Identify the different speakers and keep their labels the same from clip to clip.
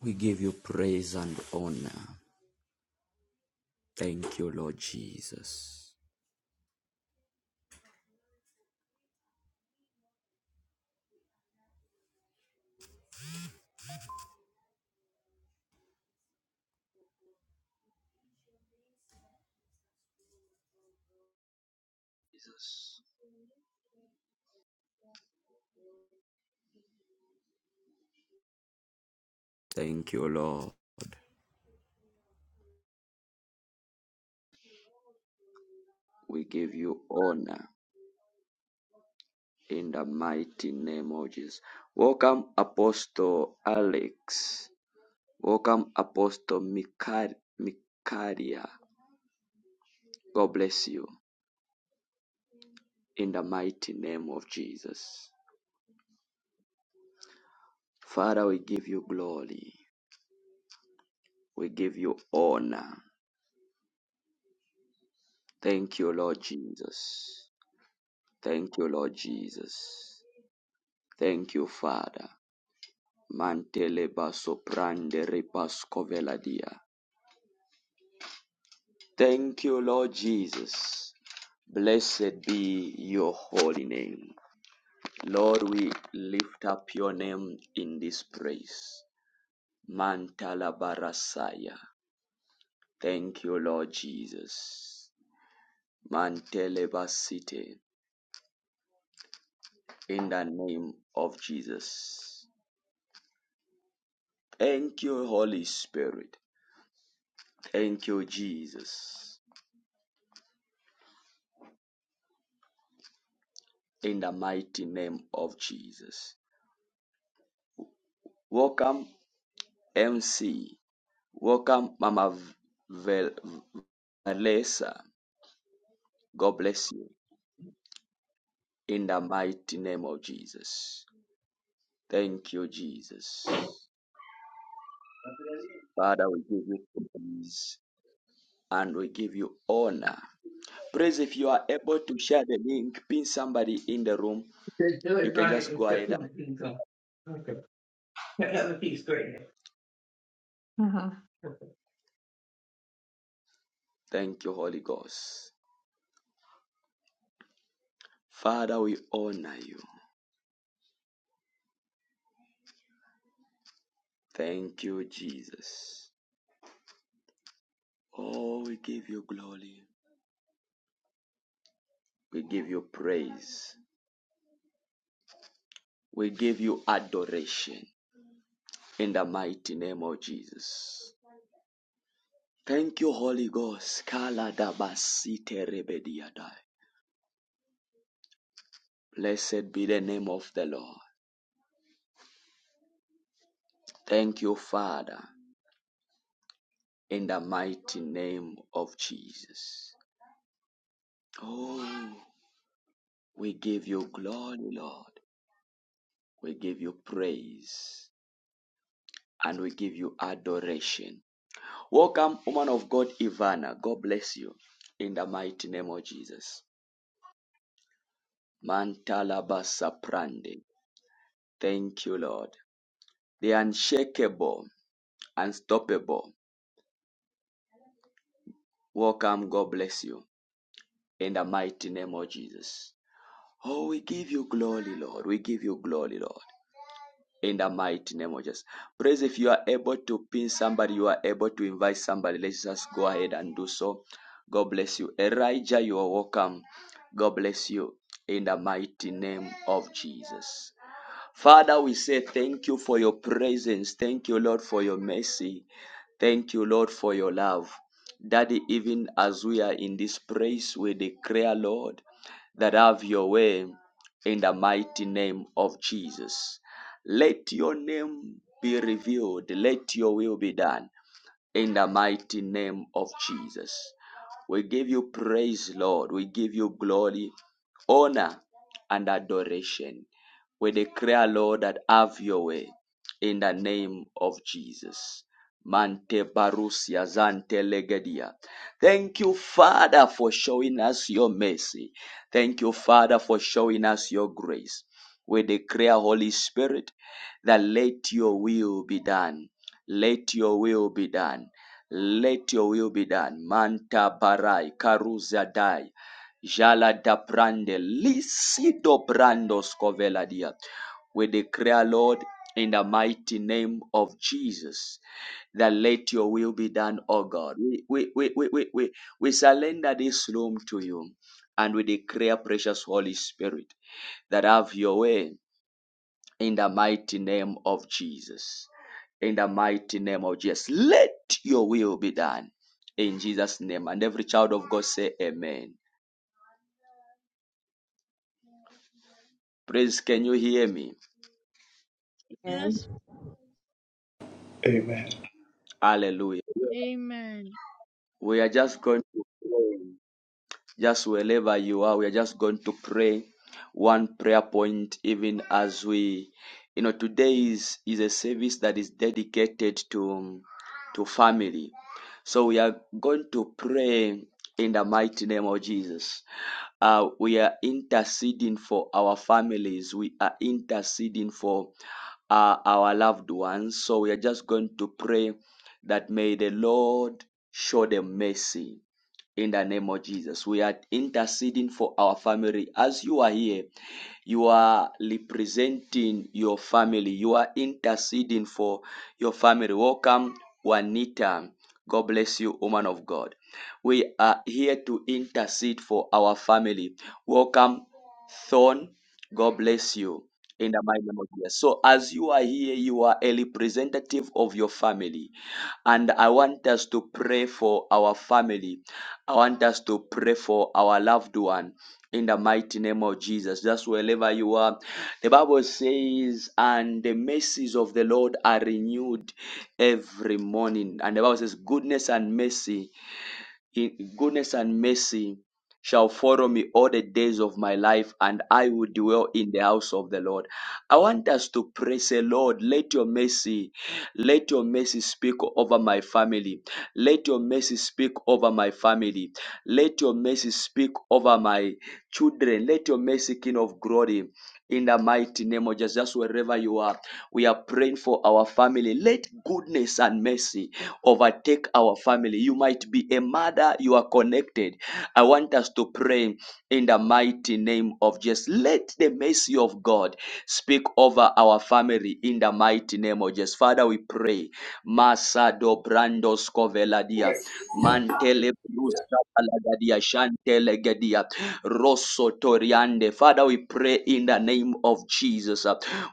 Speaker 1: We give you praise and honor. Thank you, Lord Jesus. Jesus. Thank you, Lord. We give you honor in the mighty name of Jesus. Welcome, Apostle Alex. Welcome, Apostle Mikar- Mikaria. God bless you in the mighty name of Jesus. Father, we give you glory. We give you honor. Thank you, Lord Jesus. Thank you, Lord Jesus. Thank you, Father. Mantele baso prande repasco veladia. Thank you, Lord Jesus. Blessed be your holy name. Lord, we lift up your name in this praise. Mantala barasaya. Thank you, Lord Jesus. Mantele basite. In the name of Jesus. Thank you, Holy Spirit. Thank you, Jesus. In the mighty name of Jesus. Welcome, MC. Welcome, Mama Vel- Valesa. God bless you. In the mighty name of Jesus. Thank you, Jesus. Father, we give you praise and we give you honor. Praise if you are able to share the link, pin somebody in the room.
Speaker 2: Just do
Speaker 1: You
Speaker 2: it, so
Speaker 1: can
Speaker 2: I can
Speaker 1: just go
Speaker 2: accept
Speaker 1: ahead
Speaker 2: him,
Speaker 1: and
Speaker 2: he can come. Okay. that other piece, great. huh.
Speaker 1: thank you, Holy Ghost. Father, we honor you. Thank you, Jesus. Oh, we give you glory. We give you praise. We give you adoration in the mighty name of Jesus. Thank you, Holy Ghost. Kala dabasite rebediadai. Blessed be the name of the Lord. Thank you, Father, in the mighty name of Jesus. Oh, we give you glory, Lord. We give you praise. and we give you adoration. Welcome, woman of God, Ivana. God bless you in the mighty name of Jesus. Mantalabasa prande. Thank you, Lord. The unshakable, unstoppable. Welcome, God bless you in the mighty name of Jesus. Oh, we give you glory, Lord. We give you glory, Lord. in the mighty name of Jesus. Praise if you are able to pin somebody, you are able to invite somebody. Let's just go ahead and do so. God bless you. Elijah, you are welcome. God bless you in the mighty name of Jesus. Father, we say thank you for your presence. Thank you, Lord, for your mercy. Thank you, Lord, for your love. Daddy, even as we are in this place, we declare, Lord, that have your way in the mighty name of Jesus. Let your name be revealed. Let your will be done in the mighty name of Jesus. We give you praise, Lord. We give you glory, honor, and adoration. We declare, Lord, that have your way in the name of Jesus. Mante barusia zante legedia. Thank you, Father, for showing us your mercy. Thank you, Father, for showing us your grace. We declare, Holy Spirit, that let your will be done let your will be done. Let your will be done. Manta barai karuza dai. Jala da brande lisido brando scovela We declare, Lord, in the mighty name of Jesus, that let your will be done, O God. We, we, we, we, we, we, we surrender this room to you and we declare, precious Holy Spirit, that have your way in the mighty name of Jesus. In the mighty name of Jesus. Let your will be done. In Jesus' name. And every child of God say amen. Praise, can you hear me?
Speaker 3: And
Speaker 4: Yes.
Speaker 5: Amen.
Speaker 1: Hallelujah.
Speaker 4: Amen.
Speaker 1: We are just going to pray. just wherever you are, we are just going to pray one prayer point, even as we, you know, today is is a service that is dedicated to to family. So we are going to pray in the mighty name of Jesus. Uh, we are interceding for our families. We are interceding for uh, our loved ones. So we are just going to pray that may the Lord show them mercy in the name of Jesus. We are interceding for our family. As you are here, you are representing your family. You are interceding for your family. Welcome, Juanita. God bless you, woman of God. We are here to intercede for our family. Welcome, Thorn. God bless you. In the mighty name of Jesus. So, as you are here, you are a representative of your family. And I want us to pray for our family. I want us to pray for our loved one in the mighty name of Jesus. Just wherever you are. The Bible says, and the mercies of the Lord are renewed every morning. And the Bible says, goodness and mercy in goodness and mercy shall follow me all the days of my life, and I will dwell in the house of the Lord. I want us to praise the Lord. Let your mercy, let your mercy speak over my family. Let your mercy speak over my family. Let your mercy speak over my children. Let your mercy, King of glory, in the mighty name of Jesus, wherever you are, we are praying for our family. Let goodness and mercy overtake our family. You might be a mother, you are connected. I want us to pray in the mighty name of Jesus. Let the mercy of God speak over our family in the mighty name of Jesus. Father, we pray. Masado brandos coveladia, mantele brusa palagadia, shantele gedia, rosso toriande. Father, we pray in the name of Jesus.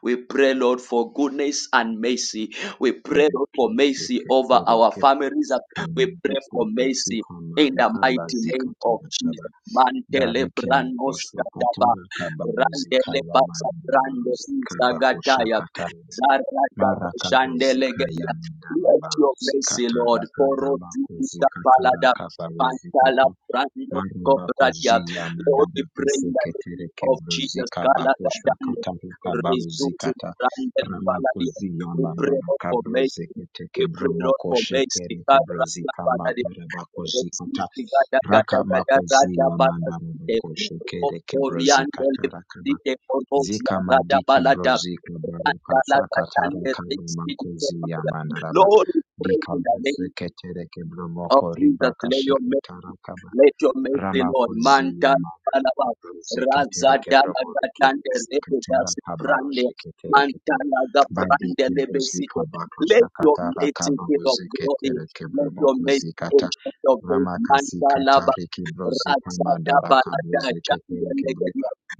Speaker 1: We pray, Lord, for goodness and mercy we pray for mercy
Speaker 6: Tosheke
Speaker 1: over our
Speaker 6: tereke
Speaker 1: families.
Speaker 6: bozika
Speaker 1: We pray
Speaker 6: mandike
Speaker 1: for mercy
Speaker 6: bozika
Speaker 1: in the
Speaker 6: marika
Speaker 1: mighty
Speaker 6: bazika
Speaker 1: name of
Speaker 6: tera kaba
Speaker 1: Jesus. Mantele
Speaker 6: darike
Speaker 1: branos
Speaker 6: maposha
Speaker 1: kadaba,
Speaker 6: katera kaba rozika
Speaker 1: randele
Speaker 6: la
Speaker 1: basa
Speaker 6: mandara
Speaker 1: brande
Speaker 6: barozika bakosha
Speaker 1: isagataya,
Speaker 6: katara
Speaker 1: zarata
Speaker 6: maraka
Speaker 1: bashandele
Speaker 6: bozika ya
Speaker 1: geya.
Speaker 6: mandara
Speaker 1: Let your
Speaker 6: barozika
Speaker 1: mercy,
Speaker 6: tara
Speaker 1: Lord,
Speaker 6: kaba
Speaker 1: koro zidika
Speaker 6: makozika tara
Speaker 1: palada,
Speaker 6: kaba
Speaker 1: mantala brando kobradia.
Speaker 6: Maribakozia
Speaker 1: Lord, we
Speaker 6: mandaba
Speaker 1: pray in the
Speaker 6: kiseketere
Speaker 1: name of Jesus.
Speaker 6: kebrozika
Speaker 1: Kalada
Speaker 6: bakosha
Speaker 1: dande,
Speaker 6: katarika
Speaker 1: rezuzu
Speaker 6: baruzikata
Speaker 1: brandele paladia.
Speaker 6: ramakozia
Speaker 1: We pray,
Speaker 6: mandara
Speaker 1: Lord, for mercy.
Speaker 6: kabrozekete
Speaker 1: We pray, Lord,
Speaker 6: kebromoko
Speaker 1: for
Speaker 6: shekere
Speaker 1: mercy. Father,
Speaker 6: kebrozika
Speaker 1: Father,
Speaker 6: makara
Speaker 1: Lord, we
Speaker 6: bakozikata
Speaker 1: pray in
Speaker 6: raka makozia mandara bako shekere
Speaker 1: the
Speaker 6: kebrozikata rakaba zika madiki brozika baruka sakatara kabumakozia mandaraba dika
Speaker 1: name
Speaker 6: brozekete
Speaker 1: of
Speaker 6: kebromoko
Speaker 1: Jesus.
Speaker 6: ribaka
Speaker 1: Let your mercy
Speaker 6: shikatara kaba
Speaker 1: let your mercy, Lord, Manta
Speaker 6: Ramakoziyama
Speaker 1: Palaba, Raza Dala Gatande, Lebedas Brande,
Speaker 6: Zeketerekebroketerekebro
Speaker 1: Mantala
Speaker 6: Badi
Speaker 1: Gabrande
Speaker 6: Kibrizi
Speaker 1: Lebesite.
Speaker 6: Kabako
Speaker 1: Let your
Speaker 6: Sakatara
Speaker 1: mercy, King
Speaker 6: Kabaro
Speaker 1: of Glory,
Speaker 6: Zeketere
Speaker 1: let your
Speaker 6: Kebromoko
Speaker 1: mercy,
Speaker 6: zikata
Speaker 1: Ancient
Speaker 6: Kibrozika
Speaker 1: of
Speaker 6: Bakoshakata Rakabroziketerekebromokozikata
Speaker 1: Days,
Speaker 6: Ramakasikata
Speaker 1: Mantalaba,
Speaker 6: Rikibrozika
Speaker 1: Raza Daba Lada
Speaker 6: Madarakabroziketerekebro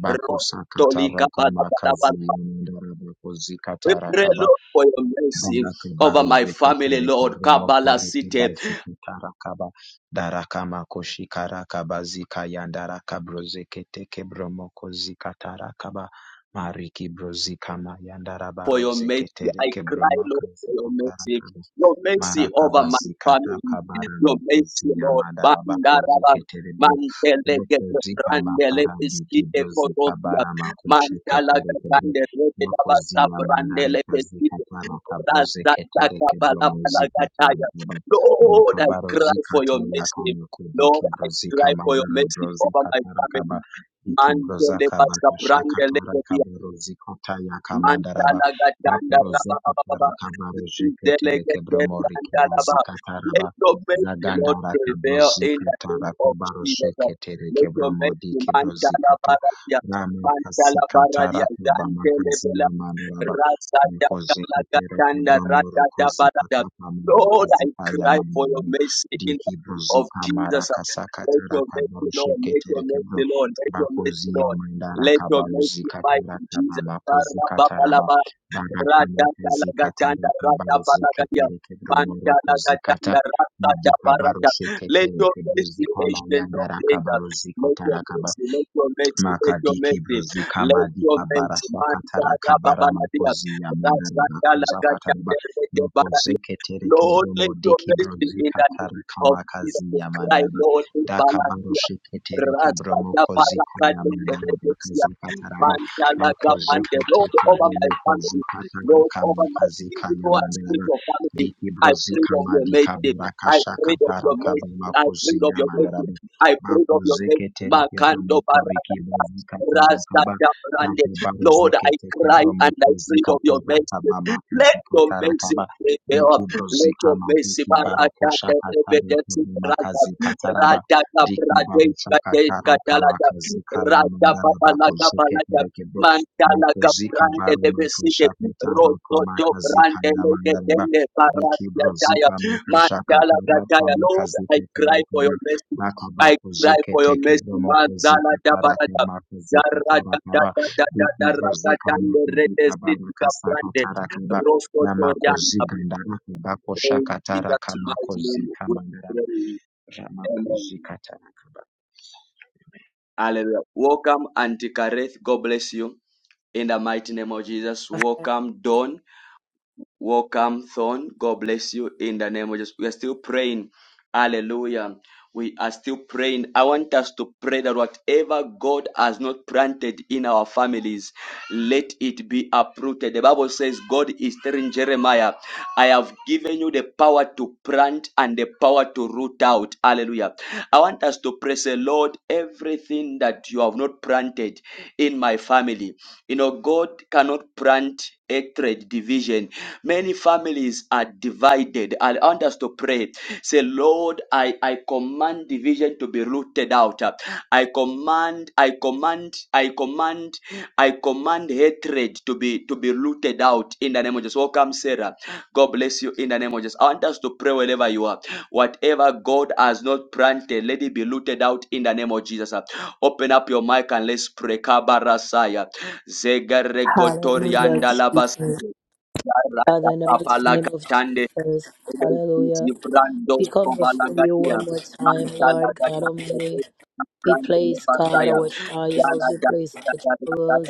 Speaker 6: Bakosakata
Speaker 1: Rostolika Balaba.
Speaker 6: Rakamakaziyamandarabakozikata
Speaker 1: We pray,
Speaker 6: Rakaba
Speaker 1: Lord, for your mercy over
Speaker 6: Darakabaru
Speaker 1: my family,
Speaker 6: zekutere
Speaker 1: Lord,
Speaker 6: kebremo
Speaker 1: Kabala
Speaker 6: koruki
Speaker 1: City.
Speaker 6: baziki tarakaba darakama koshi karakaba zika yandarakabro zekete kebromo kozika tarakaba mariki brozika ma
Speaker 1: for
Speaker 6: yandarabaro
Speaker 1: your mercy.
Speaker 6: zeketere
Speaker 1: I cry,
Speaker 6: kebroma
Speaker 1: Lord, for
Speaker 6: kozika
Speaker 1: your mercy.
Speaker 6: tarakaba
Speaker 1: Your mercy over my
Speaker 6: Marakabazi
Speaker 1: family. Your
Speaker 6: katakabarani
Speaker 1: mercy,
Speaker 6: kozi
Speaker 1: Lord.
Speaker 6: yamadharaba kozi
Speaker 1: Bandaraba.
Speaker 6: keterebere
Speaker 1: Mantele que
Speaker 6: rekozi
Speaker 1: prende le
Speaker 6: kamaparadiki
Speaker 1: pesite
Speaker 6: bozi
Speaker 1: corosia.
Speaker 6: kabara makushi
Speaker 1: Mantala que
Speaker 6: keterekebere
Speaker 1: prende le que la
Speaker 6: makozi
Speaker 1: basta prende
Speaker 6: yamandara
Speaker 1: le
Speaker 6: kazi
Speaker 1: pesite.
Speaker 6: katara kabroze
Speaker 1: Rasta taca
Speaker 6: keterekebere
Speaker 1: bala bala
Speaker 6: mozi
Speaker 1: gataya.
Speaker 6: katarekeba
Speaker 1: Lord, I
Speaker 6: bekabaro
Speaker 1: cry for your
Speaker 6: zikataya
Speaker 1: mercy.
Speaker 6: kamakodi
Speaker 1: Lord, I
Speaker 6: kibrozi
Speaker 1: cry for your
Speaker 6: kamadara
Speaker 1: mercy
Speaker 6: brozi
Speaker 1: over
Speaker 6: kama
Speaker 1: my
Speaker 6: dara brozi katara kaba
Speaker 1: family.
Speaker 6: diki broza
Speaker 1: Mantele
Speaker 6: kaba
Speaker 1: pasca
Speaker 6: kusha
Speaker 1: prende
Speaker 6: katara
Speaker 1: le
Speaker 6: kabarozi kataya kamandara
Speaker 1: Mantala gatanda
Speaker 6: Makoroze
Speaker 1: raba baba baba.
Speaker 6: Kotari Kabaroje Ketere
Speaker 1: Delegate
Speaker 6: Kebromori
Speaker 1: mantala ba.
Speaker 6: Kibazi
Speaker 1: Let
Speaker 6: Kataraba
Speaker 1: your mercy, Lord,
Speaker 6: Zagandara
Speaker 1: prevail
Speaker 6: Kabrozi
Speaker 1: in the name
Speaker 6: Katara
Speaker 1: of
Speaker 6: Kabaroshe
Speaker 1: Jesus.
Speaker 6: Ketere
Speaker 1: Let your
Speaker 6: Kebromodi
Speaker 1: mercy,
Speaker 6: Kibrozi
Speaker 1: mantala
Speaker 6: Kata
Speaker 1: baradia,
Speaker 6: Rame Kasi
Speaker 1: mantala baradia,
Speaker 6: Katara Kabama
Speaker 1: dantele
Speaker 6: Kazi
Speaker 1: bela,
Speaker 6: Yamanuraba
Speaker 1: rasa
Speaker 6: Mekoze
Speaker 1: jagala
Speaker 6: Ketere
Speaker 1: gatanda, rata
Speaker 6: Kebromori Kozi
Speaker 1: jabarada.
Speaker 6: Kata Kamari
Speaker 1: Lord, I
Speaker 6: Kazi
Speaker 1: cry for your
Speaker 6: Payamanabu
Speaker 1: mercy in the
Speaker 6: Diki
Speaker 1: name
Speaker 6: Brozi
Speaker 1: of
Speaker 6: Kamara
Speaker 1: Jesus.
Speaker 6: Kasa
Speaker 1: Let
Speaker 6: Katara
Speaker 1: your mercy,
Speaker 6: Kabaroshe
Speaker 1: Lord, let your
Speaker 6: Ketere Kebro
Speaker 1: mercy, Lord, let your mercy,
Speaker 6: Bakozi
Speaker 1: Lord.
Speaker 6: Yamandara
Speaker 1: Let your mercy
Speaker 6: Kabarozi
Speaker 1: fight
Speaker 6: Katara
Speaker 1: in Jesus.
Speaker 6: Kabama Kozi Kataraba
Speaker 1: Ra-ra-ba-ba-la-ba.
Speaker 6: Barakama zikata
Speaker 1: Ra-da-da-la-ga-da-da.
Speaker 6: rakabaro
Speaker 1: Ra-da-ba-la-ga-dia.
Speaker 6: zeketere kedromoro kozikata
Speaker 1: Man-da-la-ga-da-da.
Speaker 6: nadika baro
Speaker 1: Ra-da-da-ba-ra-da. Let
Speaker 6: sheketere
Speaker 1: your
Speaker 6: kedro
Speaker 1: mercy,
Speaker 6: zikama
Speaker 1: ancient
Speaker 6: yanda
Speaker 1: of days,
Speaker 6: rakabaro
Speaker 1: let
Speaker 6: zikata
Speaker 1: your
Speaker 6: rakabaro
Speaker 1: mercy, let your mercy, let your
Speaker 6: Makadiki
Speaker 1: mercy,
Speaker 6: Brozika
Speaker 1: let your
Speaker 6: Madika
Speaker 1: mercy,
Speaker 6: Barasakatara Kabara
Speaker 1: man-da-ra-ba-ba-la-dia.
Speaker 6: Makozia Mandara Bakoza Kataraba
Speaker 1: Ra-da-da-la-ga-da-da.
Speaker 6: Nukozeke Tereke
Speaker 1: Lord, let
Speaker 6: Bromo
Speaker 1: your
Speaker 6: Diki
Speaker 1: mercy in
Speaker 6: Brozika
Speaker 1: the name of Jesus.
Speaker 6: Tarakamakazi
Speaker 1: We cry,
Speaker 6: Mandara
Speaker 1: Lord, we
Speaker 6: daka
Speaker 1: balance.
Speaker 6: Shike Tereke Bromo
Speaker 1: Rasada
Speaker 6: Kozika Yamandara
Speaker 1: Barakadelebesia,
Speaker 6: Kazakataraba
Speaker 1: Mandalaka Pande,
Speaker 6: Makozeke
Speaker 1: Lord,
Speaker 6: Teke
Speaker 1: over my
Speaker 6: Bromo
Speaker 1: family,
Speaker 6: Kozika
Speaker 1: Lord, over my
Speaker 6: Tarakamakazi
Speaker 1: physical and
Speaker 6: Yamandara
Speaker 1: spiritual family.
Speaker 6: Diki
Speaker 1: I pray
Speaker 6: Brozika
Speaker 1: of your
Speaker 6: Madika
Speaker 1: mercy. I
Speaker 6: Barakashaka
Speaker 1: pray of your mercy.
Speaker 6: Tarakabama
Speaker 1: I pray of
Speaker 6: Kozia
Speaker 1: your
Speaker 6: Mandara
Speaker 1: mercy. I pray of your mercy.
Speaker 6: Makozekete
Speaker 1: Makando
Speaker 6: kebramokoriki
Speaker 1: Barakata,
Speaker 6: bazikaterakaba
Speaker 1: Rasada Brande. Lord, I
Speaker 6: takebarozekete
Speaker 1: cry and I pray of your mercy. Let your mercy
Speaker 6: Diki
Speaker 1: prevail. Let your
Speaker 6: brozikama
Speaker 1: mercy,
Speaker 6: diki baroko
Speaker 1: Barakata,
Speaker 6: shakatare
Speaker 1: Rebedesi,
Speaker 6: kubu makazi kataraba
Speaker 1: Raja da
Speaker 6: diki
Speaker 1: Braja
Speaker 6: baro
Speaker 1: Gade
Speaker 6: shakatara kama
Speaker 1: Gadalaja
Speaker 6: kazi kaya
Speaker 1: Raja
Speaker 6: mandara bako
Speaker 1: Babalaga Balaja
Speaker 6: zeketere kebro.
Speaker 1: Mandala
Speaker 6: Moko zika
Speaker 1: Gabrande
Speaker 6: baro mako
Speaker 1: Levesite
Speaker 6: shakatara
Speaker 1: Roto
Speaker 6: kama
Speaker 1: Jo
Speaker 6: kazi
Speaker 1: Brande
Speaker 6: baroshakatarakamakhazikayamandarabakoziketerekebro mokozikabaromakoshakatarakamakhazikayamandaraba
Speaker 1: Legetende
Speaker 6: diki
Speaker 1: Baratia Daya
Speaker 6: brozikama
Speaker 1: Mandala
Speaker 6: kashakatara
Speaker 1: Gadaya
Speaker 6: kama
Speaker 1: Lord
Speaker 6: kazi
Speaker 1: I cry for
Speaker 6: kataraba
Speaker 1: your mercy I
Speaker 6: Rakabako
Speaker 1: cry
Speaker 6: zuke
Speaker 1: for your
Speaker 6: teke
Speaker 1: mercy
Speaker 6: bromoko
Speaker 1: Manzala
Speaker 6: zike
Speaker 1: da
Speaker 6: parake
Speaker 1: Baraja
Speaker 6: mako zike
Speaker 1: Daraja da
Speaker 6: tarakaba
Speaker 1: da da da da
Speaker 6: biki
Speaker 1: raja
Speaker 6: brozika
Speaker 1: da le
Speaker 6: mako
Speaker 1: rete
Speaker 6: bika
Speaker 1: siti
Speaker 6: baraka saka
Speaker 1: gabrande
Speaker 6: tarakaba
Speaker 1: rosto
Speaker 6: namako
Speaker 1: toriana
Speaker 6: ziga ndaraka bako
Speaker 1: in
Speaker 6: shaka taraka
Speaker 1: Jesus'
Speaker 6: mako
Speaker 1: mighty name
Speaker 6: zika
Speaker 1: we
Speaker 6: mandaraba
Speaker 1: pray
Speaker 6: ramako
Speaker 1: amen
Speaker 6: zika tarakaba
Speaker 1: Hallelujah. Welcome, Auntie Kareth. God bless you. In the mighty name of Jesus. Welcome, Dawn. Welcome, Thorn. God bless you in the name of Jesus. We are still praying. Hallelujah. We are still praying. I want us to pray that whatever God has not planted in our families, let it be uprooted. The Bible says, God is telling Jeremiah, I have given you the power to plant and the power to root out. Hallelujah. I want us to pray, say, Lord, everything that you have not planted in my family, you know, God cannot plant hatred, division Many families are divided. I want us to pray. Say, Lord, I, I command division to be rooted out. I command, I command, I command, I command hatred to be to be rooted out in the name of Jesus. Welcome, Sarah. God bless you in the name of Jesus. I want us to pray wherever you are. Whatever God has not planted, let it be rooted out in the name of Jesus. Open up your mic and let's pray. Kabarasaya.
Speaker 7: Hallelujah, Jesus.
Speaker 1: Zegaregotoriandalabas.
Speaker 7: Father, in the mighty name of
Speaker 1: Rakatabalakatande,
Speaker 7: Jesus,
Speaker 1: Eleusis,
Speaker 7: hallelujah. We
Speaker 1: Brandos,
Speaker 7: come before you
Speaker 1: Kobalagatia,
Speaker 7: one more time, Lord God
Speaker 1: Mantalagatia,
Speaker 7: Almighty. We
Speaker 1: Brandele
Speaker 7: place, God,
Speaker 1: Basaya,
Speaker 7: our trials,
Speaker 1: Yana
Speaker 7: we place our troubles.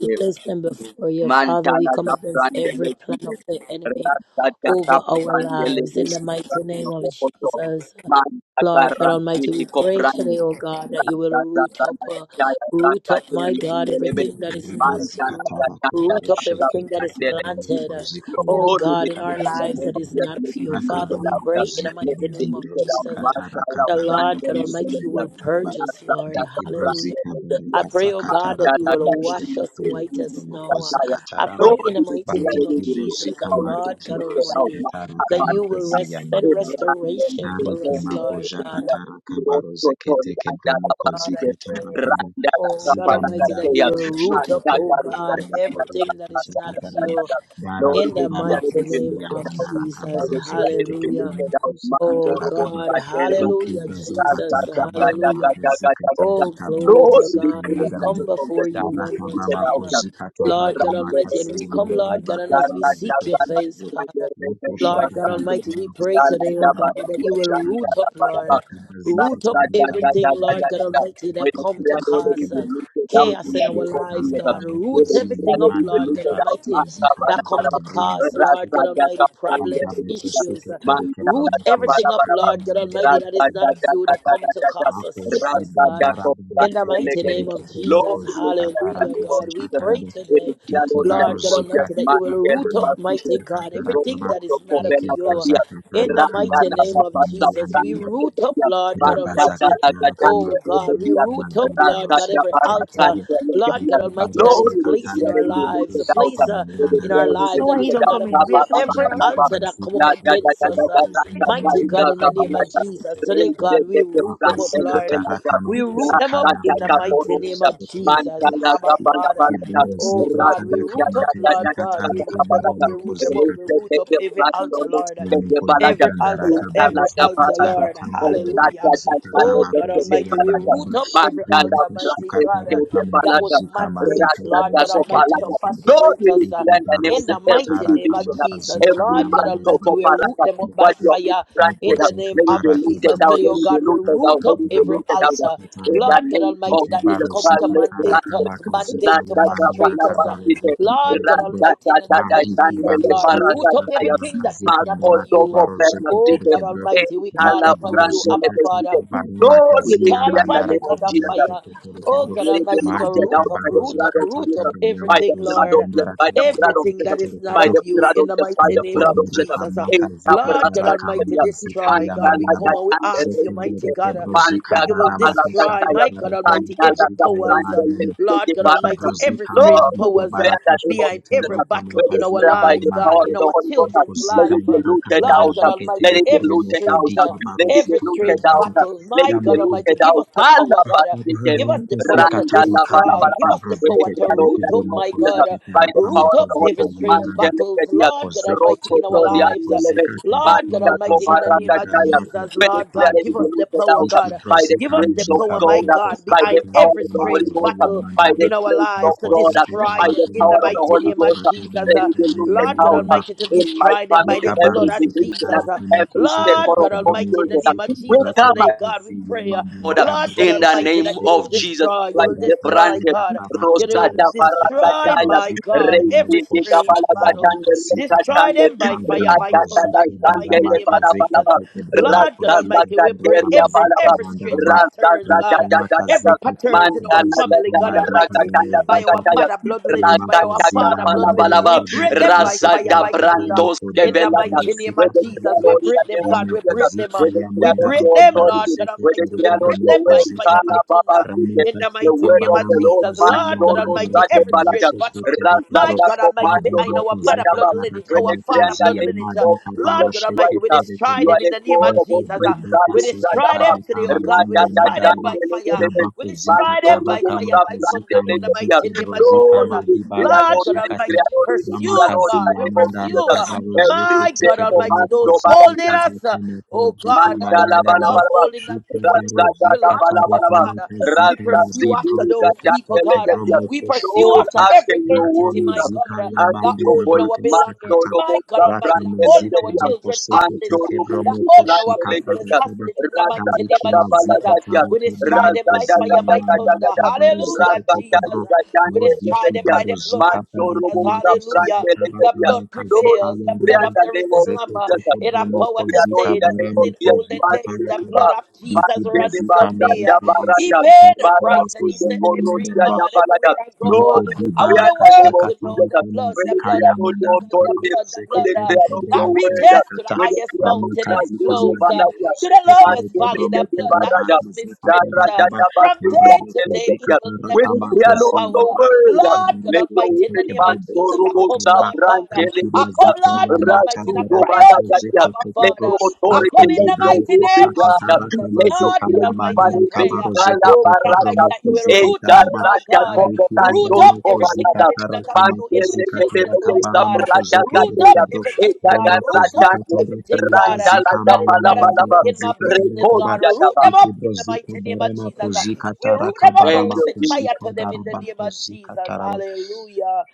Speaker 7: We place them before you. Father, we
Speaker 1: Mantala
Speaker 7: come
Speaker 1: da
Speaker 7: against every
Speaker 1: prandele
Speaker 7: plan
Speaker 1: kide.
Speaker 7: of the enemy
Speaker 1: Rata da
Speaker 7: over
Speaker 1: da
Speaker 7: our
Speaker 1: prandele
Speaker 7: lives in the
Speaker 1: desi
Speaker 7: mighty
Speaker 1: prando
Speaker 7: name of
Speaker 1: kopoto.
Speaker 7: Jesus.
Speaker 1: Manta
Speaker 7: Lord God
Speaker 1: karanti
Speaker 7: Almighty, we
Speaker 1: di
Speaker 7: pray
Speaker 1: koprande.
Speaker 7: today, oh God, that you will
Speaker 1: Rata da
Speaker 7: root
Speaker 1: da
Speaker 7: up,
Speaker 1: da da
Speaker 7: uh,
Speaker 1: jaya
Speaker 7: root
Speaker 1: rata
Speaker 7: up, my
Speaker 1: turi
Speaker 7: God,
Speaker 1: indele be.
Speaker 7: everything that is
Speaker 6: kariba
Speaker 7: not of
Speaker 1: Manta
Speaker 6: zika
Speaker 1: da
Speaker 7: you.
Speaker 1: da da
Speaker 6: tarake
Speaker 1: da
Speaker 7: Root
Speaker 6: baro
Speaker 1: da
Speaker 7: up
Speaker 1: da
Speaker 6: sheke
Speaker 7: everything that is
Speaker 6: teke
Speaker 1: prandele kide.
Speaker 7: planted,
Speaker 6: bromoko
Speaker 7: uh,
Speaker 6: zika ya
Speaker 7: oh
Speaker 1: Lord, we
Speaker 7: God,
Speaker 6: barika
Speaker 7: in our
Speaker 1: lift up the
Speaker 6: bazika.
Speaker 7: lives
Speaker 1: name
Speaker 7: that
Speaker 1: of
Speaker 7: is
Speaker 1: Jesus.
Speaker 7: not of
Speaker 1: Let it
Speaker 7: you.
Speaker 1: be
Speaker 7: Father,
Speaker 1: lifted
Speaker 7: we pray
Speaker 1: out.
Speaker 6: Rakabamakozi
Speaker 7: in the
Speaker 1: Let it
Speaker 7: mighty name of
Speaker 6: kabadibrozi
Speaker 7: Jesus. uh,
Speaker 1: Manta la
Speaker 7: the Lord God
Speaker 1: prandele
Speaker 6: katarakabaramakozi
Speaker 7: Almighty,
Speaker 1: kide.
Speaker 7: you will
Speaker 6: yamandaraba
Speaker 7: purge us,
Speaker 1: Rata da
Speaker 7: Lord.
Speaker 1: da
Speaker 6: dikibrozi
Speaker 7: Hallelujah.
Speaker 1: prandele kide.
Speaker 7: I
Speaker 6: kabarakasa
Speaker 7: pray, oh
Speaker 1: Lord, we
Speaker 7: God, that you
Speaker 1: declare
Speaker 7: will wash
Speaker 6: katarakabarosheke
Speaker 7: us white as snow.
Speaker 6: perekepromokozi
Speaker 7: I
Speaker 6: kataraba
Speaker 7: pray in the mighty name
Speaker 1: it
Speaker 7: of
Speaker 1: is in your
Speaker 6: badikibrozi
Speaker 7: Jesus that,
Speaker 1: power, it is
Speaker 7: Lord
Speaker 1: in
Speaker 7: God
Speaker 1: your
Speaker 6: kamadikibrozi
Speaker 1: power,
Speaker 7: Almighty,
Speaker 1: my
Speaker 7: that
Speaker 1: God.
Speaker 7: you will
Speaker 6: kataramakazi
Speaker 7: rest, send
Speaker 1: If
Speaker 6: yamandaraba
Speaker 1: the Lord
Speaker 7: restoration
Speaker 1: is
Speaker 7: for
Speaker 1: for
Speaker 7: us,
Speaker 1: me, it
Speaker 7: Lord
Speaker 1: is
Speaker 6: darikimakoja
Speaker 1: in
Speaker 7: God.
Speaker 1: your Lord, so sorry,
Speaker 6: katarakabarozeketeke
Speaker 1: I got up at
Speaker 7: God, I
Speaker 1: the end.
Speaker 7: pray,
Speaker 6: katarakaba
Speaker 1: Randa,
Speaker 7: oh
Speaker 1: randa,
Speaker 7: God
Speaker 1: pala,
Speaker 7: Almighty, that
Speaker 1: kateya.
Speaker 6: zigamandaraba
Speaker 7: you will
Speaker 1: Man,
Speaker 7: root
Speaker 6: kosheke
Speaker 7: up,
Speaker 1: da,
Speaker 7: oh
Speaker 1: da, da, da,
Speaker 7: God,
Speaker 1: da, da, da, da,
Speaker 7: everything that
Speaker 1: da,
Speaker 7: is
Speaker 6: terekebromokoribakoshe
Speaker 1: da,
Speaker 7: not of
Speaker 1: da,
Speaker 6: kataraba
Speaker 1: da,
Speaker 7: you
Speaker 1: da. Lord,
Speaker 7: in
Speaker 1: we
Speaker 7: the
Speaker 6: Darakabama
Speaker 1: declare it
Speaker 7: mighty
Speaker 1: is in
Speaker 7: name
Speaker 6: Kosia
Speaker 1: your
Speaker 7: of
Speaker 1: power. We
Speaker 7: Jesus.
Speaker 6: Mandarakabaro
Speaker 1: declare it is in
Speaker 6: Zeketeke
Speaker 7: Hallelujah.
Speaker 1: your
Speaker 6: Bromo
Speaker 1: power.
Speaker 6: Kosi
Speaker 1: Man,
Speaker 7: Oh
Speaker 1: Lord, we
Speaker 6: Katarakaba
Speaker 7: God,
Speaker 1: declare
Speaker 6: Diki
Speaker 7: hallelujah, Jesus,
Speaker 1: it is
Speaker 6: Bazekatakabaro
Speaker 7: hallelujah.
Speaker 1: in your
Speaker 6: Makozika
Speaker 1: power.
Speaker 7: Oh,
Speaker 6: Tarakaba
Speaker 7: glory
Speaker 1: Lord,
Speaker 7: to
Speaker 1: we
Speaker 6: Kozika
Speaker 7: God. We
Speaker 1: declare in the
Speaker 7: come
Speaker 6: Yandaraba
Speaker 1: name of the
Speaker 7: before you
Speaker 1: Spirit
Speaker 7: one
Speaker 1: is
Speaker 7: more
Speaker 1: put it
Speaker 6: Darakabama
Speaker 7: time,
Speaker 1: out
Speaker 7: uh,
Speaker 1: of
Speaker 6: Kozika
Speaker 1: the
Speaker 7: Lord God
Speaker 1: ground,
Speaker 6: Tarakama
Speaker 7: Almighty. And
Speaker 1: the
Speaker 7: we
Speaker 6: Kazia
Speaker 7: come,
Speaker 1: Spirit.
Speaker 7: Lord God,
Speaker 6: Mandaraba
Speaker 7: and as we
Speaker 1: Zala
Speaker 6: Kabaro
Speaker 7: seek your
Speaker 1: Jabara
Speaker 6: Zeketeke
Speaker 7: face,
Speaker 6: Bro
Speaker 7: God.
Speaker 1: Jagere
Speaker 6: Loko
Speaker 1: Diva
Speaker 7: Lord
Speaker 6: Shaka
Speaker 7: God
Speaker 1: Sande.
Speaker 7: Almighty, we
Speaker 6: Tarakama
Speaker 7: pray
Speaker 6: Kosi
Speaker 1: Zala
Speaker 7: today, oh God,
Speaker 1: Jabara
Speaker 6: Yandaraba
Speaker 7: that you will
Speaker 6: Kozika
Speaker 1: Yachanda
Speaker 7: root up,
Speaker 1: Jabara.
Speaker 7: Lord,
Speaker 6: Tarakaba Zika
Speaker 7: root up
Speaker 1: Zala
Speaker 6: Tarakama
Speaker 7: everything,
Speaker 1: Jabara
Speaker 7: Lord
Speaker 6: Kozika
Speaker 7: God
Speaker 1: Jagara.
Speaker 7: Almighty, that
Speaker 1: We
Speaker 6: Tarakaba
Speaker 7: come to
Speaker 1: declare, Lord, that it is
Speaker 6: Zeketeke
Speaker 7: cause
Speaker 6: Bro
Speaker 7: uh,
Speaker 1: lifted out
Speaker 7: chaos
Speaker 1: in
Speaker 7: in
Speaker 1: the
Speaker 7: our
Speaker 1: name
Speaker 6: Makoshika
Speaker 1: of
Speaker 7: lives,
Speaker 1: Jesus.
Speaker 6: taraka
Speaker 7: God.
Speaker 1: We
Speaker 7: Root
Speaker 6: makozile
Speaker 1: declare,
Speaker 7: everything
Speaker 1: Lord,
Speaker 7: up,
Speaker 1: we release it is
Speaker 6: mandara
Speaker 7: Lord God
Speaker 1: lifted out.
Speaker 7: Almighty,
Speaker 1: Masa
Speaker 6: barokozika
Speaker 7: that
Speaker 1: Bada
Speaker 7: come
Speaker 1: Bada.
Speaker 7: to
Speaker 6: takabarina
Speaker 7: cause, Lord
Speaker 1: Rasa
Speaker 6: kosika
Speaker 7: God
Speaker 1: Jaga
Speaker 7: Almighty,
Speaker 1: Prande
Speaker 7: problems,
Speaker 6: badabe
Speaker 1: the Diva.
Speaker 7: issues.
Speaker 6: kosika
Speaker 7: Uh,
Speaker 6: tereke
Speaker 1: Mantala
Speaker 7: root
Speaker 6: brome
Speaker 7: everything
Speaker 1: Jabara
Speaker 7: up,
Speaker 6: kozika
Speaker 1: Bada.
Speaker 7: Lord God
Speaker 6: yamandara
Speaker 7: Almighty, that
Speaker 1: Rasa
Speaker 7: is
Speaker 6: barokide
Speaker 7: not of you
Speaker 1: Jaga
Speaker 7: that
Speaker 6: zikate
Speaker 7: come
Speaker 1: Jaga
Speaker 7: to
Speaker 1: Jaga.
Speaker 7: cause us sickness,
Speaker 6: makozide
Speaker 1: Rasta
Speaker 7: God.
Speaker 6: ndara
Speaker 1: Jacob
Speaker 7: In the
Speaker 1: Franke
Speaker 6: barozike
Speaker 7: mighty name
Speaker 1: Legende.
Speaker 6: tereke
Speaker 7: of
Speaker 6: brome
Speaker 7: Jesus,
Speaker 1: Lord, we
Speaker 6: kozika
Speaker 1: declare in
Speaker 7: hallelujah,
Speaker 1: the
Speaker 6: barake
Speaker 1: name of
Speaker 7: God.
Speaker 6: zeka
Speaker 7: We
Speaker 1: Jesus.
Speaker 7: pray
Speaker 6: tarabe
Speaker 1: We
Speaker 7: today.
Speaker 1: declare,
Speaker 6: diki
Speaker 1: Lord, in the
Speaker 6: baro
Speaker 7: Lord
Speaker 1: name
Speaker 7: God
Speaker 1: of Jesus,
Speaker 7: Almighty,
Speaker 6: zikate
Speaker 7: that
Speaker 1: man,
Speaker 7: you will root
Speaker 1: Kelly,
Speaker 6: kabarana
Speaker 7: up, mighty
Speaker 1: Pastor,
Speaker 6: koshika
Speaker 7: God,
Speaker 6: taraka
Speaker 7: everything
Speaker 1: Rosso,
Speaker 6: ba
Speaker 7: that is
Speaker 1: Sopo,
Speaker 7: not of
Speaker 6: deke
Speaker 1: Bella,
Speaker 7: you.
Speaker 1: Katia,
Speaker 6: prozaka
Speaker 7: In the
Speaker 6: taraka
Speaker 1: Randa,
Speaker 7: mighty name
Speaker 1: Lapa,
Speaker 6: makozika
Speaker 7: of
Speaker 1: Pasta,
Speaker 7: Jesus, we
Speaker 6: mayandara
Speaker 1: Franke,
Speaker 7: root up,
Speaker 1: Legendia,
Speaker 7: Lord God
Speaker 1: Pancata,
Speaker 7: Almighty.
Speaker 6: Rabazakatiana
Speaker 7: Oh
Speaker 1: Lagatanga,
Speaker 6: Kamako,
Speaker 7: God, we
Speaker 1: Legendia,
Speaker 7: root up,
Speaker 6: Kamadiba,
Speaker 7: Lord
Speaker 1: Rasta,
Speaker 7: God, every
Speaker 1: Japara,
Speaker 7: altar,
Speaker 6: Sekatelekabo,
Speaker 1: Franke,
Speaker 7: Lord God
Speaker 1: Legendia.
Speaker 6: Diko
Speaker 7: Almighty, that
Speaker 1: Lord,
Speaker 6: Barason
Speaker 7: is
Speaker 1: we
Speaker 7: placed in
Speaker 6: Katara
Speaker 1: declare
Speaker 7: our
Speaker 1: in the name
Speaker 6: Kamako,
Speaker 7: lives, a
Speaker 1: of
Speaker 6: Zupa,
Speaker 7: place
Speaker 1: Jesus.
Speaker 7: uh,
Speaker 1: We
Speaker 6: Marianda
Speaker 7: in our
Speaker 1: declare in the
Speaker 8: So
Speaker 7: lives
Speaker 1: name of
Speaker 7: that
Speaker 8: why he
Speaker 7: is
Speaker 8: don't
Speaker 6: Rabazakatana,
Speaker 7: not
Speaker 1: Jesus.
Speaker 8: come
Speaker 7: of
Speaker 8: in? We
Speaker 7: you.
Speaker 1: Lapa,
Speaker 8: have to push
Speaker 1: Papa,
Speaker 7: Every
Speaker 8: her out.
Speaker 6: Mariki
Speaker 1: Papa, Lapa.
Speaker 7: altar that come up
Speaker 6: Bazika,
Speaker 7: against us, uh,
Speaker 6: Kamako,
Speaker 7: mighty
Speaker 6: Ziyamanda,
Speaker 7: God, in the name
Speaker 6: Rakabaro,
Speaker 7: of Jesus.
Speaker 1: Lord,
Speaker 7: Today,
Speaker 6: Sekatelekabo,
Speaker 1: we
Speaker 7: God, we root
Speaker 6: Bako
Speaker 7: them up, Lord.
Speaker 6: Zikatara
Speaker 7: We
Speaker 6: Kamako,
Speaker 7: root them up
Speaker 6: Zikaya,
Speaker 7: in the
Speaker 6: Mandara
Speaker 7: mighty
Speaker 6: Baro,
Speaker 7: name of Jesus. Abba,
Speaker 6: Sekatelekabo,
Speaker 7: Father.
Speaker 6: Kibero
Speaker 7: Oh God, we
Speaker 6: Zikatara
Speaker 7: root up,
Speaker 6: Kamaka,
Speaker 7: Lord God,
Speaker 6: Zikatara
Speaker 7: we root them
Speaker 6: Kabaro,
Speaker 7: up, we
Speaker 6: Mako,
Speaker 7: root them up,
Speaker 6: Zikata.
Speaker 7: we root up every altar, Lord.
Speaker 6: Yamukozika
Speaker 7: Every altar, every
Speaker 6: ndarakabarozika
Speaker 7: altar, Lord. Hallelujah.
Speaker 6: tarakamorodokozika
Speaker 7: Oh God
Speaker 6: tamakozika
Speaker 7: Almighty, we
Speaker 6: mandereba
Speaker 7: root up every altar, mighty God, uh, that was
Speaker 6: rimekeshikatarakamakozika
Speaker 7: mandate, Lord God Almighty, to
Speaker 6: madikabarozeketerekebre
Speaker 7: frustrate us. uh,
Speaker 1: declare in the name of
Speaker 7: in
Speaker 1: the
Speaker 7: the
Speaker 6: dikibarozika
Speaker 1: every
Speaker 7: mighty name of
Speaker 1: division,
Speaker 7: Jesus,
Speaker 6: tarakamakozika
Speaker 1: every
Speaker 7: Lord God
Speaker 1: man, so
Speaker 7: Almighty,
Speaker 1: for
Speaker 7: we root them up by
Speaker 1: what
Speaker 6: yamanderebarozeketerekebre
Speaker 1: you have
Speaker 7: fire.
Speaker 1: granted.
Speaker 7: In the
Speaker 6: makozika
Speaker 7: name
Speaker 1: Maybe
Speaker 7: of
Speaker 1: they looted
Speaker 7: Jesus,
Speaker 1: out,
Speaker 7: today, oh
Speaker 1: maybe they
Speaker 7: God,
Speaker 6: tarakabamakozika
Speaker 7: we
Speaker 1: looted out,
Speaker 7: root up
Speaker 1: maybe they
Speaker 7: every
Speaker 1: looted out.
Speaker 7: altar.
Speaker 6: tarakabamakozika
Speaker 1: In
Speaker 6: taraba
Speaker 1: the
Speaker 7: Lord God
Speaker 1: name of
Speaker 7: Almighty, that is
Speaker 1: Jesus
Speaker 7: come
Speaker 1: Christ,
Speaker 7: to
Speaker 6: dikabarozika
Speaker 1: let the
Speaker 7: mandate to
Speaker 6: tarakamakazika
Speaker 7: mandate
Speaker 1: light
Speaker 7: to
Speaker 1: Rakata
Speaker 7: frustrate us.
Speaker 1: Balabasite,
Speaker 7: Lord God
Speaker 6: yamanderakabarozeketerekebre
Speaker 7: Almighty,
Speaker 1: Rakata
Speaker 7: in the name
Speaker 1: Tata
Speaker 7: of
Speaker 6: Madiki
Speaker 7: Jesus,
Speaker 1: Sandele
Speaker 7: Lord,
Speaker 6: barozika
Speaker 7: root up
Speaker 1: Parakataya,
Speaker 6: takana
Speaker 7: everything that is
Speaker 6: kazika
Speaker 7: not of
Speaker 6: meraka
Speaker 1: Makoto
Speaker 7: you.
Speaker 6: barozika
Speaker 7: Oh
Speaker 1: Kopernasite,
Speaker 7: God
Speaker 6: terekebro.
Speaker 7: Almighty, we call
Speaker 1: Etala
Speaker 6: Diki
Speaker 7: upon you,
Speaker 1: Brandele
Speaker 6: barozika
Speaker 7: Abba
Speaker 6: teke
Speaker 7: Father.
Speaker 1: Besite.
Speaker 6: barona
Speaker 1: Lord,
Speaker 7: We
Speaker 1: we
Speaker 6: kazia
Speaker 7: call
Speaker 1: declare in the
Speaker 7: upon the
Speaker 1: name
Speaker 6: madaraka
Speaker 1: of
Speaker 7: God of
Speaker 1: Jesus
Speaker 7: fire.
Speaker 6: barozika
Speaker 7: Oh
Speaker 6: terekebro.
Speaker 7: God Almighty, to
Speaker 6: Madika
Speaker 7: root up,
Speaker 1: by the
Speaker 7: root up,
Speaker 1: blood
Speaker 6: barozika
Speaker 1: of
Speaker 7: root
Speaker 6: taka
Speaker 7: up
Speaker 1: Jesus,
Speaker 6: bayama
Speaker 1: by the
Speaker 7: everything,
Speaker 6: kuziga
Speaker 1: blood
Speaker 7: Lord
Speaker 1: of Jesus,
Speaker 6: gandara
Speaker 1: by the blood of
Speaker 7: everything
Speaker 6: barozika
Speaker 7: that
Speaker 1: Jesus,
Speaker 7: is not
Speaker 1: by
Speaker 7: of
Speaker 6: terekebro.
Speaker 1: the
Speaker 7: you
Speaker 1: blood
Speaker 7: in
Speaker 1: of
Speaker 7: the
Speaker 1: Jesus, by
Speaker 7: mighty
Speaker 1: the
Speaker 7: name
Speaker 1: blood
Speaker 7: of
Speaker 1: of
Speaker 6: Mokodera
Speaker 1: Jesus.
Speaker 7: Jesus. Uh,
Speaker 1: Enta
Speaker 6: kamakazika
Speaker 7: Lord God
Speaker 1: brasta
Speaker 7: Almighty,
Speaker 1: kiria,
Speaker 6: tarakamukazika
Speaker 7: destroy.
Speaker 1: manta
Speaker 7: God, we
Speaker 1: la
Speaker 6: yamanaba
Speaker 7: come and we
Speaker 1: gachande
Speaker 7: ask you,
Speaker 6: zekendere
Speaker 7: mighty
Speaker 1: reisire,
Speaker 7: God, uh,
Speaker 6: kebrozika
Speaker 1: manta
Speaker 7: that you will
Speaker 1: kapala
Speaker 7: destroy,
Speaker 6: baramakashaka
Speaker 1: gachaya,
Speaker 7: my God Almighty,
Speaker 1: manta la
Speaker 7: every
Speaker 6: tarakamukazika
Speaker 7: powers. uh,
Speaker 1: gaprande
Speaker 6: yamanaba
Speaker 7: Lord
Speaker 1: leisire
Speaker 7: God
Speaker 1: baraka.
Speaker 7: Almighty, every
Speaker 6: ikibrozika
Speaker 7: strange
Speaker 1: Lord, we
Speaker 6: mobika
Speaker 7: powers uh,
Speaker 1: declare that name of
Speaker 6: barakashaka
Speaker 7: behind every
Speaker 1: Jesus.
Speaker 7: battle
Speaker 1: Where
Speaker 7: in
Speaker 1: they
Speaker 7: our
Speaker 6: tarakamukazika
Speaker 1: stand by
Speaker 7: lives,
Speaker 1: the
Speaker 7: God,
Speaker 6: yamanaba
Speaker 1: power
Speaker 7: in
Speaker 1: of the
Speaker 7: our
Speaker 1: Holy Ghost, uh,
Speaker 7: children's
Speaker 1: let it
Speaker 7: life.
Speaker 1: be
Speaker 7: uh,
Speaker 6: mukozigandera
Speaker 1: rooted
Speaker 7: Lord
Speaker 1: out.
Speaker 7: God
Speaker 1: uh, Let
Speaker 6: kabaroziketere
Speaker 7: Almighty,
Speaker 1: it be
Speaker 7: every
Speaker 1: rooted
Speaker 7: strange,
Speaker 1: out. uh,
Speaker 6: kebromokodika
Speaker 7: uh,
Speaker 1: Let it be
Speaker 7: every
Speaker 6: barozika
Speaker 1: rooted
Speaker 7: strange
Speaker 1: out.
Speaker 6: tarakaba
Speaker 1: uh,
Speaker 7: battle,
Speaker 1: Let
Speaker 7: my
Speaker 1: it be
Speaker 7: God Almighty,
Speaker 1: rooted
Speaker 7: give
Speaker 1: out.
Speaker 7: us the power, God. uh,
Speaker 1: Kalabasike,
Speaker 7: Give us the power
Speaker 6: Kuzika
Speaker 7: to
Speaker 6: tara kabere
Speaker 7: destroy. Give
Speaker 1: randalabalabalaba.
Speaker 7: us the
Speaker 1: Where they
Speaker 7: power
Speaker 6: kubrozike
Speaker 7: to
Speaker 1: stand
Speaker 6: tere
Speaker 1: on
Speaker 7: root
Speaker 1: the
Speaker 7: up,
Speaker 1: name
Speaker 6: kibromo
Speaker 1: of
Speaker 7: my
Speaker 1: Jesus,
Speaker 7: God.
Speaker 1: uh,
Speaker 6: kuzika
Speaker 7: uh,
Speaker 6: tera
Speaker 1: By the
Speaker 6: kame
Speaker 7: Root
Speaker 1: power of
Speaker 7: up
Speaker 1: the Holy
Speaker 6: kuzika
Speaker 7: every
Speaker 1: Ghost, man,
Speaker 7: strange
Speaker 6: yenderada
Speaker 7: battles,
Speaker 6: na
Speaker 1: Jelekedia,
Speaker 7: Lord God
Speaker 6: kuzike
Speaker 7: Almighty, in
Speaker 6: teke
Speaker 7: our
Speaker 1: Rosotoria,
Speaker 6: bromo
Speaker 1: and
Speaker 7: lives. uh,
Speaker 1: Jelebe,
Speaker 6: kuzika tera
Speaker 1: man,
Speaker 7: Lord God
Speaker 6: kama
Speaker 7: Almighty, in
Speaker 6: kuzika
Speaker 7: the name of
Speaker 1: Jacobarakataya.
Speaker 6: yenderada
Speaker 7: Jesus,
Speaker 1: Where
Speaker 6: kuzika
Speaker 1: they
Speaker 7: Lord
Speaker 1: stand,
Speaker 6: tara
Speaker 1: let
Speaker 7: God, give
Speaker 1: it be
Speaker 6: kaba
Speaker 7: us the
Speaker 1: rooted
Speaker 7: power,
Speaker 1: out. uh,
Speaker 6: diki
Speaker 7: God.
Speaker 1: By the
Speaker 7: Give
Speaker 6: brozika
Speaker 7: us
Speaker 6: ne
Speaker 7: the
Speaker 1: grace of
Speaker 6: dika
Speaker 7: power, my
Speaker 1: God,
Speaker 6: baro
Speaker 1: uh,
Speaker 7: God,
Speaker 1: by
Speaker 6: kosaka
Speaker 1: the
Speaker 7: behind
Speaker 1: power
Speaker 6: tera
Speaker 7: every
Speaker 1: of the
Speaker 6: kama
Speaker 1: Holy
Speaker 7: strange
Speaker 1: Ghost, uh,
Speaker 6: kuzika
Speaker 7: battle
Speaker 1: by
Speaker 6: mandarada
Speaker 1: the
Speaker 7: in our
Speaker 1: grace
Speaker 6: na
Speaker 1: of
Speaker 7: lives to
Speaker 1: God, uh,
Speaker 6: kuzika
Speaker 7: destroy
Speaker 1: by
Speaker 6: tera
Speaker 7: them
Speaker 1: the
Speaker 7: in
Speaker 6: kama
Speaker 1: power
Speaker 7: the
Speaker 1: of the
Speaker 7: mighty
Speaker 6: kuzika
Speaker 1: Holy
Speaker 7: name
Speaker 1: Ghost
Speaker 6: tera
Speaker 7: of Jesus.
Speaker 1: then
Speaker 6: kama
Speaker 7: Uh,
Speaker 1: you will look at
Speaker 7: Lord God
Speaker 1: how
Speaker 6: kuzika
Speaker 1: that
Speaker 7: Almighty, to
Speaker 1: in my
Speaker 7: destroy them
Speaker 1: family
Speaker 7: by the
Speaker 6: Likabaro
Speaker 1: every
Speaker 7: blood of
Speaker 1: division,
Speaker 6: zikatara
Speaker 7: Jesus. Uh,
Speaker 6: kamako
Speaker 1: every
Speaker 7: Lord
Speaker 1: sector
Speaker 6: jekete
Speaker 7: God
Speaker 1: of
Speaker 7: Almighty, in
Speaker 6: kebromoko
Speaker 7: the name of
Speaker 1: confusion.
Speaker 6: zikatara
Speaker 7: Jesus
Speaker 1: Wake up my
Speaker 7: today,
Speaker 6: kamako
Speaker 7: God, we
Speaker 6: ziye
Speaker 7: pray. uh,
Speaker 6: mandeli
Speaker 1: Lord,
Speaker 7: Lord God
Speaker 1: in
Speaker 6: kabroko
Speaker 1: the
Speaker 7: Almighty, that
Speaker 1: name
Speaker 6: sekete
Speaker 7: you will
Speaker 1: of
Speaker 6: kebre
Speaker 1: Jesus
Speaker 7: destroy, you will
Speaker 1: Christ, the
Speaker 6: arata
Speaker 7: destroy,
Speaker 1: brand
Speaker 7: God.
Speaker 6: zikatara
Speaker 7: You will
Speaker 6: kebaro
Speaker 1: Rosata
Speaker 6: zikete
Speaker 7: destroy,
Speaker 6: kebro
Speaker 1: Barakataya,
Speaker 7: my
Speaker 6: zike
Speaker 7: God, every
Speaker 6: beromoko
Speaker 1: Reiki
Speaker 7: strange
Speaker 6: shikuraba
Speaker 7: battle.
Speaker 1: Kabalakatande,
Speaker 6: kasikata
Speaker 7: Destroy
Speaker 1: Lekatande,
Speaker 7: them by
Speaker 6: adi
Speaker 7: fire, by
Speaker 6: bro
Speaker 7: thunder,
Speaker 1: Ratatata
Speaker 6: zike
Speaker 7: in the mighty
Speaker 6: barama
Speaker 1: Sandele
Speaker 7: name of Jesus.
Speaker 1: Barabalaba,
Speaker 6: kazekete
Speaker 7: Lord
Speaker 6: kebromoko
Speaker 7: God Almighty,
Speaker 6: zikete
Speaker 7: we break
Speaker 6: rekaba
Speaker 1: Ratatateria
Speaker 7: every
Speaker 6: zika
Speaker 1: Balaba,
Speaker 7: every strange
Speaker 6: bandaraba
Speaker 7: patterns, God,
Speaker 6: rekamaka
Speaker 7: every
Speaker 1: Ratatatatatata,
Speaker 6: zikete
Speaker 7: patterns in
Speaker 6: kebro
Speaker 7: our
Speaker 1: Mandala
Speaker 6: zika
Speaker 7: family, God
Speaker 1: Gatanda
Speaker 6: madika
Speaker 7: Almighty,
Speaker 6: bero
Speaker 1: Rakatanda
Speaker 7: by
Speaker 6: zaka
Speaker 7: our
Speaker 1: Rakataya,
Speaker 7: mother blood lineage, by our
Speaker 6: Ramakazi
Speaker 1: Ratatata
Speaker 7: father blood
Speaker 6: Amandara
Speaker 7: lineage. We
Speaker 1: Balabalaba,
Speaker 7: break
Speaker 6: Kabaru
Speaker 7: them by fire,
Speaker 6: Zeketele
Speaker 1: Razada
Speaker 7: by thunder.
Speaker 6: Kubomo
Speaker 1: Brandos
Speaker 6: Kordi
Speaker 7: In the
Speaker 1: Kevelata,
Speaker 6: Kabaru
Speaker 7: mighty name
Speaker 6: Sika
Speaker 1: with
Speaker 7: of
Speaker 1: the
Speaker 7: Jesus,
Speaker 6: Karakaba
Speaker 7: we
Speaker 1: glory
Speaker 7: break
Speaker 1: that they
Speaker 7: them,
Speaker 1: were
Speaker 7: God.
Speaker 6: Dima
Speaker 7: We
Speaker 1: Jesus.
Speaker 7: break them.
Speaker 6: Kozika
Speaker 7: uh,
Speaker 1: We
Speaker 7: we
Speaker 1: declare out
Speaker 6: Yamandara
Speaker 7: break
Speaker 1: your
Speaker 7: them,
Speaker 6: Kabaru
Speaker 7: Lord
Speaker 1: authority.
Speaker 7: God
Speaker 1: We
Speaker 7: Almighty.
Speaker 6: Zeketele
Speaker 7: We
Speaker 1: declare out
Speaker 7: break
Speaker 6: Kabramo
Speaker 1: your
Speaker 7: them by
Speaker 1: word.
Speaker 7: fire,
Speaker 6: Kozikata
Speaker 7: by
Speaker 1: Kala Baba
Speaker 7: thunder.
Speaker 1: Sike.
Speaker 7: In the
Speaker 6: Ramakashi
Speaker 1: The
Speaker 7: mighty
Speaker 1: word
Speaker 7: name
Speaker 1: of
Speaker 7: of
Speaker 1: the
Speaker 6: Kabarama
Speaker 1: Lord,
Speaker 7: Jesus,
Speaker 6: Kozi
Speaker 1: man,
Speaker 7: Lord God
Speaker 1: Jorgo,
Speaker 6: Yamandara
Speaker 7: Almighty,
Speaker 1: Sato,
Speaker 7: every
Speaker 6: Kabaru
Speaker 1: Balaja,
Speaker 7: strange battle.
Speaker 6: Seketele
Speaker 7: My
Speaker 6: Kabro
Speaker 1: Razaka,
Speaker 7: God Almighty,
Speaker 1: Kopato,
Speaker 6: Madaba
Speaker 7: behind our
Speaker 1: Rosia,
Speaker 7: mother
Speaker 6: kozika
Speaker 7: blood
Speaker 1: Daba.
Speaker 7: lineage,
Speaker 1: We
Speaker 7: our
Speaker 6: Karakama
Speaker 1: declare
Speaker 7: father
Speaker 1: in
Speaker 6: Kozi
Speaker 1: the
Speaker 7: blood
Speaker 1: name
Speaker 7: lineage. uh,
Speaker 6: Yamadi
Speaker 1: of
Speaker 7: Lord
Speaker 6: Kabaru
Speaker 1: Jesus
Speaker 7: God Almighty,
Speaker 1: Christ.
Speaker 7: we
Speaker 1: uh,
Speaker 6: Seketele
Speaker 7: destroy
Speaker 1: You
Speaker 6: Kabro
Speaker 7: them
Speaker 1: are
Speaker 7: in
Speaker 1: the
Speaker 7: the name
Speaker 1: God
Speaker 7: of
Speaker 1: of
Speaker 6: Moko
Speaker 1: all
Speaker 7: Jesus.
Speaker 1: grace,
Speaker 6: Di
Speaker 7: uh,
Speaker 6: Beka
Speaker 1: Salu,
Speaker 7: We destroy
Speaker 6: Seketara
Speaker 7: them
Speaker 1: Zadaba,
Speaker 7: today, oh God. We
Speaker 1: Radaka,
Speaker 7: destroy them
Speaker 6: Kabazi
Speaker 7: by
Speaker 1: Sandele,
Speaker 7: fire.
Speaker 1: Delele,
Speaker 7: We
Speaker 1: Man,
Speaker 6: Dabakuzika
Speaker 7: destroy them
Speaker 1: Jorgo,
Speaker 7: by
Speaker 6: tabakama
Speaker 7: fire, by
Speaker 1: Sapla,
Speaker 7: thunder,
Speaker 6: kazikama
Speaker 7: in
Speaker 1: Delele,
Speaker 7: the mighty name of
Speaker 1: Lord,
Speaker 7: Jesus.
Speaker 6: dikidrozikama
Speaker 7: uh.
Speaker 1: we declare,
Speaker 7: Lord
Speaker 1: Lord,
Speaker 7: God
Speaker 1: we
Speaker 6: dibarekeshakate
Speaker 7: Almighty,
Speaker 1: declare,
Speaker 7: we
Speaker 1: Lord, we declare,
Speaker 7: pursue,
Speaker 1: Lord, in
Speaker 7: God.
Speaker 1: the
Speaker 6: ramakazia
Speaker 7: We
Speaker 1: name of Jesus.
Speaker 7: pursue.
Speaker 6: mandarate
Speaker 7: uh,
Speaker 1: Every
Speaker 6: barozeke
Speaker 7: my
Speaker 1: chain
Speaker 7: God
Speaker 1: of
Speaker 7: Almighty, those
Speaker 6: tekebremokozika
Speaker 7: holding
Speaker 1: us,
Speaker 7: us, uh,
Speaker 6: tarakama
Speaker 7: oh God, uh,
Speaker 6: kazikama
Speaker 1: Manta la
Speaker 7: whatever
Speaker 1: bala
Speaker 6: yandarada
Speaker 7: those
Speaker 1: bala
Speaker 7: holding us,
Speaker 1: bala.
Speaker 7: whatever
Speaker 1: Rasta
Speaker 7: is
Speaker 6: dikeberozika
Speaker 7: belong
Speaker 1: bala
Speaker 7: to
Speaker 1: bala
Speaker 7: us,
Speaker 1: bala.
Speaker 6: tarakama
Speaker 7: God, uh, we
Speaker 6: kazikama
Speaker 7: pursue after those
Speaker 6: dibrozeke
Speaker 7: people, God. uh,
Speaker 1: Razazibirigadalegadiya.
Speaker 7: we pursue
Speaker 1: Lord,
Speaker 7: after
Speaker 6: tekebremokoshikata
Speaker 1: after
Speaker 7: every
Speaker 1: your word,
Speaker 7: entity, my God,
Speaker 6: rakamazika
Speaker 7: uh,
Speaker 1: after
Speaker 7: that
Speaker 1: your
Speaker 7: holding
Speaker 1: voice,
Speaker 7: our belongings,
Speaker 6: yabanderabakesakata
Speaker 7: my God
Speaker 1: Mantorobosa
Speaker 7: Almighty, that holding
Speaker 6: rakamazike
Speaker 7: our
Speaker 1: Brantelegadia,
Speaker 7: children
Speaker 6: bakoseke
Speaker 7: hostage, uh,
Speaker 9: Rosary
Speaker 7: that
Speaker 1: Mantorobosa
Speaker 7: holding our our
Speaker 6: tekebremokoshikata
Speaker 7: business
Speaker 1: Brantelegadia,
Speaker 7: hostage in the mighty name
Speaker 6: Dariki
Speaker 7: of Jesus.
Speaker 6: mazika
Speaker 7: Uh,
Speaker 1: Razadabalagadia,
Speaker 7: We
Speaker 6: tareke
Speaker 7: destroy
Speaker 6: bama
Speaker 7: them by fire,
Speaker 6: kuziyo
Speaker 7: by thunder.
Speaker 6: mandaraka
Speaker 1: Razadagadagadaga,
Speaker 7: Hallelujah,
Speaker 6: baruzike teke
Speaker 7: Jesus.
Speaker 6: bro.
Speaker 7: Uh, We destroy
Speaker 6: Modiki
Speaker 7: them
Speaker 1: Razadagadagadaga,
Speaker 7: by the blood
Speaker 6: baruzika
Speaker 7: of
Speaker 6: tareke
Speaker 7: Jesus.
Speaker 1: Mantorobosa
Speaker 6: makusake
Speaker 7: Hallelujah. The
Speaker 6: taraka
Speaker 1: Brantelegadia.
Speaker 7: blood
Speaker 1: Lord,
Speaker 6: makazika
Speaker 7: prevails. The
Speaker 1: pray
Speaker 7: blood
Speaker 1: in
Speaker 6: yandaraba.
Speaker 7: of
Speaker 1: the
Speaker 7: the
Speaker 1: name
Speaker 7: risen
Speaker 1: of
Speaker 7: Lamb.
Speaker 6: Zeke
Speaker 7: uh,
Speaker 1: Jesus.
Speaker 6: teke
Speaker 7: It
Speaker 6: bro
Speaker 7: has
Speaker 1: Pray
Speaker 7: power
Speaker 6: moko
Speaker 7: to
Speaker 1: in
Speaker 6: zika
Speaker 7: stay,
Speaker 1: the
Speaker 7: just
Speaker 1: name
Speaker 7: as
Speaker 1: of
Speaker 6: barama
Speaker 7: in
Speaker 1: Jesus.
Speaker 7: olden
Speaker 6: kuzika
Speaker 7: days. The
Speaker 6: taraka ba.
Speaker 7: blood of
Speaker 1: Mantorobosa Lord, we
Speaker 7: Jesus
Speaker 6: Diki
Speaker 7: ransom
Speaker 6: brezika
Speaker 7: me. Uh,
Speaker 6: marika
Speaker 7: He
Speaker 6: bazika
Speaker 7: paid the
Speaker 6: tareke
Speaker 7: price and he set
Speaker 6: makuziyo
Speaker 7: me free,
Speaker 6: mandaraba.
Speaker 7: God, everywhere I go. Uh,
Speaker 6: Mako di
Speaker 7: I want
Speaker 1: declare in
Speaker 7: the
Speaker 6: baraka
Speaker 1: the name
Speaker 7: world
Speaker 1: of
Speaker 6: shaka
Speaker 7: to know
Speaker 6: tara
Speaker 1: Jesus.
Speaker 7: the
Speaker 1: that
Speaker 6: kama
Speaker 7: blood,
Speaker 1: We
Speaker 7: the
Speaker 6: zika
Speaker 7: blood
Speaker 6: ya
Speaker 1: declare
Speaker 7: of
Speaker 1: Lord, your
Speaker 6: mandari
Speaker 7: Jesus, the
Speaker 1: authority.
Speaker 6: kabaro
Speaker 7: blood, the
Speaker 1: We
Speaker 6: zeke
Speaker 7: blood. uh,
Speaker 6: tere
Speaker 1: declare Lord,
Speaker 6: kebro
Speaker 7: that
Speaker 1: your
Speaker 6: moko
Speaker 1: word.
Speaker 7: reaches
Speaker 1: that
Speaker 6: zika
Speaker 7: to the
Speaker 6: ta
Speaker 1: We
Speaker 7: highest
Speaker 1: declare
Speaker 6: rama
Speaker 1: Lord, Jesus,
Speaker 7: mountain and it
Speaker 6: kazika ma
Speaker 1: Joseph,
Speaker 7: flows
Speaker 6: di
Speaker 1: and
Speaker 7: uh,
Speaker 6: baro
Speaker 1: Isaiah.
Speaker 7: to the
Speaker 6: zeke
Speaker 1: And
Speaker 6: tere
Speaker 7: lowest
Speaker 1: we
Speaker 6: kebro
Speaker 7: valley. The
Speaker 6: moko
Speaker 1: declare,
Speaker 7: blood that
Speaker 6: riba
Speaker 1: Baraja,
Speaker 7: gives me
Speaker 6: kazeka tere
Speaker 7: strength uh,
Speaker 1: Baraja,
Speaker 6: keba
Speaker 7: from
Speaker 1: Jabasi,
Speaker 7: day
Speaker 6: mariba
Speaker 7: to
Speaker 1: Kramele,
Speaker 7: day,
Speaker 6: kozika
Speaker 7: it
Speaker 1: Jekia.
Speaker 7: will
Speaker 6: tara
Speaker 1: We
Speaker 7: never
Speaker 6: kama
Speaker 7: lose
Speaker 1: declare
Speaker 7: its
Speaker 1: Lord,
Speaker 6: kozi
Speaker 7: power.
Speaker 6: ya
Speaker 1: your word.
Speaker 6: mandari
Speaker 1: that
Speaker 7: Lord
Speaker 6: kabaro
Speaker 7: God
Speaker 1: Let your
Speaker 6: zeke
Speaker 7: Almighty, in
Speaker 1: word
Speaker 6: tere
Speaker 7: the name
Speaker 6: kebro
Speaker 7: of
Speaker 1: man
Speaker 6: bo
Speaker 1: to
Speaker 7: Jesus, I
Speaker 6: zika
Speaker 7: come,
Speaker 1: Rubosa,
Speaker 6: tere
Speaker 7: Lord God. uh,
Speaker 1: Brangele,
Speaker 6: Riki
Speaker 7: I come,
Speaker 6: mazika
Speaker 7: Lord
Speaker 6: ya
Speaker 7: God Almighty,
Speaker 1: Rastu,
Speaker 7: and I
Speaker 6: makabara
Speaker 7: cry out
Speaker 6: kabro
Speaker 7: to you,
Speaker 1: Tobada,
Speaker 6: zeke
Speaker 7: Abba
Speaker 6: tere
Speaker 1: let
Speaker 6: kebro
Speaker 7: Father.
Speaker 1: your
Speaker 7: I
Speaker 6: moko
Speaker 1: authority,
Speaker 7: come in
Speaker 6: di
Speaker 1: let
Speaker 7: the
Speaker 1: your
Speaker 7: mighty
Speaker 6: baroko
Speaker 1: will be
Speaker 7: name
Speaker 6: shaka
Speaker 7: of
Speaker 1: done.
Speaker 6: tara
Speaker 1: Let
Speaker 7: Jesus.
Speaker 6: kama
Speaker 1: your
Speaker 7: Lord
Speaker 6: zika
Speaker 7: God
Speaker 6: ya
Speaker 1: grace
Speaker 7: Almighty, I
Speaker 6: mandari
Speaker 7: pray,
Speaker 1: manifest.
Speaker 7: uh,
Speaker 6: kabaro
Speaker 1: Kala
Speaker 6: zeke
Speaker 7: oh
Speaker 6: tere
Speaker 7: God
Speaker 6: kebro
Speaker 1: baraka.
Speaker 7: Almighty, that
Speaker 6: moko
Speaker 7: you will root
Speaker 1: Eja
Speaker 6: tara
Speaker 7: up, my
Speaker 1: raja
Speaker 7: God, uh,
Speaker 6: Tariki
Speaker 1: kompetanto
Speaker 7: root
Speaker 6: Berama
Speaker 7: up everything
Speaker 6: Kozika
Speaker 7: that
Speaker 1: kobalada.
Speaker 7: is not of
Speaker 6: Tarakama
Speaker 7: you in my
Speaker 1: Mantere
Speaker 6: Kozika
Speaker 1: bebe
Speaker 7: children's
Speaker 6: Taraka
Speaker 1: bebe
Speaker 7: life, God.
Speaker 6: Barama
Speaker 1: sabraja
Speaker 6: Kozeke
Speaker 7: Root up
Speaker 6: Ndereke
Speaker 1: katea.
Speaker 6: Bro
Speaker 7: everything,
Speaker 1: Eja
Speaker 7: God.
Speaker 6: Roma
Speaker 7: Root
Speaker 1: garaja
Speaker 7: up
Speaker 6: Kozika
Speaker 1: ne.
Speaker 7: everything,
Speaker 6: Tarakama
Speaker 7: God. uh,
Speaker 1: Randa la
Speaker 6: Kazika
Speaker 7: That is
Speaker 1: kapa la
Speaker 7: not of
Speaker 6: Mayangaraba
Speaker 1: balaba.
Speaker 7: you in my
Speaker 6: Kazika
Speaker 7: business,
Speaker 6: Tarakaba
Speaker 7: God.
Speaker 1: Rekoja
Speaker 7: Root
Speaker 1: daba.
Speaker 7: them
Speaker 6: Diki
Speaker 7: up in the
Speaker 6: Brozika
Speaker 7: mighty name of
Speaker 6: Barama
Speaker 7: Jesus. uh.
Speaker 6: Kozika
Speaker 7: We root
Speaker 6: Taraka
Speaker 7: them up and
Speaker 1: Thank
Speaker 7: we
Speaker 6: Barama
Speaker 1: you,
Speaker 7: set fire
Speaker 1: Jesus.
Speaker 6: Kozika
Speaker 7: to them in the
Speaker 6: daraba
Speaker 7: name of
Speaker 6: Kozika
Speaker 7: Jesus.
Speaker 6: Taraba
Speaker 7: Hallelujah.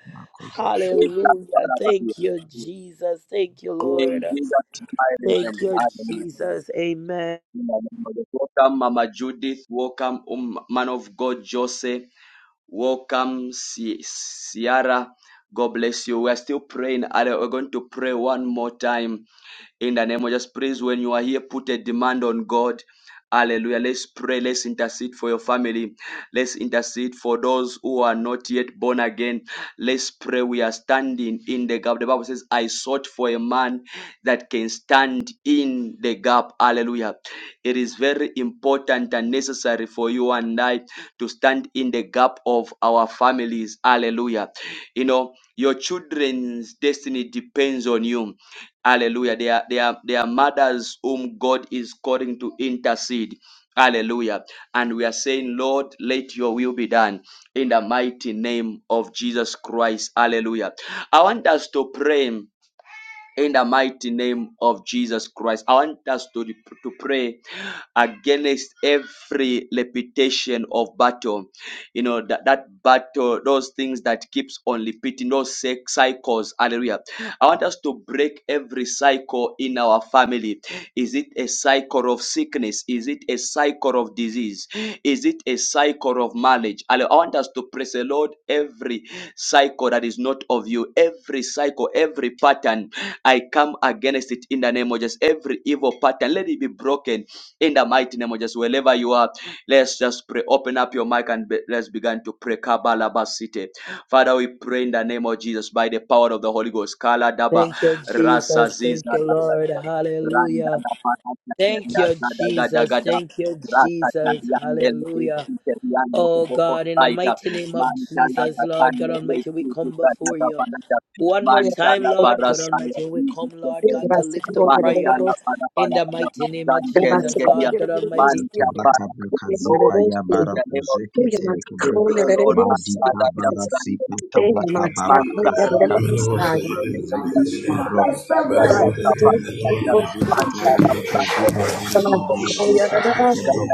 Speaker 1: Eja
Speaker 7: Hallelujah.
Speaker 1: barabari.
Speaker 7: Thank you, Jesus. Thank you,
Speaker 9: Corridor
Speaker 7: Lord.
Speaker 1: In Jesus' mighty
Speaker 7: Thank
Speaker 1: name.
Speaker 7: you,
Speaker 1: Amen.
Speaker 7: Jesus. Amen.
Speaker 1: In the name of the- Lord. Welcome, Mama Judith. Welcome, um, man of God, Jose. Welcome, Si- Sierra. God bless you. We're still praying. we're going to pray one more time in the name of just praise when you are here, put a demand on God. Hallelujah. Let's pray. Let's intercede for your family. Let's intercede for those who are not yet born again. Let's pray. We are standing in the gap. The Bible says, I sought for a man that can stand in the gap. Hallelujah. It is very important and necessary for you and I to stand in the gap of our families. Hallelujah. You know, your children's destiny depends on you. Hallelujah. They are, they are, they are mothers whom God is calling to intercede. Hallelujah. And we are saying, Lord, let your will be done in the mighty name of Jesus Christ. Hallelujah. I want us to pray in the mighty name of Jesus Christ. I want us to, to pray against every repetition of battle. You know, that, that battle, those things that keeps on repeating, those cy- cycles. Hallelujah. I want us to break every cycle in our family. Is it a cycle of sickness? Is it a cycle of disease? Is it a cycle of marriage? Hallelujah. I want us to praise the Lord every cycle that is not of you, every cycle, every pattern I come against it in the name of Jesus. Every evil pattern, let it be broken in the mighty name of Jesus. Wherever you are, let's just pray. Open up your mic and be- let's begin to pray. Kabalabasite. Father, we pray in the name of Jesus by the power of the Holy Ghost. Kala daba
Speaker 7: Thank you,
Speaker 1: rasa
Speaker 7: Jesus.
Speaker 1: ziza
Speaker 7: Thank you, Lord.
Speaker 1: randa
Speaker 7: Hallelujah.
Speaker 1: la pana teria
Speaker 7: Thank you,
Speaker 1: gada gada
Speaker 7: Jesus.
Speaker 1: gada
Speaker 7: Thank you,
Speaker 1: rasa
Speaker 7: Jesus.
Speaker 1: tadiande le
Speaker 7: Hallelujah.
Speaker 1: tiriando
Speaker 7: Oh
Speaker 1: como
Speaker 7: God, in the
Speaker 1: cosaita
Speaker 7: mighty name of
Speaker 1: mantana
Speaker 7: Jesus,
Speaker 1: da
Speaker 7: Lord God
Speaker 1: pane le
Speaker 7: Almighty, we come
Speaker 1: tiriando
Speaker 7: before you. One more
Speaker 3: we are
Speaker 7: time,
Speaker 1: Mantala
Speaker 3: going
Speaker 7: Lord God
Speaker 1: barasaya
Speaker 7: Almighty, we come, Lord
Speaker 3: to
Speaker 7: God,
Speaker 1: kenda.
Speaker 7: to
Speaker 3: ask the
Speaker 7: lift
Speaker 3: Lord
Speaker 7: up
Speaker 3: to
Speaker 7: prayer
Speaker 3: deliver
Speaker 1: Manchala
Speaker 3: us.
Speaker 1: para
Speaker 7: in
Speaker 1: para
Speaker 7: the
Speaker 1: para
Speaker 7: mighty name of
Speaker 3: We are
Speaker 1: mantele
Speaker 3: asking
Speaker 7: Jesus,
Speaker 3: the Lord
Speaker 1: gedia.
Speaker 7: Lord
Speaker 3: to
Speaker 7: God
Speaker 3: deliver us.
Speaker 7: Almighty.
Speaker 3: We
Speaker 1: Manta
Speaker 3: are
Speaker 1: para.
Speaker 3: asking the
Speaker 6: Rakabukazika
Speaker 1: Lord, we
Speaker 3: Lord to
Speaker 1: pray
Speaker 3: deliver
Speaker 6: Yabara
Speaker 3: us.
Speaker 1: the name of
Speaker 3: We
Speaker 1: Jesus.
Speaker 3: are asking the
Speaker 1: We
Speaker 6: Zeketerekebru
Speaker 3: Lord to
Speaker 1: pray, Lord,
Speaker 3: deliver us.
Speaker 6: Madika
Speaker 1: mantala
Speaker 3: This
Speaker 1: da
Speaker 3: is
Speaker 6: Barasika
Speaker 1: brandele gedia.
Speaker 3: the
Speaker 6: Tarakaba
Speaker 3: master who is
Speaker 1: Mantara
Speaker 6: Makazika
Speaker 3: delivering
Speaker 1: para
Speaker 10: I
Speaker 3: us. We
Speaker 10: watch
Speaker 6: Tarakabaru
Speaker 1: mantele gedia.
Speaker 6: Zeketekebro
Speaker 1: Rasta da
Speaker 3: are
Speaker 1: da
Speaker 3: asking
Speaker 6: Rosika
Speaker 1: da
Speaker 3: the
Speaker 1: para
Speaker 3: Lord to deliver us.
Speaker 1: gedia.
Speaker 3: We
Speaker 6: Tarakabuzika
Speaker 3: are asking the
Speaker 1: Mantala para
Speaker 6: Tarakabuzika Tarakabaru
Speaker 3: Lord to deliver us. We
Speaker 6: Zeketekebro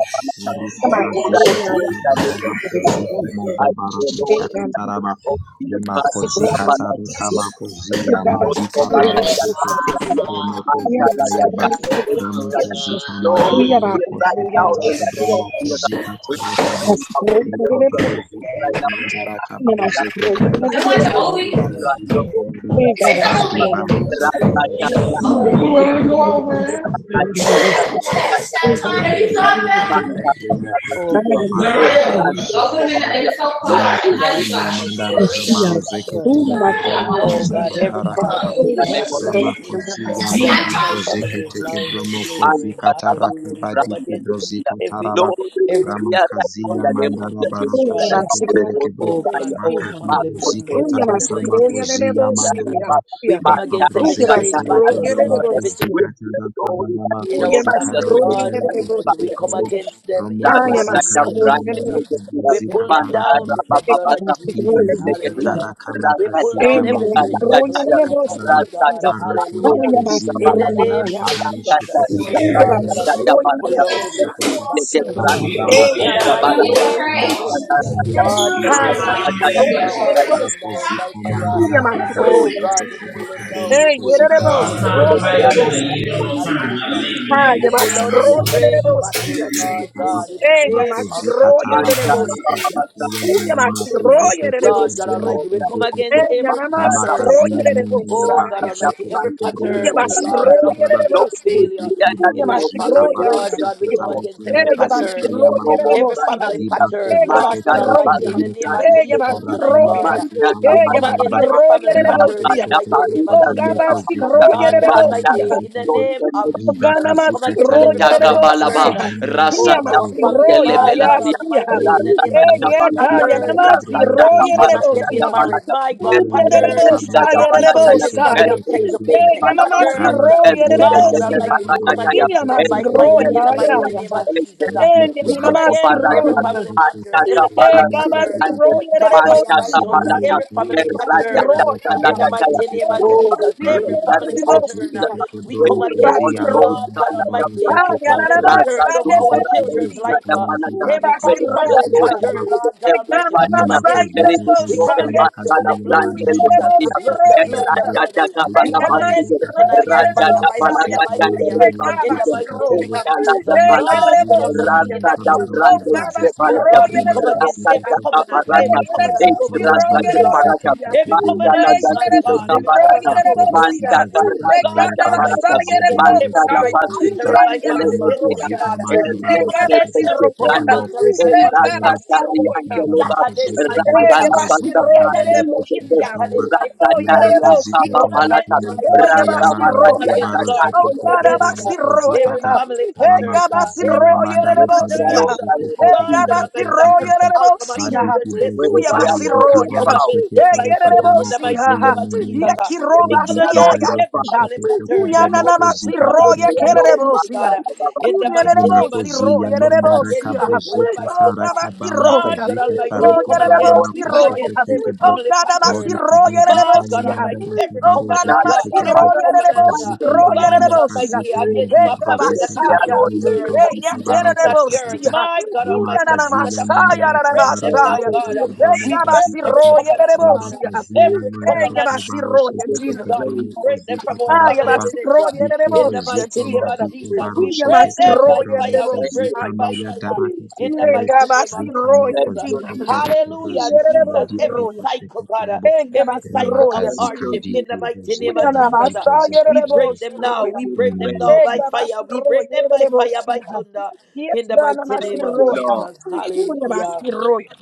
Speaker 1: para
Speaker 6: Mariki
Speaker 3: are asking
Speaker 1: Lord,
Speaker 3: the
Speaker 1: I
Speaker 6: Bazika
Speaker 3: Lord to
Speaker 1: pray
Speaker 3: deliver us.
Speaker 1: the
Speaker 6: Takabara
Speaker 1: name of
Speaker 3: We are
Speaker 1: Jesus.
Speaker 3: asking
Speaker 6: Makozika
Speaker 1: I
Speaker 6: Magabara
Speaker 1: pray, Lord, in the
Speaker 6: Shakataraba
Speaker 1: name of Jesus.
Speaker 6: Dima
Speaker 3: the Lord to
Speaker 6: Kozika
Speaker 3: deliver
Speaker 1: Father,
Speaker 3: us.
Speaker 1: Father,
Speaker 6: Tarakaba
Speaker 1: Lord,
Speaker 6: Kozia
Speaker 1: we
Speaker 3: Thank
Speaker 6: Madika Baro
Speaker 11: Che
Speaker 6: Sheketekebro Mekozika Yaba
Speaker 11: No, no,
Speaker 6: Ramakazika Madi
Speaker 11: no.
Speaker 1: pray
Speaker 6: Baroko
Speaker 1: right now
Speaker 6: Shekete
Speaker 1: in the name
Speaker 6: Hebrimo
Speaker 1: of Jesus.
Speaker 6: Kozika
Speaker 1: We pray
Speaker 6: Tarekaba
Speaker 1: right now in the
Speaker 6: Dika
Speaker 1: name of Jesus.
Speaker 6: Barozika
Speaker 1: Right now, we ask
Speaker 6: Yamandaraka
Speaker 1: Father,
Speaker 6: Brozekete
Speaker 1: right
Speaker 10: a
Speaker 1: now,
Speaker 6: Kabrogo
Speaker 1: we pray
Speaker 6: Riki
Speaker 10: movie.
Speaker 1: right
Speaker 7: Hallelujah,
Speaker 6: Barazika
Speaker 1: now, we
Speaker 6: Kande
Speaker 1: pray right
Speaker 10: This is a
Speaker 1: now, right now, right
Speaker 6: Madi
Speaker 10: movie.
Speaker 6: Barozeke
Speaker 1: now, right
Speaker 6: Bereke
Speaker 1: now, we
Speaker 6: Brimo
Speaker 10: Oh,
Speaker 1: pray
Speaker 6: Kozia
Speaker 1: Jesus. Right now,
Speaker 6: Yamandaraka
Speaker 1: we
Speaker 6: Zika
Speaker 1: pray right now,
Speaker 6: Tarado
Speaker 1: right
Speaker 10: yes, I'm
Speaker 1: now, we
Speaker 10: tired.
Speaker 1: pray
Speaker 10: Have you
Speaker 7: hallelujah,
Speaker 1: Jesus.
Speaker 10: thought
Speaker 6: Mokozeke
Speaker 10: that?
Speaker 1: Right
Speaker 7: Jesus.
Speaker 6: Tereke Brimo
Speaker 7: Oh
Speaker 6: Kodika
Speaker 7: God, we
Speaker 10: I
Speaker 7: come
Speaker 6: Baraka
Speaker 10: will.
Speaker 7: against,
Speaker 1: now, right now, right now, we pray Jesus. Right now, we pray right now, right
Speaker 6: Sheke
Speaker 1: now,
Speaker 10: Go
Speaker 1: we
Speaker 10: put them in the,
Speaker 6: Tarekaba
Speaker 1: pray
Speaker 10: in the
Speaker 1: Jesus.
Speaker 10: coat pot.
Speaker 1: Lord,
Speaker 6: Dimo
Speaker 1: we
Speaker 10: And how do
Speaker 7: Lord
Speaker 10: you
Speaker 6: Kozia
Speaker 10: got?
Speaker 1: pray
Speaker 7: God Almighty,
Speaker 10: Don't
Speaker 7: every
Speaker 6: Yamandaraka
Speaker 10: get your trash.
Speaker 7: street
Speaker 6: Barozeke
Speaker 7: battles.
Speaker 10: That's
Speaker 6: Tereke Brimo
Speaker 7: Oh God,
Speaker 6: Kozika
Speaker 7: every
Speaker 6: Tarakaba
Speaker 7: covenant,
Speaker 1: in the
Speaker 7: Lord
Speaker 1: name of
Speaker 7: God
Speaker 1: Jesus.
Speaker 7: Almighty,
Speaker 6: Ramakosi
Speaker 7: under
Speaker 6: Yamaki
Speaker 7: which my
Speaker 6: Brozeke
Speaker 7: family
Speaker 6: Teke
Speaker 7: line is
Speaker 1: and
Speaker 6: Bromokosi
Speaker 7: laboring.
Speaker 6: Kataraki
Speaker 7: Hallelujah, we come
Speaker 6: Badiki
Speaker 7: against
Speaker 6: Brozi
Speaker 7: every.
Speaker 6: Kataraba
Speaker 1: Lord, we
Speaker 7: Every
Speaker 1: declare that
Speaker 6: Ramakazi
Speaker 7: No
Speaker 1: on the
Speaker 7: one that
Speaker 1: name of
Speaker 7: comes
Speaker 6: Yamandara
Speaker 1: the
Speaker 7: to
Speaker 1: we
Speaker 6: Baraka
Speaker 1: declare
Speaker 7: destroy,
Speaker 1: that on
Speaker 6: Sheke
Speaker 1: my
Speaker 6: Tereke
Speaker 1: fourth
Speaker 6: Bro
Speaker 7: oh God,
Speaker 1: fire,
Speaker 7: our
Speaker 3: you.
Speaker 6: Makagi
Speaker 1: my
Speaker 7: family
Speaker 1: fourth
Speaker 6: Brozi
Speaker 1: fire,
Speaker 3: Uya
Speaker 7: bloodline in
Speaker 1: and
Speaker 7: the
Speaker 6: Katareka
Speaker 1: then
Speaker 7: mighty
Speaker 1: we
Speaker 3: masikroya
Speaker 7: name
Speaker 6: Makozi
Speaker 7: of
Speaker 1: declare that
Speaker 7: Jesus.
Speaker 3: nereboshiya.
Speaker 6: Yamandaraba
Speaker 3: Uya.
Speaker 7: We
Speaker 1: my
Speaker 7: come
Speaker 6: Baka
Speaker 7: against
Speaker 1: I
Speaker 7: every
Speaker 3: Uya
Speaker 1: got
Speaker 6: Brozeke
Speaker 7: strange
Speaker 1: done, I
Speaker 6: Tereke
Speaker 3: masikroya
Speaker 1: got
Speaker 7: battles,
Speaker 1: that
Speaker 7: Lord,
Speaker 1: fire.
Speaker 7: every
Speaker 6: Bromokosi
Speaker 1: We
Speaker 3: nereboshiya.
Speaker 1: pray,
Speaker 6: Kataraka
Speaker 1: Lord, in the
Speaker 7: in
Speaker 1: name
Speaker 3: Uya
Speaker 7: our
Speaker 1: of
Speaker 6: Baramakozi
Speaker 1: Jesus,
Speaker 7: family,
Speaker 1: we
Speaker 6: Kamadi
Speaker 3: masikroya
Speaker 7: Lord God
Speaker 1: declare that
Speaker 6: Barako
Speaker 1: the
Speaker 7: Almighty.
Speaker 6: Sheke
Speaker 7: We
Speaker 1: fire
Speaker 3: nereboshiya.
Speaker 1: of
Speaker 7: come
Speaker 6: Terebo
Speaker 3: Jesus.
Speaker 1: God
Speaker 7: against them in the
Speaker 1: Darla
Speaker 3: Aya
Speaker 6: Romokozi
Speaker 7: mighty
Speaker 1: Saka
Speaker 7: name of
Speaker 3: masikroya
Speaker 1: Brand
Speaker 6: Kayamandaraka
Speaker 7: Jesus.
Speaker 1: Legacia,
Speaker 7: We
Speaker 6: Brozi
Speaker 3: nereboshiya.
Speaker 7: pull them
Speaker 3: Jesus.
Speaker 6: Kataraka
Speaker 7: down
Speaker 1: Pantara
Speaker 7: with
Speaker 6: Baka
Speaker 7: the
Speaker 1: Papa
Speaker 3: Eka
Speaker 7: blood of
Speaker 1: Basa,
Speaker 3: masikroya
Speaker 7: Jesus.
Speaker 6: Dibazika
Speaker 1: Legacia,
Speaker 3: nereboshiya.
Speaker 7: Hallelujah.
Speaker 6: tarakama
Speaker 7: We
Speaker 1: Rasa
Speaker 7: pull down
Speaker 3: Enya
Speaker 6: kazikama
Speaker 7: every strange
Speaker 6: dibaraka
Speaker 3: masikroya
Speaker 7: battles
Speaker 1: Dalita,
Speaker 7: in our
Speaker 6: sakataraba
Speaker 7: family,
Speaker 3: nereboshiya.
Speaker 7: God.
Speaker 3: Jesus.
Speaker 6: arakaba
Speaker 7: Hallelujah.
Speaker 3: Aya
Speaker 6: kozia
Speaker 7: In
Speaker 3: masikroya.
Speaker 7: the
Speaker 6: mandara
Speaker 7: name
Speaker 3: Aya.
Speaker 7: of
Speaker 6: kabere
Speaker 7: Jesus
Speaker 6: sheketere
Speaker 7: tonight,
Speaker 3: Uya
Speaker 7: Lord
Speaker 6: kebreme
Speaker 7: God Almighty,
Speaker 3: masikroya
Speaker 7: we pull
Speaker 6: zikaraka
Speaker 7: down every
Speaker 3: nereboshiya.
Speaker 6: shekete
Speaker 7: strange
Speaker 3: Jesus.
Speaker 7: battles. uh,
Speaker 6: rakabama
Speaker 7: In
Speaker 3: Ega
Speaker 7: the
Speaker 6: kazika
Speaker 7: mighty name
Speaker 3: masikroya
Speaker 7: of
Speaker 6: tarakama kazika
Speaker 7: Jesus,
Speaker 3: nereboshiya.
Speaker 6: yama
Speaker 7: Lord
Speaker 10: your
Speaker 7: God
Speaker 6: dibe
Speaker 3: Aya
Speaker 7: Almighty,
Speaker 10: mind.
Speaker 7: we pull
Speaker 6: zeketere
Speaker 7: them
Speaker 3: masikroya
Speaker 6: be
Speaker 7: down, we pull
Speaker 3: nereboshiya.
Speaker 7: them down by
Speaker 6: rakozika
Speaker 7: fire.
Speaker 6: mandara
Speaker 3: Yamasi
Speaker 6: kabare
Speaker 7: Oh
Speaker 3: Gloria,
Speaker 7: God, we
Speaker 3: Jesus.
Speaker 6: sheketere
Speaker 7: pull them
Speaker 9: Arab
Speaker 7: down,
Speaker 6: kebreme
Speaker 7: we
Speaker 3: Hey,
Speaker 7: pull them
Speaker 6: kozika
Speaker 10: All
Speaker 7: down
Speaker 6: ta
Speaker 3: Yerebos,
Speaker 7: in
Speaker 10: the
Speaker 7: the
Speaker 10: time
Speaker 3: Gloria
Speaker 7: mighty
Speaker 10: nobody
Speaker 7: name
Speaker 10: was
Speaker 7: of
Speaker 10: in
Speaker 3: Rebos.
Speaker 1: Thank
Speaker 10: there,
Speaker 6: dikabare
Speaker 10: you don't know
Speaker 7: Jesus.
Speaker 10: no
Speaker 6: zeketere
Speaker 10: time. I
Speaker 1: you.
Speaker 10: live in
Speaker 7: Hallelujah.
Speaker 6: kebreme
Speaker 10: there.
Speaker 3: Hi,
Speaker 7: We
Speaker 6: kozika
Speaker 7: pull
Speaker 3: Yamasi
Speaker 6: yama
Speaker 7: out every
Speaker 6: mandara
Speaker 3: Gloria
Speaker 7: praise
Speaker 6: bere
Speaker 3: Rebos,
Speaker 7: battles,
Speaker 6: zikatere
Speaker 3: Jesus.
Speaker 7: Lord God, in the
Speaker 3: Hey,
Speaker 7: name
Speaker 3: Yamasi
Speaker 7: of
Speaker 6: Makozika
Speaker 3: Gloria
Speaker 7: Jesus.
Speaker 6: tarakana
Speaker 3: Rebos.
Speaker 7: Hallelujah.
Speaker 6: kazika yabere
Speaker 3: Yamasi Gloria
Speaker 6: makozike teke
Speaker 7: Lord God
Speaker 6: bre
Speaker 3: Rebos,
Speaker 7: Almighty, we come
Speaker 6: makozike te
Speaker 7: against
Speaker 3: Ey,
Speaker 7: every
Speaker 3: nada más
Speaker 7: pattern.
Speaker 3: roya
Speaker 6: ramakaziya
Speaker 3: de
Speaker 6: mandere
Speaker 3: rebosa,
Speaker 7: Oh
Speaker 3: ay,
Speaker 7: God
Speaker 3: así.
Speaker 7: Almighty,
Speaker 6: bakozike
Speaker 7: every
Speaker 6: teke bre
Speaker 3: Uy,
Speaker 7: pattern, the
Speaker 3: más
Speaker 6: makozika
Speaker 7: Lord God
Speaker 3: roya de
Speaker 6: taraban
Speaker 7: Almighty, of
Speaker 3: rebosa.
Speaker 7: failure
Speaker 6: madiki
Speaker 3: Uy,
Speaker 7: in
Speaker 3: más
Speaker 7: my
Speaker 6: baruzika
Speaker 7: family.
Speaker 3: roya
Speaker 7: Lord
Speaker 3: de
Speaker 7: God,
Speaker 6: bakasike
Speaker 7: we come
Speaker 3: rebosa.
Speaker 7: against
Speaker 6: tarakana
Speaker 7: every
Speaker 3: Ella más
Speaker 6: kazika
Speaker 7: pattern,
Speaker 3: roya de
Speaker 6: yamandere
Speaker 7: every
Speaker 3: rebosa.
Speaker 7: family
Speaker 6: di
Speaker 7: pattern.
Speaker 3: Ella
Speaker 6: bakozike
Speaker 3: más
Speaker 7: Lord God
Speaker 6: tereke bre
Speaker 7: Almighty, in
Speaker 3: roya.
Speaker 7: the name of
Speaker 6: makozike
Speaker 3: Ella más
Speaker 7: Jesus tonight,
Speaker 6: tarakana
Speaker 3: roya.
Speaker 7: Lord.
Speaker 6: kazika
Speaker 7: We
Speaker 3: Ella
Speaker 7: come
Speaker 3: más
Speaker 6: yamandere ba
Speaker 7: against every
Speaker 3: roya
Speaker 7: family
Speaker 6: di
Speaker 3: de
Speaker 7: pattern in
Speaker 3: rebosa.
Speaker 7: the
Speaker 6: bakozike
Speaker 7: mighty name
Speaker 6: teke
Speaker 7: of
Speaker 3: Oh,
Speaker 6: bre
Speaker 3: God,
Speaker 7: Jesus.
Speaker 3: más
Speaker 7: Uh,
Speaker 6: makozike
Speaker 3: roya
Speaker 7: Lord
Speaker 3: de
Speaker 7: God
Speaker 6: tarakana
Speaker 7: Almighty, in the
Speaker 6: kazika
Speaker 7: name
Speaker 1: Manta
Speaker 7: of Jesus,
Speaker 3: Gana
Speaker 7: we come against
Speaker 6: Ribakazikatawe
Speaker 7: every
Speaker 3: masiroya de
Speaker 7: family pattern
Speaker 1: Antakabalaba,
Speaker 3: debosia.
Speaker 7: uh,
Speaker 6: amakozigambara
Speaker 1: Rasa
Speaker 7: over
Speaker 3: Kia
Speaker 6: kabare
Speaker 7: our family.
Speaker 3: masiroya
Speaker 6: zeketere
Speaker 7: My God
Speaker 6: kebre
Speaker 1: Delebelaria,
Speaker 3: yasia.
Speaker 7: Almighty, in the
Speaker 1: Rasa
Speaker 6: mebike
Speaker 7: name of
Speaker 6: bere
Speaker 7: Jesus,
Speaker 3: Eya
Speaker 1: Takabalaria,
Speaker 3: kanya na
Speaker 6: sheketere
Speaker 7: patterns. uh,
Speaker 6: kebre
Speaker 1: Rasa
Speaker 7: that
Speaker 3: masiroya de
Speaker 7: people not
Speaker 6: mekozikatere
Speaker 7: getting
Speaker 3: debosia.
Speaker 6: keba
Speaker 7: married.
Speaker 1: Takabalaya,
Speaker 7: My God,
Speaker 3: Kia de
Speaker 6: mayandere
Speaker 7: pattern.
Speaker 6: kaba
Speaker 3: debosaya
Speaker 7: That
Speaker 3: de
Speaker 7: people
Speaker 6: zeketere
Speaker 1: Erkekekebalaya,
Speaker 7: living
Speaker 6: kebre
Speaker 7: from
Speaker 3: debosaya.
Speaker 7: paycheck to paycheck.
Speaker 6: mekozikato
Speaker 3: Eya
Speaker 1: Erkekekebalaya,
Speaker 6: rama
Speaker 7: Patterns.
Speaker 3: masiroya de
Speaker 6: kaziya
Speaker 7: Lord God
Speaker 3: debosia.
Speaker 6: mandara
Speaker 7: Almighty, we come
Speaker 6: kabare
Speaker 1: Erkekekebalaya,
Speaker 3: Kia
Speaker 7: against them
Speaker 6: zeketere
Speaker 7: by
Speaker 6: kebre
Speaker 7: fire in
Speaker 3: masiroya
Speaker 7: the
Speaker 1: Erkekekebalaya,
Speaker 7: mighty
Speaker 3: yaya.
Speaker 7: name
Speaker 6: mekozikato
Speaker 7: of Jesus. Uh,
Speaker 3: Eya
Speaker 6: mebiki
Speaker 7: We
Speaker 3: na
Speaker 7: come
Speaker 6: brazika
Speaker 7: against every
Speaker 1: Erkekekebalaya,
Speaker 6: barama
Speaker 3: masiroya.
Speaker 7: family pattern, every
Speaker 6: kasheketere
Speaker 3: Eh,
Speaker 7: family
Speaker 6: kama
Speaker 1: Antakabalaria,
Speaker 3: kabasi
Speaker 7: pattern uh,
Speaker 1: Brante,
Speaker 6: kazikato
Speaker 3: roya
Speaker 7: by
Speaker 3: de
Speaker 7: fire, by
Speaker 3: bosiha.
Speaker 7: thunder,
Speaker 6: mekozigambara
Speaker 1: Mantakabalaria,
Speaker 7: every family
Speaker 6: kabare
Speaker 3: Kabasi
Speaker 7: pattern uh,
Speaker 6: sheketere
Speaker 3: roya.
Speaker 6: kebre
Speaker 7: in the
Speaker 1: Erratakabalaria,
Speaker 7: mighty name
Speaker 3: Eh,
Speaker 7: of
Speaker 6: mekozikato
Speaker 1: Lord Glory,
Speaker 7: Jesus,
Speaker 3: kabasi
Speaker 6: Madi
Speaker 7: every
Speaker 1: praise the
Speaker 3: roya
Speaker 6: baro
Speaker 7: family
Speaker 3: de
Speaker 1: name of
Speaker 7: pattern.
Speaker 6: kozeke
Speaker 7: uh,
Speaker 1: Jesus.
Speaker 3: bosiha.
Speaker 6: teke
Speaker 7: We
Speaker 6: bromo
Speaker 1: Praise
Speaker 7: come
Speaker 3: Uy,
Speaker 1: the
Speaker 7: against
Speaker 3: kabasi
Speaker 6: kozia
Speaker 1: Holy
Speaker 7: them,
Speaker 6: manda
Speaker 1: Ghost.
Speaker 7: Lord God
Speaker 3: roya.
Speaker 1: Sala da
Speaker 6: kabaro
Speaker 7: Almighty,
Speaker 3: Ah,
Speaker 6: zeke
Speaker 1: Brasa,
Speaker 3: ya la
Speaker 7: family
Speaker 3: la
Speaker 6: tereke bro.
Speaker 3: mas,
Speaker 1: Rasa
Speaker 7: patterns
Speaker 3: ah,
Speaker 7: over
Speaker 3: ya la
Speaker 7: our
Speaker 3: la
Speaker 1: Zukora,
Speaker 6: Madiki
Speaker 7: children's
Speaker 3: bosi.
Speaker 6: brozika
Speaker 7: life.
Speaker 1: Sada
Speaker 7: uh,
Speaker 1: Panaka,
Speaker 3: Uy,
Speaker 6: madibaro
Speaker 7: Every
Speaker 1: where
Speaker 3: kabasi
Speaker 7: fam-
Speaker 1: the
Speaker 6: kashete
Speaker 7: family
Speaker 1: prayer,
Speaker 3: roya.
Speaker 1: Lord, is
Speaker 6: tereke
Speaker 7: pattern,
Speaker 1: over
Speaker 7: Lord God
Speaker 3: Uy,
Speaker 1: every
Speaker 7: Almighty,
Speaker 3: dame
Speaker 7: we come
Speaker 3: mas,
Speaker 1: partner.
Speaker 3: ah,
Speaker 6: Limakos
Speaker 7: against
Speaker 3: ya
Speaker 1: Let
Speaker 7: you.
Speaker 3: la la
Speaker 1: it be
Speaker 7: We
Speaker 6: Vikasara
Speaker 3: bosa.
Speaker 7: come
Speaker 1: broken,
Speaker 7: against
Speaker 6: Samakas
Speaker 7: you with
Speaker 1: Masala,
Speaker 7: the blood
Speaker 6: Villaman
Speaker 1: Branch,
Speaker 3: Uy,
Speaker 7: of
Speaker 1: and the
Speaker 7: Jesus, the
Speaker 1: Jafia.
Speaker 6: Rabarakos
Speaker 7: blood, the
Speaker 3: roya.
Speaker 7: blood,
Speaker 1: Rada
Speaker 7: the
Speaker 6: Sekretaribro,
Speaker 7: blood.
Speaker 3: Eh,
Speaker 7: We
Speaker 1: Kapala
Speaker 7: come
Speaker 6: Vikabara
Speaker 7: against
Speaker 3: kabasi
Speaker 1: Pastor,
Speaker 7: you tonight
Speaker 6: Zakataka
Speaker 3: roya
Speaker 7: by
Speaker 3: de
Speaker 1: Rada
Speaker 7: fire, by
Speaker 6: Baramakos
Speaker 1: Kapala
Speaker 7: fire, by
Speaker 1: Kachanda
Speaker 6: Zikamadi
Speaker 7: fire.
Speaker 3: Eh,
Speaker 7: In the
Speaker 6: Barakos
Speaker 1: Rebastor,
Speaker 3: kabasi
Speaker 7: mighty name
Speaker 3: roya.
Speaker 6: Sekretaribo,
Speaker 7: of
Speaker 1: Utala
Speaker 7: Jesus,
Speaker 3: Eh,
Speaker 1: Kapala
Speaker 3: ya
Speaker 6: Ramakas
Speaker 7: Lord God Almighty, in
Speaker 6: Ziyamandara
Speaker 1: Rasa
Speaker 7: the name of
Speaker 1: Kapran,
Speaker 6: Kabaraka
Speaker 3: Oh,
Speaker 7: Jesus. uh,
Speaker 3: Baba, si
Speaker 7: Oh God,
Speaker 3: roya
Speaker 7: we
Speaker 3: de la
Speaker 7: come
Speaker 6: Brozekebromokos
Speaker 7: against
Speaker 1: Rasa
Speaker 3: bolsita.
Speaker 7: every
Speaker 6: Zikata,
Speaker 1: Kapala
Speaker 7: covenant, every
Speaker 3: Yere
Speaker 6: Ramakas
Speaker 3: de
Speaker 7: covenant
Speaker 3: vos,
Speaker 7: over
Speaker 3: si
Speaker 7: our
Speaker 1: Rasa
Speaker 6: Zikamadi
Speaker 3: roya
Speaker 7: family,
Speaker 3: de la
Speaker 7: Lord.
Speaker 1: Kapala
Speaker 3: bolsita.
Speaker 7: Every
Speaker 1: Mantala
Speaker 7: covenant,
Speaker 6: Brozekebromokos
Speaker 7: my
Speaker 3: Yere
Speaker 1: dasi
Speaker 3: de
Speaker 1: de
Speaker 3: vos,
Speaker 7: God,
Speaker 3: si
Speaker 6: Zikatarabo,
Speaker 7: every
Speaker 3: roya
Speaker 1: tabarata,
Speaker 7: covenant
Speaker 3: de la
Speaker 7: over our
Speaker 6: Makoriki
Speaker 3: bolsita.
Speaker 1: mantala
Speaker 7: family.
Speaker 6: Bazika
Speaker 1: rasa
Speaker 7: Lord
Speaker 6: Tayan
Speaker 7: God
Speaker 3: Ekana
Speaker 7: Almighty, we
Speaker 1: tabarata,
Speaker 6: Kamakos
Speaker 7: come
Speaker 3: masaya de la
Speaker 7: against every
Speaker 1: mantala
Speaker 7: power
Speaker 3: bolsaya.
Speaker 6: Zegenderekebro
Speaker 1: pasi
Speaker 6: Zikata,
Speaker 7: altering my
Speaker 1: grande
Speaker 3: Eyaba
Speaker 1: le
Speaker 7: family
Speaker 3: si
Speaker 6: Ramakas
Speaker 1: decía,
Speaker 7: destiny,
Speaker 3: roya.
Speaker 7: God.
Speaker 6: Zikamadi
Speaker 1: el
Speaker 7: We come
Speaker 1: rey
Speaker 3: Egaba
Speaker 6: Barakos
Speaker 7: against
Speaker 3: si
Speaker 1: se
Speaker 7: every power
Speaker 3: roya.
Speaker 6: Sekretaribro
Speaker 1: grande,
Speaker 7: altering
Speaker 6: Mokos
Speaker 7: my
Speaker 1: el
Speaker 7: family
Speaker 1: rasa
Speaker 3: Egaba
Speaker 6: Zikatarabo,
Speaker 3: si
Speaker 7: destiny.
Speaker 1: tari
Speaker 7: We
Speaker 6: Radiki
Speaker 3: roya.
Speaker 1: angeleva,
Speaker 6: baraka
Speaker 7: scatter them by
Speaker 6: shekete
Speaker 3: Eh,
Speaker 1: randa
Speaker 7: fire.
Speaker 3: ya
Speaker 1: la
Speaker 3: va a ser
Speaker 7: We
Speaker 1: pasta
Speaker 3: roya
Speaker 7: scatter
Speaker 3: de
Speaker 1: grande
Speaker 7: them.
Speaker 1: le
Speaker 7: We
Speaker 1: decía,
Speaker 3: bocija.
Speaker 7: scatter them by
Speaker 1: rasa
Speaker 3: Oh, ya de
Speaker 1: tari
Speaker 7: fire.
Speaker 1: asa
Speaker 7: We come
Speaker 3: bocija.
Speaker 1: babalata,
Speaker 7: against, my
Speaker 3: Eh, ya
Speaker 7: God.
Speaker 3: va a
Speaker 1: rasa
Speaker 7: eh,
Speaker 3: ser
Speaker 7: We come
Speaker 1: baralia
Speaker 3: roya.
Speaker 7: against, Lord. We
Speaker 1: sacando
Speaker 3: Oh,
Speaker 1: le
Speaker 7: come
Speaker 3: cara
Speaker 1: decía,
Speaker 3: va a
Speaker 7: against uh,
Speaker 3: ser roya.
Speaker 7: every family
Speaker 3: Eh,
Speaker 7: pattern,
Speaker 3: ya va a
Speaker 7: God.
Speaker 3: ser
Speaker 7: Every
Speaker 3: roya
Speaker 7: family
Speaker 3: de
Speaker 1: puede crearlo
Speaker 3: bocija.
Speaker 1: y
Speaker 7: pattern.
Speaker 1: salir
Speaker 3: Eh,
Speaker 7: Lord,
Speaker 1: hoy,
Speaker 3: ya
Speaker 7: that
Speaker 3: va a ser
Speaker 7: Almighty, that come
Speaker 3: roya
Speaker 7: to
Speaker 3: de
Speaker 7: out of my
Speaker 3: bocija.
Speaker 7: children's
Speaker 3: Tú
Speaker 7: destiny,
Speaker 1: puede
Speaker 3: ya va
Speaker 7: God.
Speaker 3: a ser
Speaker 1: crearlo y
Speaker 7: We
Speaker 1: es
Speaker 3: roya.
Speaker 7: come
Speaker 1: pao,
Speaker 7: against them
Speaker 3: Eh,
Speaker 7: by
Speaker 3: ya de
Speaker 7: fire in the mighty
Speaker 3: bocija.
Speaker 7: name of Jesus.
Speaker 3: Y
Speaker 6: kebremo
Speaker 7: uh.
Speaker 3: aquí
Speaker 1: puede
Speaker 7: We
Speaker 3: roba
Speaker 7: come
Speaker 3: si
Speaker 1: crearlo
Speaker 3: hay
Speaker 7: against
Speaker 1: y es
Speaker 7: every
Speaker 1: pao,
Speaker 7: family
Speaker 3: aquí. Uy,
Speaker 7: pattern
Speaker 3: ya
Speaker 7: that comes
Speaker 3: nada
Speaker 7: to
Speaker 3: más si
Speaker 7: alter
Speaker 6: kozikata
Speaker 7: my
Speaker 1: puede
Speaker 3: roya que
Speaker 6: rekebe
Speaker 7: children's
Speaker 1: crearlo
Speaker 3: de
Speaker 1: y más
Speaker 7: destiny, God.
Speaker 3: bocija.
Speaker 7: uh,
Speaker 1: para la
Speaker 7: In the
Speaker 1: barra.
Speaker 7: mighty name of
Speaker 3: Yerebo-si-ro,
Speaker 6: Dimakoziya
Speaker 7: Jesus, we come
Speaker 6: mandara
Speaker 7: against
Speaker 3: yerebo-si-a.
Speaker 7: you with fire
Speaker 6: kabrozika
Speaker 7: by
Speaker 3: Oh,
Speaker 7: thunder.
Speaker 6: taraka bama
Speaker 7: Lord
Speaker 3: dabasi-ro-ya.
Speaker 7: God
Speaker 6: kozika
Speaker 7: Almighty, we
Speaker 3: Oh,
Speaker 1: Whether
Speaker 6: taraka
Speaker 7: come
Speaker 1: prayer, Lord,
Speaker 6: bama
Speaker 7: against, we
Speaker 1: in the
Speaker 7: come
Speaker 1: name of
Speaker 3: yerebo-si-ro-ya.
Speaker 6: kosheke
Speaker 7: against every
Speaker 1: Jesus.
Speaker 6: teke
Speaker 3: Oh,
Speaker 6: bro
Speaker 7: family pattern. uh,
Speaker 6: boriki
Speaker 3: gadabasi-ro,
Speaker 6: bazika
Speaker 7: My
Speaker 6: ya
Speaker 7: God
Speaker 3: yerebo-si-a.
Speaker 7: Almighty,
Speaker 6: mandara
Speaker 7: every
Speaker 3: Oh,
Speaker 7: covenant,
Speaker 1: Shall
Speaker 6: kabarozeke
Speaker 1: I
Speaker 7: God,
Speaker 1: have
Speaker 6: teke
Speaker 3: ganamasi-ro,
Speaker 7: every
Speaker 6: bro
Speaker 1: Father, we can
Speaker 7: covenant,
Speaker 1: thank
Speaker 7: uh,
Speaker 1: you,
Speaker 6: mazika
Speaker 3: yerebo-si-ro,
Speaker 1: Lord, for
Speaker 7: Lord
Speaker 1: you.
Speaker 7: God
Speaker 6: barama
Speaker 3: yerebo-si-a.
Speaker 7: Almighty,
Speaker 6: kazika
Speaker 7: against
Speaker 3: Eh,
Speaker 6: madi
Speaker 7: my family
Speaker 1: Whether
Speaker 7: that
Speaker 6: brozeke
Speaker 7: is
Speaker 1: prayer,
Speaker 7: not
Speaker 6: teke
Speaker 3: gabasaya.
Speaker 7: of
Speaker 1: Lord,
Speaker 6: bro
Speaker 1: in the name
Speaker 3: Eh,
Speaker 7: yours
Speaker 1: of
Speaker 6: makabika
Speaker 1: Jesus.
Speaker 7: that is
Speaker 6: baroko
Speaker 7: not yours.
Speaker 6: shakata
Speaker 3: yakerebo-si-a.
Speaker 7: My God
Speaker 6: rama
Speaker 7: Almighty, that is not
Speaker 6: koziya
Speaker 7: of you.
Speaker 3: Uyananamasaya
Speaker 7: We
Speaker 6: mandara
Speaker 7: break them now,
Speaker 3: Rabasaya.
Speaker 6: kabarazeke
Speaker 7: God.
Speaker 6: teke bro
Speaker 3: Eh,
Speaker 7: We break
Speaker 3: gabasi
Speaker 6: mokozika
Speaker 7: every
Speaker 3: ro
Speaker 6: te
Speaker 9: Sand
Speaker 7: covenant,
Speaker 6: rama
Speaker 7: God. Every
Speaker 3: Eh,
Speaker 7: covenant that
Speaker 3: gabasi
Speaker 7: is not
Speaker 1: Thank you, Jesus. We
Speaker 6: kabarosheke
Speaker 1: give
Speaker 7: of
Speaker 1: you
Speaker 7: you,
Speaker 3: Jesus.
Speaker 6: teke
Speaker 7: God.
Speaker 6: bro
Speaker 7: We
Speaker 1: praise.
Speaker 7: break them
Speaker 6: mokozika
Speaker 7: from our
Speaker 3: Ah,
Speaker 7: family lineage. uh,
Speaker 3: Yabasikroya
Speaker 7: In
Speaker 6: Dikebro
Speaker 7: the
Speaker 3: Yerebosia,
Speaker 7: mighty name
Speaker 6: zikama
Speaker 3: Jesus.
Speaker 7: of Jesus.
Speaker 6: dikebaro
Speaker 3: Who
Speaker 7: We
Speaker 6: sheke
Speaker 7: break them
Speaker 6: teke
Speaker 7: by
Speaker 3: Yamasiroya
Speaker 6: bramo
Speaker 7: fire.
Speaker 6: ko
Speaker 7: We
Speaker 1: Thank
Speaker 7: break
Speaker 1: you,
Speaker 3: Yerebosia.
Speaker 7: them
Speaker 6: zikama
Speaker 7: by
Speaker 6: ya
Speaker 7: fire.
Speaker 6: daraka
Speaker 7: In the
Speaker 6: tekere
Speaker 7: mighty name of
Speaker 6: rikama
Speaker 3: Yegabasiroya,
Speaker 1: thank
Speaker 6: ko
Speaker 7: Jesus. Uh,
Speaker 1: you,
Speaker 6: zeke
Speaker 3: Jesus.
Speaker 1: Jesus.
Speaker 6: tere
Speaker 3: Who
Speaker 6: kebro
Speaker 7: Hallelujah,
Speaker 6: zikama
Speaker 7: Jesus.
Speaker 6: dibro
Speaker 7: Every
Speaker 6: ko
Speaker 3: Yerebosia.
Speaker 7: cycle,
Speaker 6: sheke
Speaker 7: God. uh,
Speaker 6: terebo
Speaker 7: Every
Speaker 6: rama
Speaker 7: cycle
Speaker 3: Egabasiroya,
Speaker 7: of
Speaker 1: Thank you,
Speaker 6: kazika
Speaker 3: Jesus.
Speaker 7: hardship. In
Speaker 1: Jesus.
Speaker 7: the
Speaker 6: dikebro
Speaker 7: mighty
Speaker 3: Who
Speaker 7: name of
Speaker 6: zikama
Speaker 7: Jesus. uh,
Speaker 3: Yanabasa
Speaker 6: dibro zeke
Speaker 7: we break
Speaker 6: terebo.
Speaker 7: them
Speaker 1: We
Speaker 7: now.
Speaker 3: Yerebosiroya.
Speaker 1: give
Speaker 7: We
Speaker 1: you
Speaker 7: break them
Speaker 1: praise
Speaker 6: Amen.
Speaker 7: now by
Speaker 1: and thank
Speaker 7: fire. We break
Speaker 3: Egabasiroya
Speaker 7: them by fire, by
Speaker 3: Yerebosia.
Speaker 7: thunder.
Speaker 3: Yes,
Speaker 7: In the mighty name of
Speaker 1: you,
Speaker 3: Danamasiroya.
Speaker 1: Lord.
Speaker 7: Jesus.
Speaker 3: Who
Speaker 7: Hallelujah.
Speaker 3: Yabasiroya.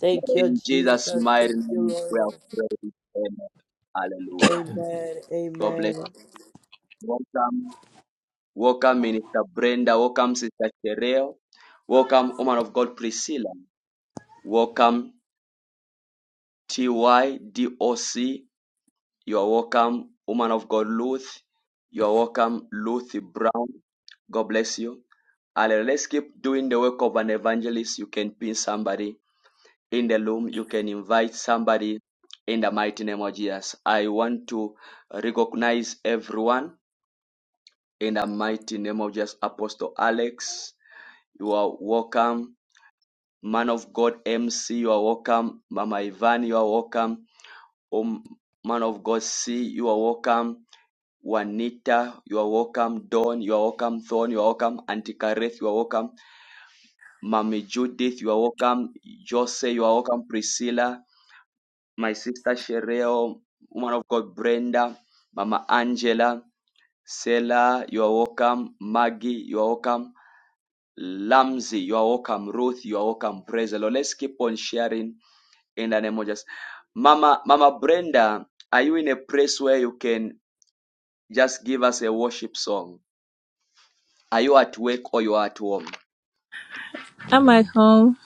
Speaker 7: Thank you,
Speaker 1: In Jesus'
Speaker 7: Jesus.
Speaker 1: mighty
Speaker 7: Thank you,
Speaker 1: name, we are
Speaker 7: Lord.
Speaker 1: prayed. Amen. Hallelujah.
Speaker 7: Amen.
Speaker 1: God bless you.
Speaker 7: Amen.
Speaker 1: Welcome. Welcome, Minister Brenda. Welcome, Sister Cheryl. Welcome, woman of God Priscilla. Welcome, T Y D O C. You are welcome, woman of God, Ruth. You are welcome, Ruth Brown. God bless you. And let's keep doing the work of an evangelist. You can pin somebody in the room. You can invite somebody in the mighty name of Jesus. I want to recognize everyone in the mighty name of Jesus. Apostle Alex, you are welcome. Man of God, MC, you are welcome. Mama Ivan, you are welcome. Um, man of God, C, you are welcome. Juanita, you are welcome. Dawn, you are welcome. Thorn, you are welcome. Auntie Kareth, you are welcome. Mommy Judith, you are welcome. Jose, you are welcome. Priscilla, my sister Shereo, woman of God Brenda, Mama Angela, Sela, you are welcome. Maggie, you are welcome. Lamzi, you are welcome. Ruth, you are welcome. Praise the Lord. Let's keep on sharing in the name of Jesus. Mama, Mama Brenda, are you in a place where you can just give us a worship song? Are you at work or you are at home?
Speaker 12: I'm at home.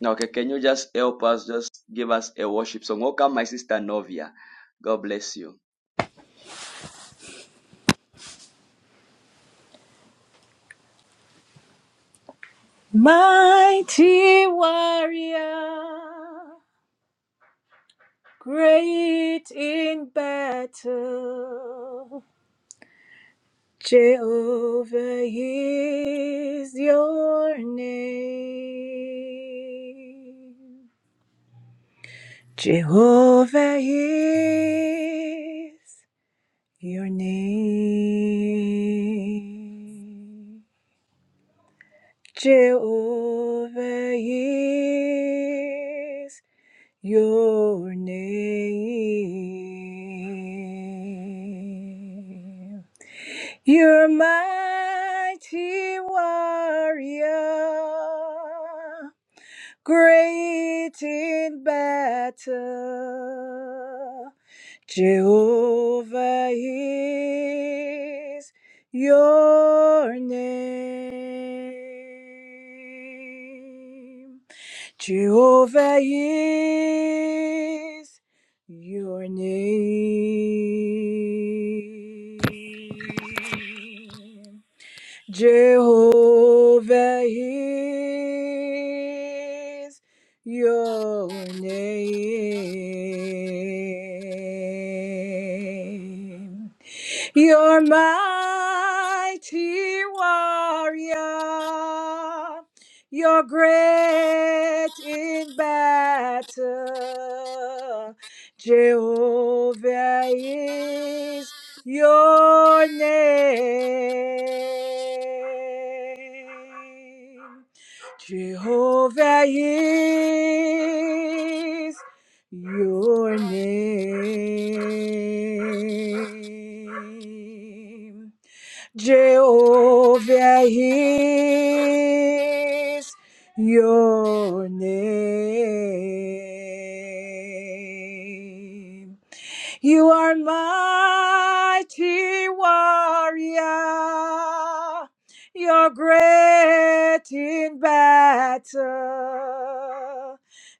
Speaker 1: Now, okay, can you just help us, just give us a worship song? Welcome, my sister Novia. God bless you.
Speaker 12: Mighty warrior, great in battle. Jehovah is your name. Jehovah is your name. Jehovah is your name. You're mighty warrior, great in battle. Jehovah is your name. Jehovah is your name. Jehovah is your name. You're mighty warrior. You're great in battle. Jehovah is your name. Jehovah is your name. Jehovah is your name. You are mighty warrior. You're great in battle.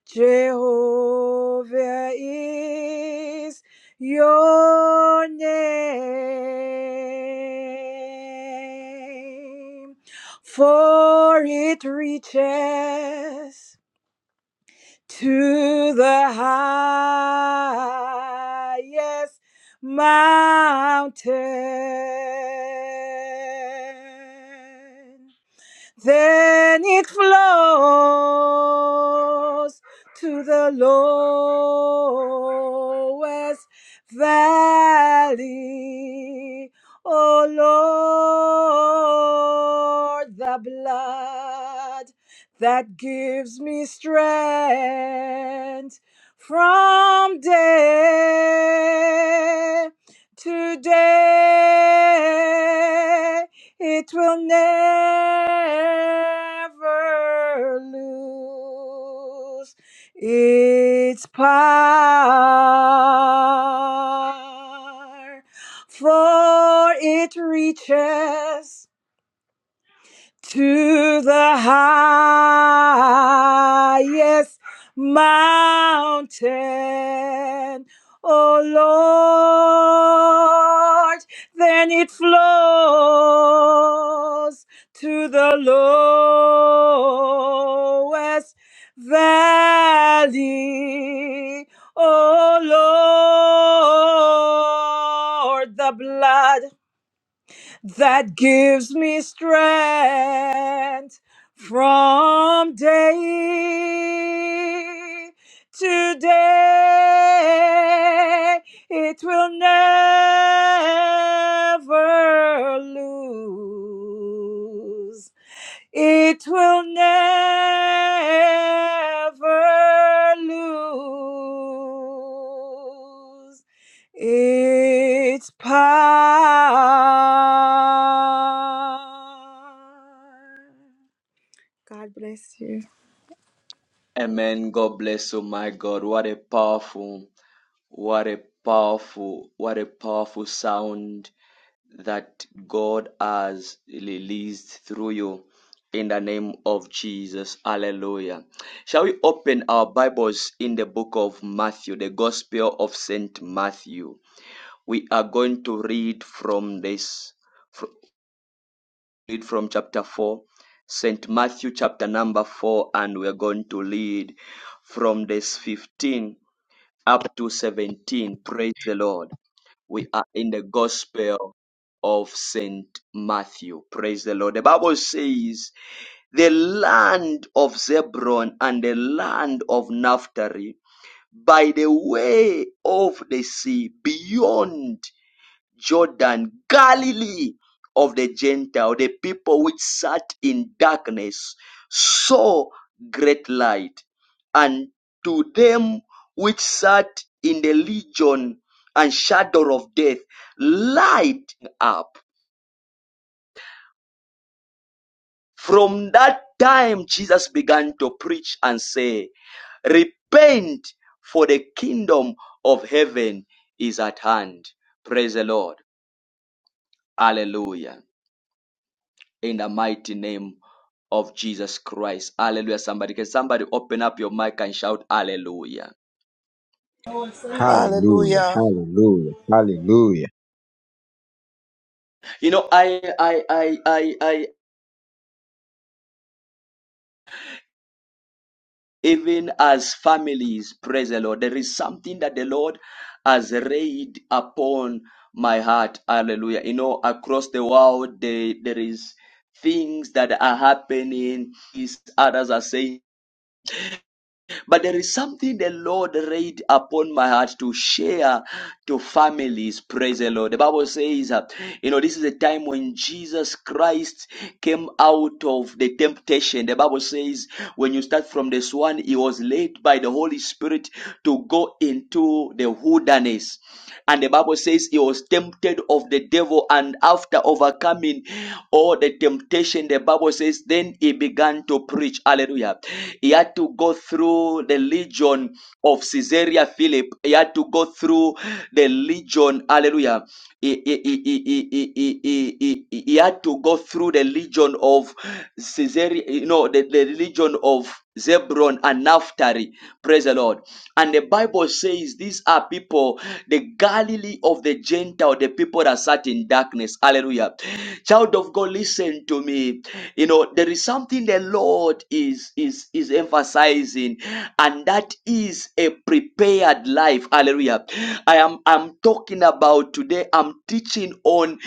Speaker 12: Jehovah is your name, for it reaches to the highest mountain then it flows to the lowest valley. Oh Lord, the blood that gives me strength from day to day it will never lose its power, for it reaches to the highest mountain, O Lord. Then it flows to the lowest valley, O Lord. The blood that gives me strength from day to day. It will never lose it will never lose its power. God bless you.
Speaker 1: Amen. God bless you, my God. What a powerful, what a powerful, what a powerful sound that God has released through you in the name of Jesus. Hallelujah. Shall we open our Bibles in the book of Matthew, the Gospel of St. Matthew? We are going to read from this, fr- read from chapter 4, St. Matthew chapter number 4, and we are going to read from this 15 up to 17. Praise the Lord. We are in the Gospel of St. Matthew. Praise the Lord. The Bible says, the land of Zebulun and the land of Naphtali by the way of the sea beyond Jordan, Galilee of the Gentile, the people which sat in darkness, saw great light. And to them which sat in the legion and shadow of death, light up. From that time, Jesus began to preach and say, Repent, for the kingdom of heaven is at hand. Praise the Lord. Hallelujah. in the mighty name of Jesus Christ. Hallelujah. Somebody can somebody open up your mic and shout hallelujah.
Speaker 6: Hallelujah.
Speaker 13: Hallelujah.
Speaker 6: Hallelujah. Hallelujah.
Speaker 1: You know, I I I I I even as families, praise the Lord, there is something that the Lord has laid upon my heart. Hallelujah. You know, across the world there, there is things that are happening. Is others are saying But there is something the Lord laid upon my heart to share to families. Praise the Lord. The Bible says, uh, you know, this is a time when Jesus Christ came out of the temptation. The Bible says, when you start from this one, he was led by the Holy Spirit to go into the wilderness. And the Bible says he was tempted of the devil, and after overcoming all the temptation, the Bible says, then he began to preach. Hallelujah. He had to go through the legion of Caesarea Philip. He had to go through the legion. Hallelujah. He, he, he, he, he, he, he, he, he he had to go through the legion of Caesarea, you know, the, the legion of Zebron and Naphtali. Praise the Lord. And the Bible says these are people the Galilee of the Gentile, the people that sat in darkness. Hallelujah. Child of God, listen to me you know there is something the lord is is is emphasizing and that is a prepared life hallelujah i am i'm talking about today i'm teaching on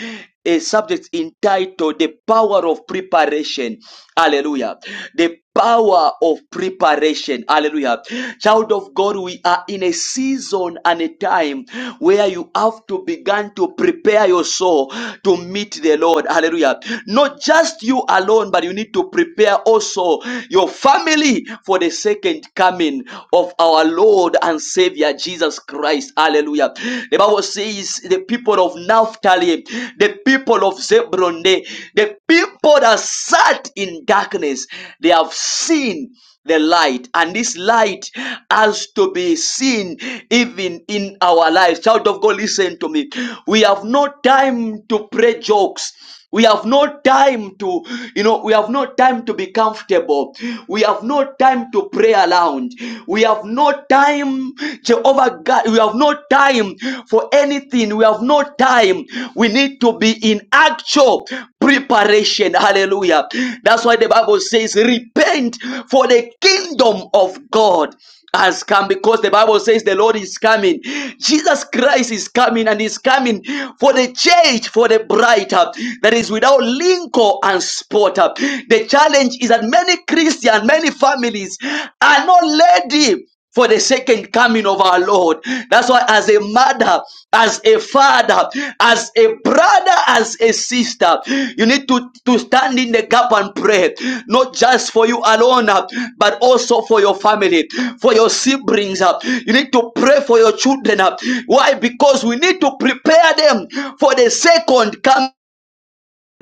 Speaker 1: a subject entitled the power of preparation hallelujah the power of preparation hallelujah child of god we are in a season and a time where you have to begin to prepare your soul to meet the lord hallelujah not just just you alone, but you need to prepare also your family for the second coming of our Lord and Savior Jesus Christ. Hallelujah. The Bible says the people of Naphtali, the people of Zebron, the, the people that sat in darkness, they have seen the light and this light has to be seen even in our lives child of god listen to me we have no time to play jokes we have no time to you know we have no time to be comfortable we have no time to pray around we have no time jehovah god we have no time for anything we have no time we need to be in actual preparation. Hallelujah. That's why the Bible says, repent for the kingdom of God has come because the Bible says the Lord is coming. Jesus Christ is coming and is coming for the church, for the bride uh, that is without wrinkle and spot. uh. The challenge is that many Christians, many families are not ready for the second coming of our Lord. That's why, as a mother, as a father, as a brother, as a sister, you need to, to stand in the gap and pray, not just for you alone, uh, but also for your family, for your siblings. uh. You need to pray for your children. uh. Why? Because we need to prepare them for the second coming.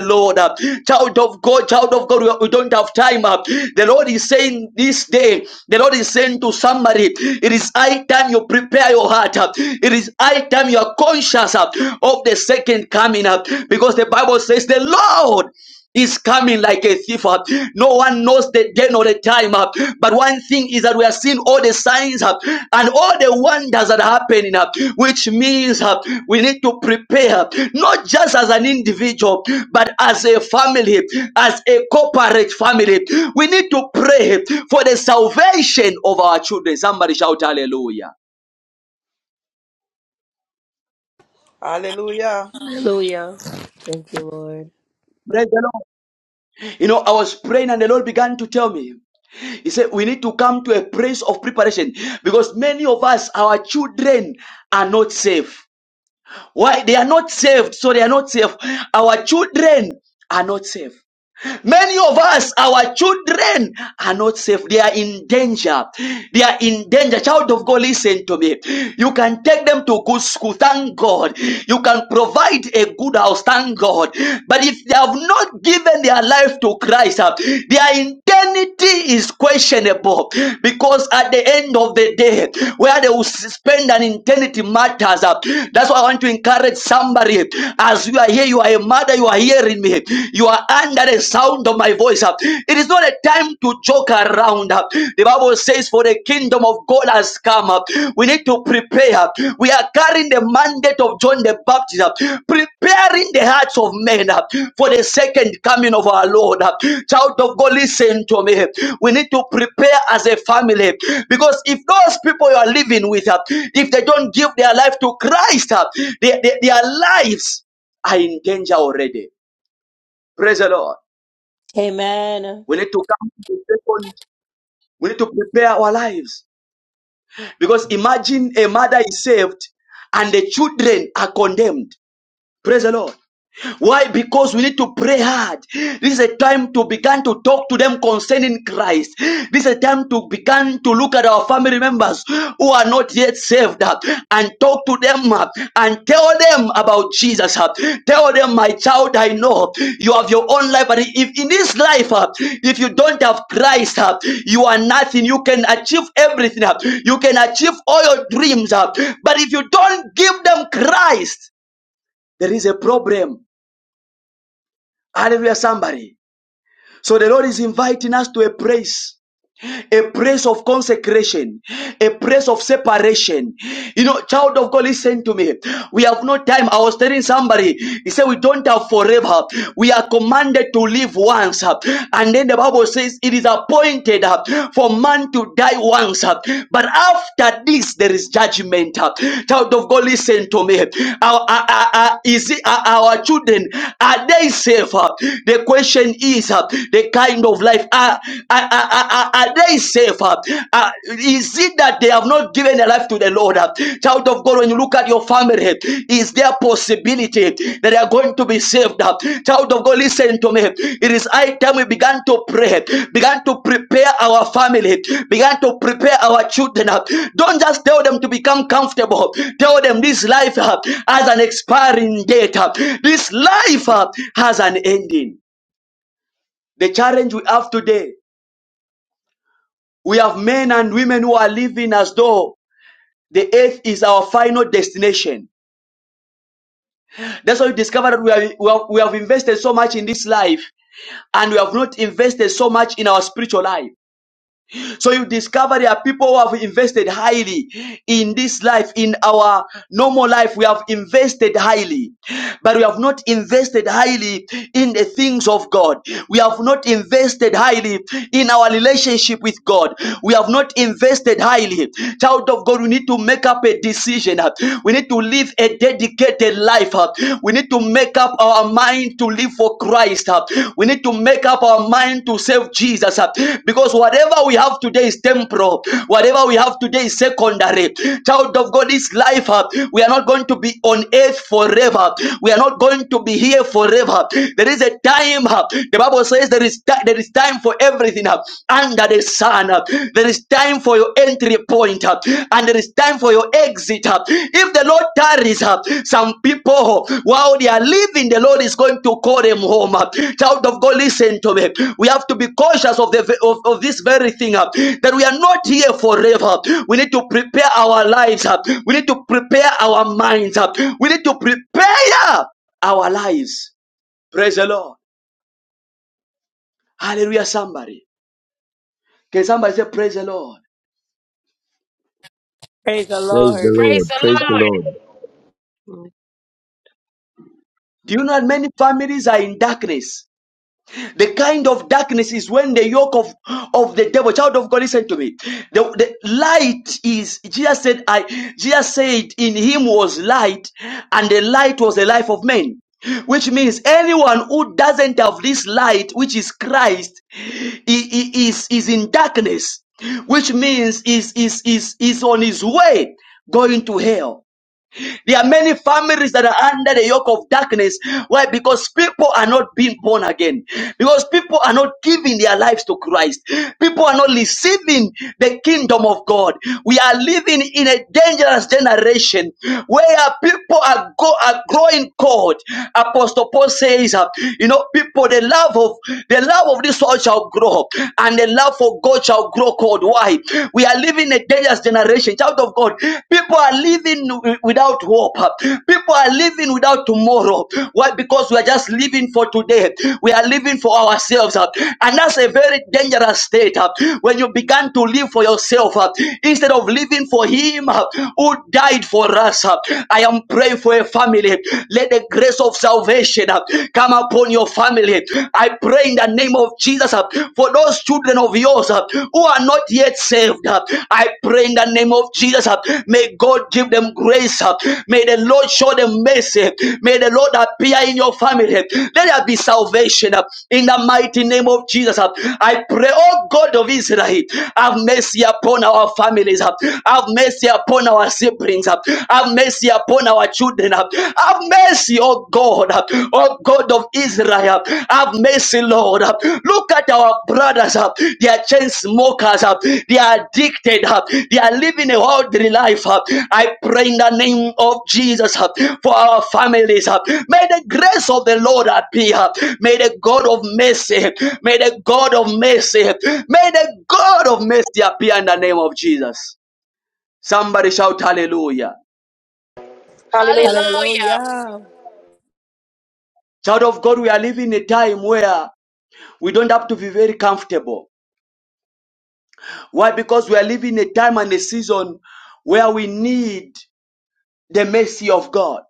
Speaker 1: Lord, uh, child of God, child of God, we, we don't have time. uh. The Lord is saying this day, the Lord is saying to somebody, it is high time you prepare your heart. uh. It is high time you are conscious uh, of the second coming up because the Bible says the Lord is coming like a thief. uh. No one knows the day nor the time. uh. But one thing is that we are seeing all the signs uh, and all the wonders that are happening, uh, which means uh, we need to prepare, uh, not just as an individual, but as a family, as a corporate family. We need to pray for the salvation of our children. Somebody shout hallelujah.
Speaker 13: Hallelujah.
Speaker 7: Hallelujah. Thank you, Lord.
Speaker 1: Praise the Lord. You know, I was praying and the Lord began to tell me. He said, We need to come to a place of preparation because many of us, our children, are not safe. Why? They are not saved, so they are not safe. Our children are not safe. Many of us, our children are not safe. They are in danger. They are in danger. Child of God, listen to me. You can take them to good school. Thank God. You can provide a good house. Thank God. But if they have not given their life to Christ, uh, their eternity is questionable because at the end of the day, where they will spend an eternity matters. uh. That's why I want to encourage somebody as you are here, you are a mother, you are here hearing me. You are under the sound of my voice. It is not a time to joke around. The Bible says, For the kingdom of God has come. We need to prepare. We are carrying the mandate of John the Baptist, preparing the hearts of men for the second coming of our Lord. Child of God, listen to me. We need to prepare as a family because if those people you are living with, if they don't give their life to Christ, their, their their lives are in danger already. Praise the Lord.
Speaker 7: Amen.
Speaker 1: We need to come to the second. We need to prepare our lives. Because imagine a mother is saved and the children are condemned. Praise the Lord. Why? Because we need to pray hard. This is a time to begin to talk to them concerning Christ. This is a time to begin to look at our family members who are not yet saved uh, and talk to them uh, and tell them about Jesus. uh. Tell them, my child, I know you have your own life, but if in this life, uh, if you don't have Christ, uh, you are nothing. You can achieve everything. uh. You can achieve all your dreams, uh, but if you don't give them Christ, there is a problem Hallelujah, somebody. So the Lord is inviting us to a place a place of consecration, a place of separation. You know, child of God, listen to me. We have no time. I was telling somebody, he said, We don't have forever. We are commanded to live once. And then the Bible says, It is appointed uh, for man to die once. uh, But after this, there is judgment. uh." Child of God, listen to me. Our, our, our, is it, our, our children, are they safe? uh? The question is uh, the kind of life? Are, are, are, are they safe? Uh, uh, is it that they have not given their life to the Lord? Uh, Child of God, when you look at your family, is there a possibility that they are going to be saved? Uh, Child of God, listen to me. It is high time we began to pray, began to prepare our family, began to prepare our children. Uh, Don't just tell them to become comfortable. Tell them this life uh, has an expiring date. Uh, This life uh, has an ending. The challenge we have today we have men and women who are living as though the earth is our final destination. That's why we discover that we, are, we, have, we have invested so much in this life and we have not invested so much in our spiritual life. So you discover there are people who have invested highly in this life, in our normal life. We have invested highly, but we have not invested highly in the things of God. We have not invested highly in our relationship with God. We have not invested highly. Child of God, we need to make up a decision. We need to live a dedicated life. We we need to make up our mind to live for Christ. uh. We need to make up our mind to serve Jesus uh, because whatever we have today is temporal. Whatever we have today is secondary. Child of God, this life, uh, we are not going to be on earth forever. We are not going to be here forever. There is a time. uh, The Bible says there is there is time for everything uh, under the sun. uh. There is time for your entry point uh, and there is time for your exit. uh. If the Lord tarries, uh, some people uh, while they are living, the Lord is going to call them home. uh. Child of God, listen to me. We have to be cautious of the of, of this very thing uh, that we are not here forever. We need to prepare our lives. uh. We need to prepare our minds. uh. We need to prepare our lives. Praise the Lord. Hallelujah, somebody. Can somebody say, Praise the Lord?
Speaker 7: Praise the
Speaker 6: Praise the
Speaker 7: Lord.
Speaker 14: Praise
Speaker 6: Lord.
Speaker 14: the
Speaker 6: Praise the
Speaker 14: Lord.
Speaker 6: Lord.
Speaker 15: Amen.
Speaker 1: Do you know that many families are in darkness? The kind of darkness is when the yoke of, of the devil, child of God, listen to me. The, the light is, Jesus said, I, Jesus said, in him was light, and the light was the life of men. Which means anyone who doesn't have this light, which is Christ, i- i- is, is in darkness. Which means is, is, is, is on his way going to hell. There are many families that are under the yoke of darkness. Why? Because people are not being born again. Because people are not giving their lives to Christ. People are not receiving the kingdom of God. We are living in a dangerous generation where people are, go, are growing cold. Apostle Paul says, uh, you know, people, the love of the love of this world shall grow, and the love for God shall grow cold. Why? We are living a dangerous generation. Child of God, people are living wi- without hope. People are living without tomorrow. Why? Because we are just living for today. We are living for ourselves. uh, And that's a very dangerous state. uh, When you began to live for yourself uh, instead of living for Him uh, who died for us. uh, I am praying for a family. Let the grace of salvation uh, come upon your family. I pray pray in the name of Jesus uh, for those children of yours uh, who are not yet saved. uh, I pray in the name of Jesus. uh, May God give them grace. uh, May the Lord show them mercy. May the Lord appear in your family. Let there be salvation uh, in the mighty name of Jesus. uh. I pray, oh God of Israel, have mercy upon our families. uh, Have mercy upon our siblings. uh, Have mercy upon our children. uh, have mercy, oh God, oh God of Israel. Have mercy, Lord. Look at our brothers. They are chain smokers. They are addicted. They are living a worldly life. I pray in the name of Jesus for our families. May the grace of the Lord appear. May the God of mercy, may the God of mercy, may the God of mercy appear in the name of Jesus. Somebody shout hallelujah.
Speaker 3: Hallelujah.
Speaker 14: Hallelujah.
Speaker 7: Hallelujah.
Speaker 1: Child of God, we are living in a time where We don't have to be very comfortable. Why? Because we are living a time and a season where we need the mercy of God.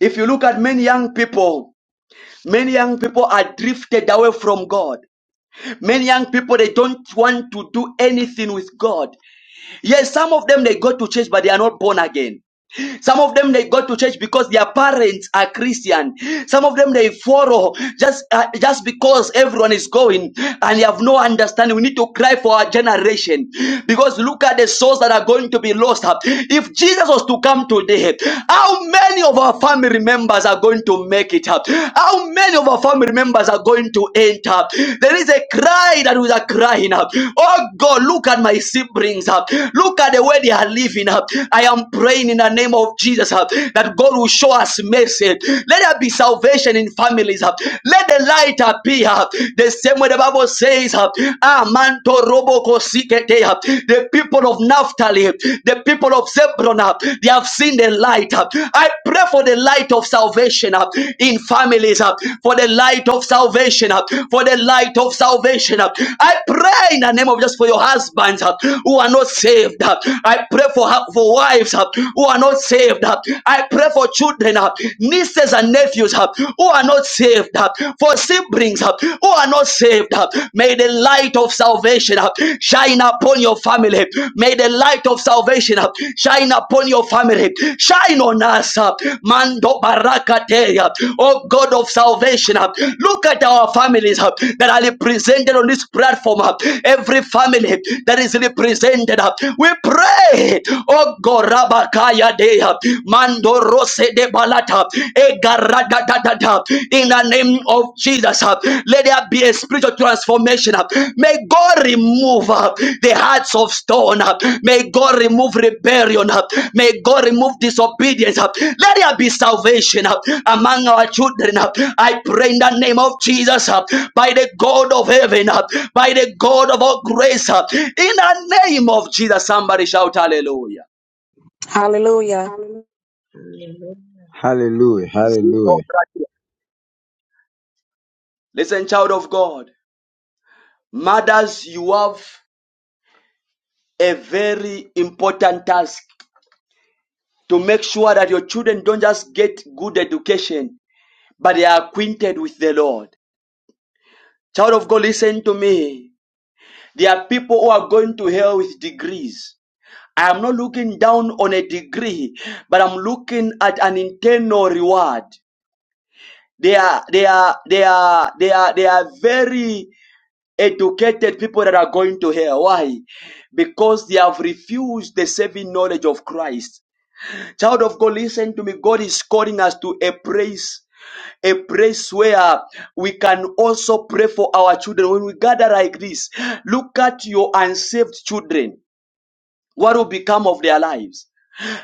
Speaker 1: If you look at many young people, many young people are drifted away from God. Many young people, they don't want to do anything with God. Yes, some of them, they go to church, but they are not born again. Some of them they go to church because their parents are Christian. Some of them they follow just uh, just because everyone is going and you have no understanding. We need to cry for our generation because look at the souls that are going to be lost. If Jesus was to come today, how many of our family members are going to make it up? How many of our family members are going to enter? There is a cry that we are crying up. Oh God, look at my siblings up. Look at the way they are living up. I am praying in the name of Jesus uh, that God will show us mercy. Let there be salvation in families. uh. Let the light appear. uh. The same way the Bible says, uh, "Ah, manto robo kosikete," uh, the people of Naphtali, the people of Zebron, uh, they have seen the light. uh. I pray for the light of salvation uh, in families, uh, for the light of salvation, uh, for the light of salvation. uh. I pray in the name of just for your husbands uh, who are not saved. uh. I pray for, for wives. uh, uh, who are not saved. uh. I pray for children, uh, nieces and nephews uh, who are not saved, uh, for siblings uh, who are not saved. uh. May the light of salvation uh, shine upon your family. May the light of salvation uh, shine upon your family. Shine on us. uh. Mando barakate, uh, oh God of salvation. uh. Look at our families uh, that are represented on this platform. uh. Every family that is represented. uh. We pray, oh God. Korabakaya deha. Mando rose de balata. Egaradadadada. In the name of Jesus, uh, let there be a spiritual transformation. uh. May God remove uh, the hearts of stone. uh. May God remove rebellion. uh. May God remove disobedience. uh. Let there be salvation uh, among our children. uh. I pray in the name of Jesus, uh, by the God of heaven, uh, by the God of all grace, uh, in the name of Jesus. Somebody shout hallelujah.
Speaker 15: Amen.
Speaker 6: Hallelujah. Hallelujah.
Speaker 1: Xenocratia. Listen, child of God. Mothers, you have a very important task to make sure that your children don't just get good education, but they are acquainted with the Lord. Child of God, listen to me. There are people who are going to hell with degrees. I am not looking down on a degree, but I'm looking at an internal reward. They are, they are, they are, they are, they are very educated people that are going to hell. Why? Because they have refused the saving knowledge of Christ. Child of God, listen to me. God is calling us to a place, a place where we can also pray for our children. When we gather like this, look at your unsaved children. What will become of their lives?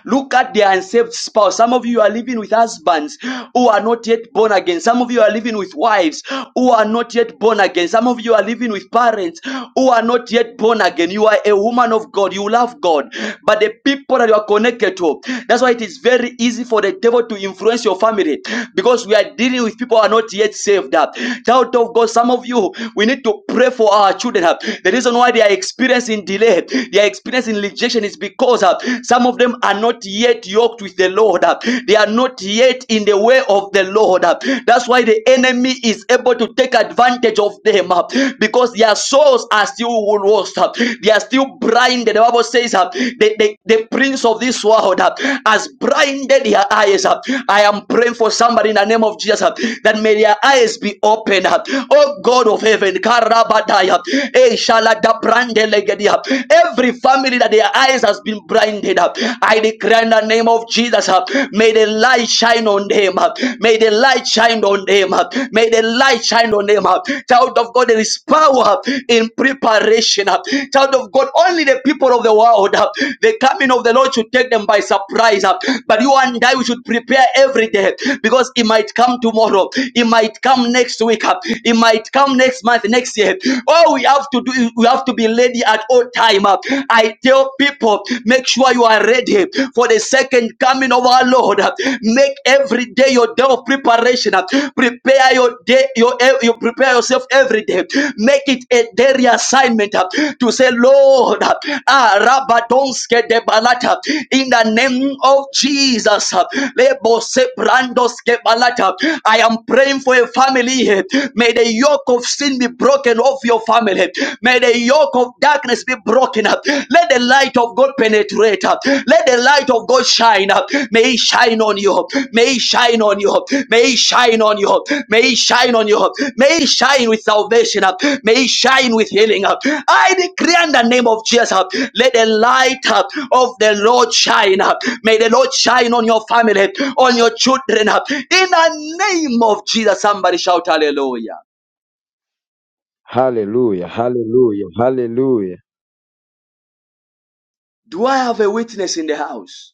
Speaker 1: Look at the unsaved spouse. Some of you are living with husbands who are not yet born again. Some of you are living with wives who are not yet born again. Some of you are living with parents who are not yet born again. You are a woman of God. You love God. But the people that you are connected to, that's why it is very easy for the devil to influence your family because we are dealing with people who are not yet saved up. Child of God, some of you, we need to pray for our children. The reason why they are experiencing delay, they are experiencing rejection is because because uh, some of them are not yet yoked with the Lord. uh, They are not yet in the way of the Lord. uh, That's why the enemy is able to take advantage of them uh, because their souls are still lost. uh, They are still blinded. The Bible says uh, the, the, the prince of this world uh, has blinded their eyes. uh. I am praying for somebody in the name of Jesus uh, that may their eyes be opened. uh. Oh God of heaven, Karabadaya, eh, Shalada Brandelegedia, Every family that their eyes has been blinded I declare in the name of Jesus, uh, may the light shine on them. uh, May the light shine on them. uh, May the light shine on them. uh. Child of God, there is power in preparation. uh. Child of God, only the people of the world, uh, the coming of the Lord should take them by surprise. uh. But you and I, we should prepare every day because it might come tomorrow. It might come next week. uh. It might come next month, next year. All we have to do, is we have to be ready at all time. Uh, I tell people, make sure you are ready for the second coming of our Lord. Uh, Make every day your day of preparation. Uh, Prepare your day, your you prepare yourself every day. Make it a daily assignment uh, to say, Lord, uh, ah, Rabadonske de Balata, in the name of Jesus. uh, Lebose Brandoske Balata. I am praying for a family. May the yoke of sin be broken broken off your family. May the yoke of darkness be broken up. Let the light of God penetrate up. Let the light of God shine up. May it shine on you. May it shine on you. May it shine on you. May it shine on you. May it shine with salvation up. May it shine with healing up. I declare in the name of Jesus up. Let the light up of the Lord shine up. May the Lord shine on your family, on your children up. In the name of Jesus, somebody shout hallelujah.
Speaker 6: Hallelujah. Hallelujah. Hallelujah.
Speaker 1: Do I have a witness in the house?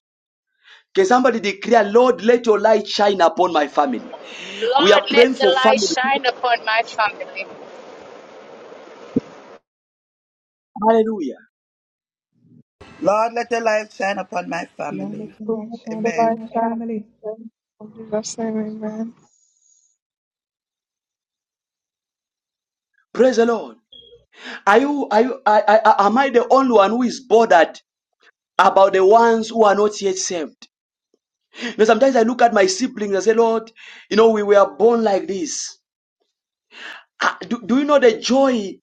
Speaker 1: Can somebody declare, Lord, let your light shine upon my family? We
Speaker 14: Lord,
Speaker 1: are
Speaker 14: let
Speaker 1: praying
Speaker 14: the
Speaker 1: for
Speaker 14: light
Speaker 1: family.
Speaker 14: shine upon my family.
Speaker 1: Hallelujah.
Speaker 13: Lord, let your light shine upon my
Speaker 16: Lord, let
Speaker 13: family.
Speaker 16: your
Speaker 17: Lord,
Speaker 16: light shine
Speaker 17: the
Speaker 13: Amen.
Speaker 16: upon
Speaker 17: life
Speaker 16: my family.
Speaker 17: God. In Jesus' name, amen.
Speaker 1: Praise the Lord. Are you, are you, I, I, am I the only one who is bothered about the ones who are not yet saved? You know, sometimes I look at my siblings and say, Lord, you know, we were born like this. Ah, Do, do you know the joy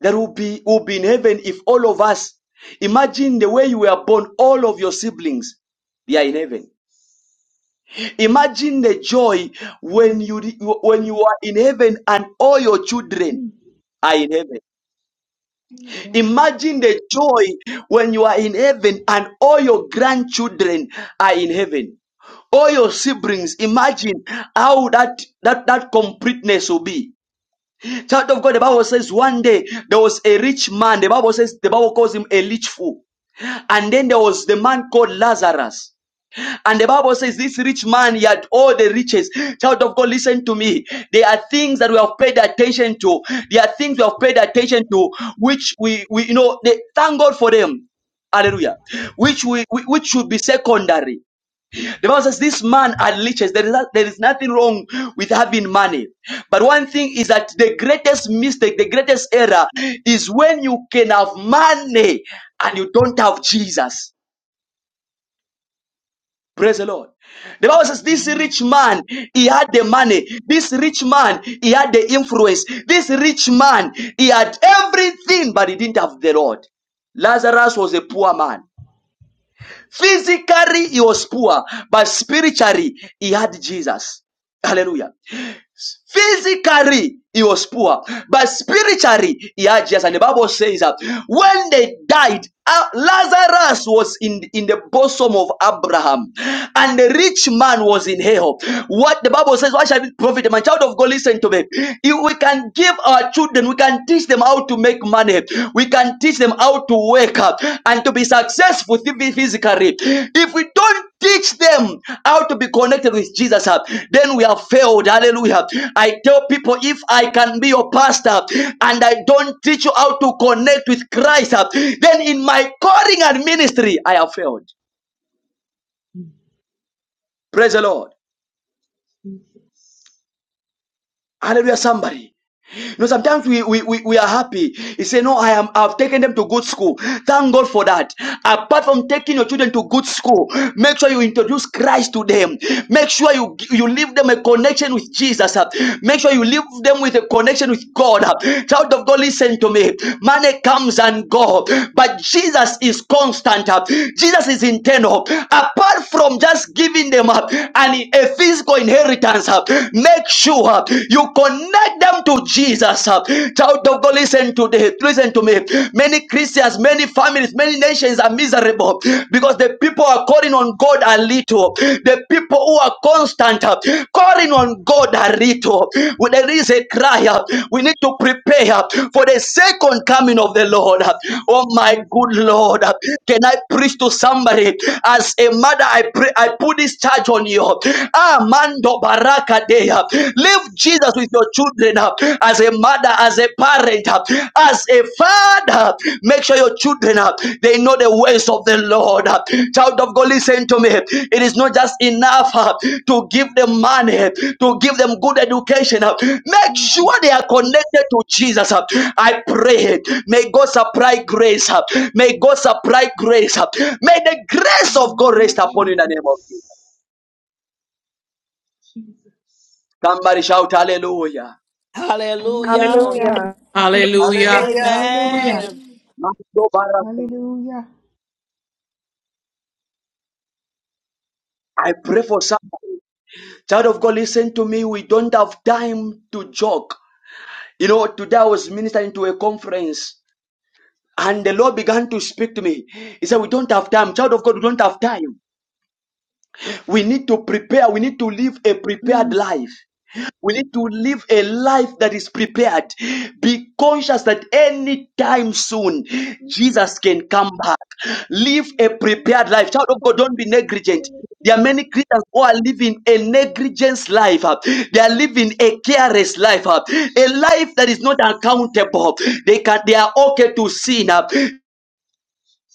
Speaker 1: that will be, will be in heaven if all of us, imagine the way you were born, all of your siblings, they are in heaven. Imagine the joy
Speaker 16: Mm,
Speaker 1: when you when you are in heaven and all your children
Speaker 16: mm.
Speaker 1: are in heaven.
Speaker 16: Oh, God.
Speaker 1: Imagine the joy when you are in heaven and all your grandchildren are in heaven. All your siblings, imagine how that that that completeness will be. Child of God, the Bible says one day there was a rich man. The Bible says the Bible calls him a rich fool. And then there was the man called Lazarus. And the Bible says this rich man, he had all the riches. Child of God, listen to me. There are things that we have paid attention to. There are things we have paid attention to, which we, we you know, they, thank God for them. Hallelujah. Which we, we- which should be secondary. The Bible says this man had riches. There is, not- there is nothing wrong with having money. But one thing is that the greatest mistake, the greatest error is when you can have money and you don't have Jesus. Praise the Lord. The Bible says this rich man, he had the money. This rich man, he had the influence. This rich man, he had everything, but he didn't have the Lord. Lazarus was a poor man. Physically, he was poor, but spiritually, he had Jesus. Hallelujah. Physically, he was poor, but spiritually, he had Jesus. And the Bible says that when they died, uh, Lazarus was in, in the bosom of Abraham, and the rich man was in hell. What the Bible says, why shall it profit a man? Child of God, listen to me. If we can give our children, we can teach them how to make money, we can teach them how to wake up and to be successful physically. If we don't Teach them how to be connected with Jesus. uh, Then we have failed. Hallelujah. I tell people if I can be your pastor and I don't teach you how to connect with Christ, uh, then in my calling and ministry, I have failed.
Speaker 16: Mm,
Speaker 1: Praise the Lord.
Speaker 16: Jesus.
Speaker 1: Hallelujah, somebody. No, sometimes we, we, we, we are happy. You say, No, I am I've taken them to good school. Thank God for that. Apart from taking your children to good school, make sure you introduce Christ to them. Make sure you you leave them a connection with Jesus. uh. Make sure you leave them with a connection with God. uh. Child of God, listen to me. Money comes and go, but Jesus is constant. uh. Jesus is internal. Apart from just giving them up and a physical inheritance, uh, make sure uh, you connect them to Jesus. uh. Child of God, listen to the listen to me. Many Christians, many families, many nations are miserable because the people who are calling on God are little. The people who are constant uh, calling on God are little. When there is a cry, uh, we need to prepare uh, for the second coming of the Lord. uh. Oh
Speaker 16: Jesus.
Speaker 1: my
Speaker 16: Jesus.
Speaker 1: good Lord, uh, can I preach to somebody? As a mother, I pray, I put this charge on you. Ah, Live Jesus with your
Speaker 16: Jesus.
Speaker 1: children uh, as a mother, as a parent, uh, as a father. Make sure your children uh, they know the ways of the Lord. uh. Child of God, listen to me. It is not just enough uh, to give them money, uh, to give them good education. uh. Make sure
Speaker 16: Jesus.
Speaker 1: they are connected to Jesus. uh. I pray. May God supply grace. uh. May God supply grace. uh. May the grace
Speaker 16: In the
Speaker 1: of God
Speaker 16: name
Speaker 1: rest
Speaker 16: of
Speaker 1: upon you in the name of Jesus.
Speaker 16: Jesus. Jesus.
Speaker 1: Somebody shout hallelujah.
Speaker 7: Hallelujah.
Speaker 16: Hallelujah.
Speaker 3: Hallelujah.
Speaker 16: Thank you,
Speaker 18: Hallelujah.
Speaker 16: Jesus.
Speaker 13: Hallelujah.
Speaker 16: Hallelujah.
Speaker 7: Amen.
Speaker 16: Hallelujah.
Speaker 1: I pray for somebody. Child of God, listen to me. We don't have time to joke. You know, today I was ministering to a conference and the Lord began to speak to me. He said, We don't have time. Child of God, we don't have time. We need to prepare. We need to live a prepared
Speaker 16: Mm.
Speaker 1: life. We need to live a life that is prepared. Be conscious that any time soon,
Speaker 16: Jesus.
Speaker 1: Jesus can come back. Live a prepared
Speaker 16: Jesus.
Speaker 1: life. Child of God,
Speaker 16: Oh,
Speaker 1: don't be negligent.
Speaker 16: hallelujah.
Speaker 1: There are many Christians who are living a negligence life. uh, They are living a careless life, uh, a life that is not
Speaker 16: Jesus.
Speaker 1: accountable. They can, they are okay to sin. uh,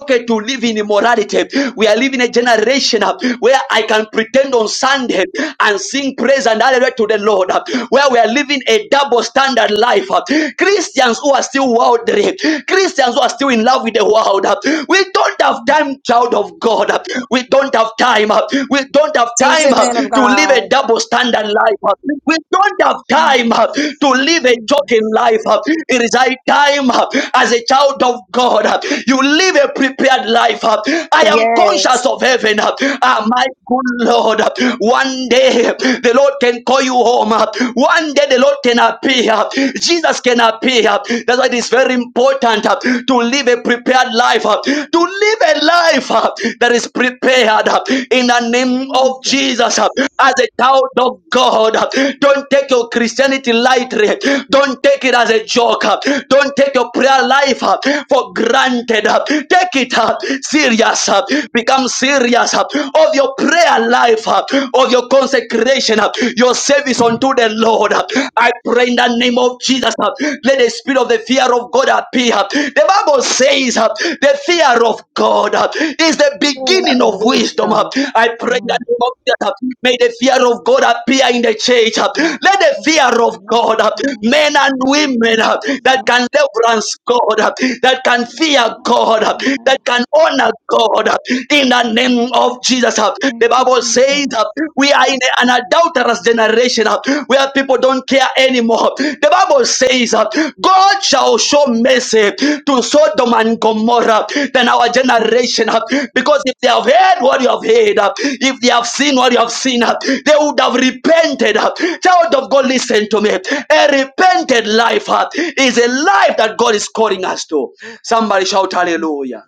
Speaker 1: okay to live in immorality. We are living a generation uh, where I can pretend on Sunday and sing praise and hallelujah to the Lord, uh, where we are living a double standard life. uh. Christians who are still worldly, Christians who are still in love with the world. uh. We don't have
Speaker 16: Mm.
Speaker 1: time, child of God. uh. We don't have time. uh. We don't have
Speaker 3: Teach
Speaker 1: time
Speaker 3: it,
Speaker 1: uh,
Speaker 3: man of
Speaker 1: to live
Speaker 3: God.
Speaker 1: a double standard life. uh. We don't have time uh, to
Speaker 16: Jesus,
Speaker 1: live a joking
Speaker 16: Jesus,
Speaker 1: life. uh. It is high time uh, as a child of God. uh, You live live a prepared life. uh. I am
Speaker 3: Yes.
Speaker 1: conscious of heaven. uh. Ah, my good Lord, uh, one day the Lord can call you home. uh. One day the Lord can appear. Jesus can appear. That's why it is very important uh, to live a prepared life. uh, To live a life uh, that is prepared uh, in the name of Jesus.
Speaker 16: Jesus.
Speaker 1: uh, As a child of God, uh, don't take your Christianity lightly. Don't take it as a joke. uh, Don't take your prayer life uh, for granted planted up. Take it up. Serious up. Become serious up of your prayer life up of your consecration up your service unto the Lord up. I pray in the name of Jesus up. Let the spirit of the fear of God appear up. The Bible says up the fear of God up is the
Speaker 3: Man
Speaker 1: beginning
Speaker 3: of
Speaker 1: of wisdom
Speaker 3: wisdom.
Speaker 1: up. I pray in the
Speaker 16: From
Speaker 1: name of Jesus up. May the fear of God appear in the church up.
Speaker 16: the
Speaker 1: Let the fear of
Speaker 16: the
Speaker 1: God up.
Speaker 16: of
Speaker 1: Men and women up that can reverence God up that can can fear God, uh,
Speaker 16: the
Speaker 1: that can honor God uh, in the name of Jesus. uh. The
Speaker 16: Thank you,
Speaker 1: Bible says uh,
Speaker 16: Jesus.
Speaker 1: we are in an adulterous generation uh, where people don't care anymore. The Bible says uh, God shall show mercy to Sodom and Gomorrah than our generation uh, because if they have heard what you have heard, uh, if they have seen what you have seen, uh, they would have repented. uh. Child of God, listen to me. A repented life uh, is a life that God is calling us to. Somebody shout hallelujah.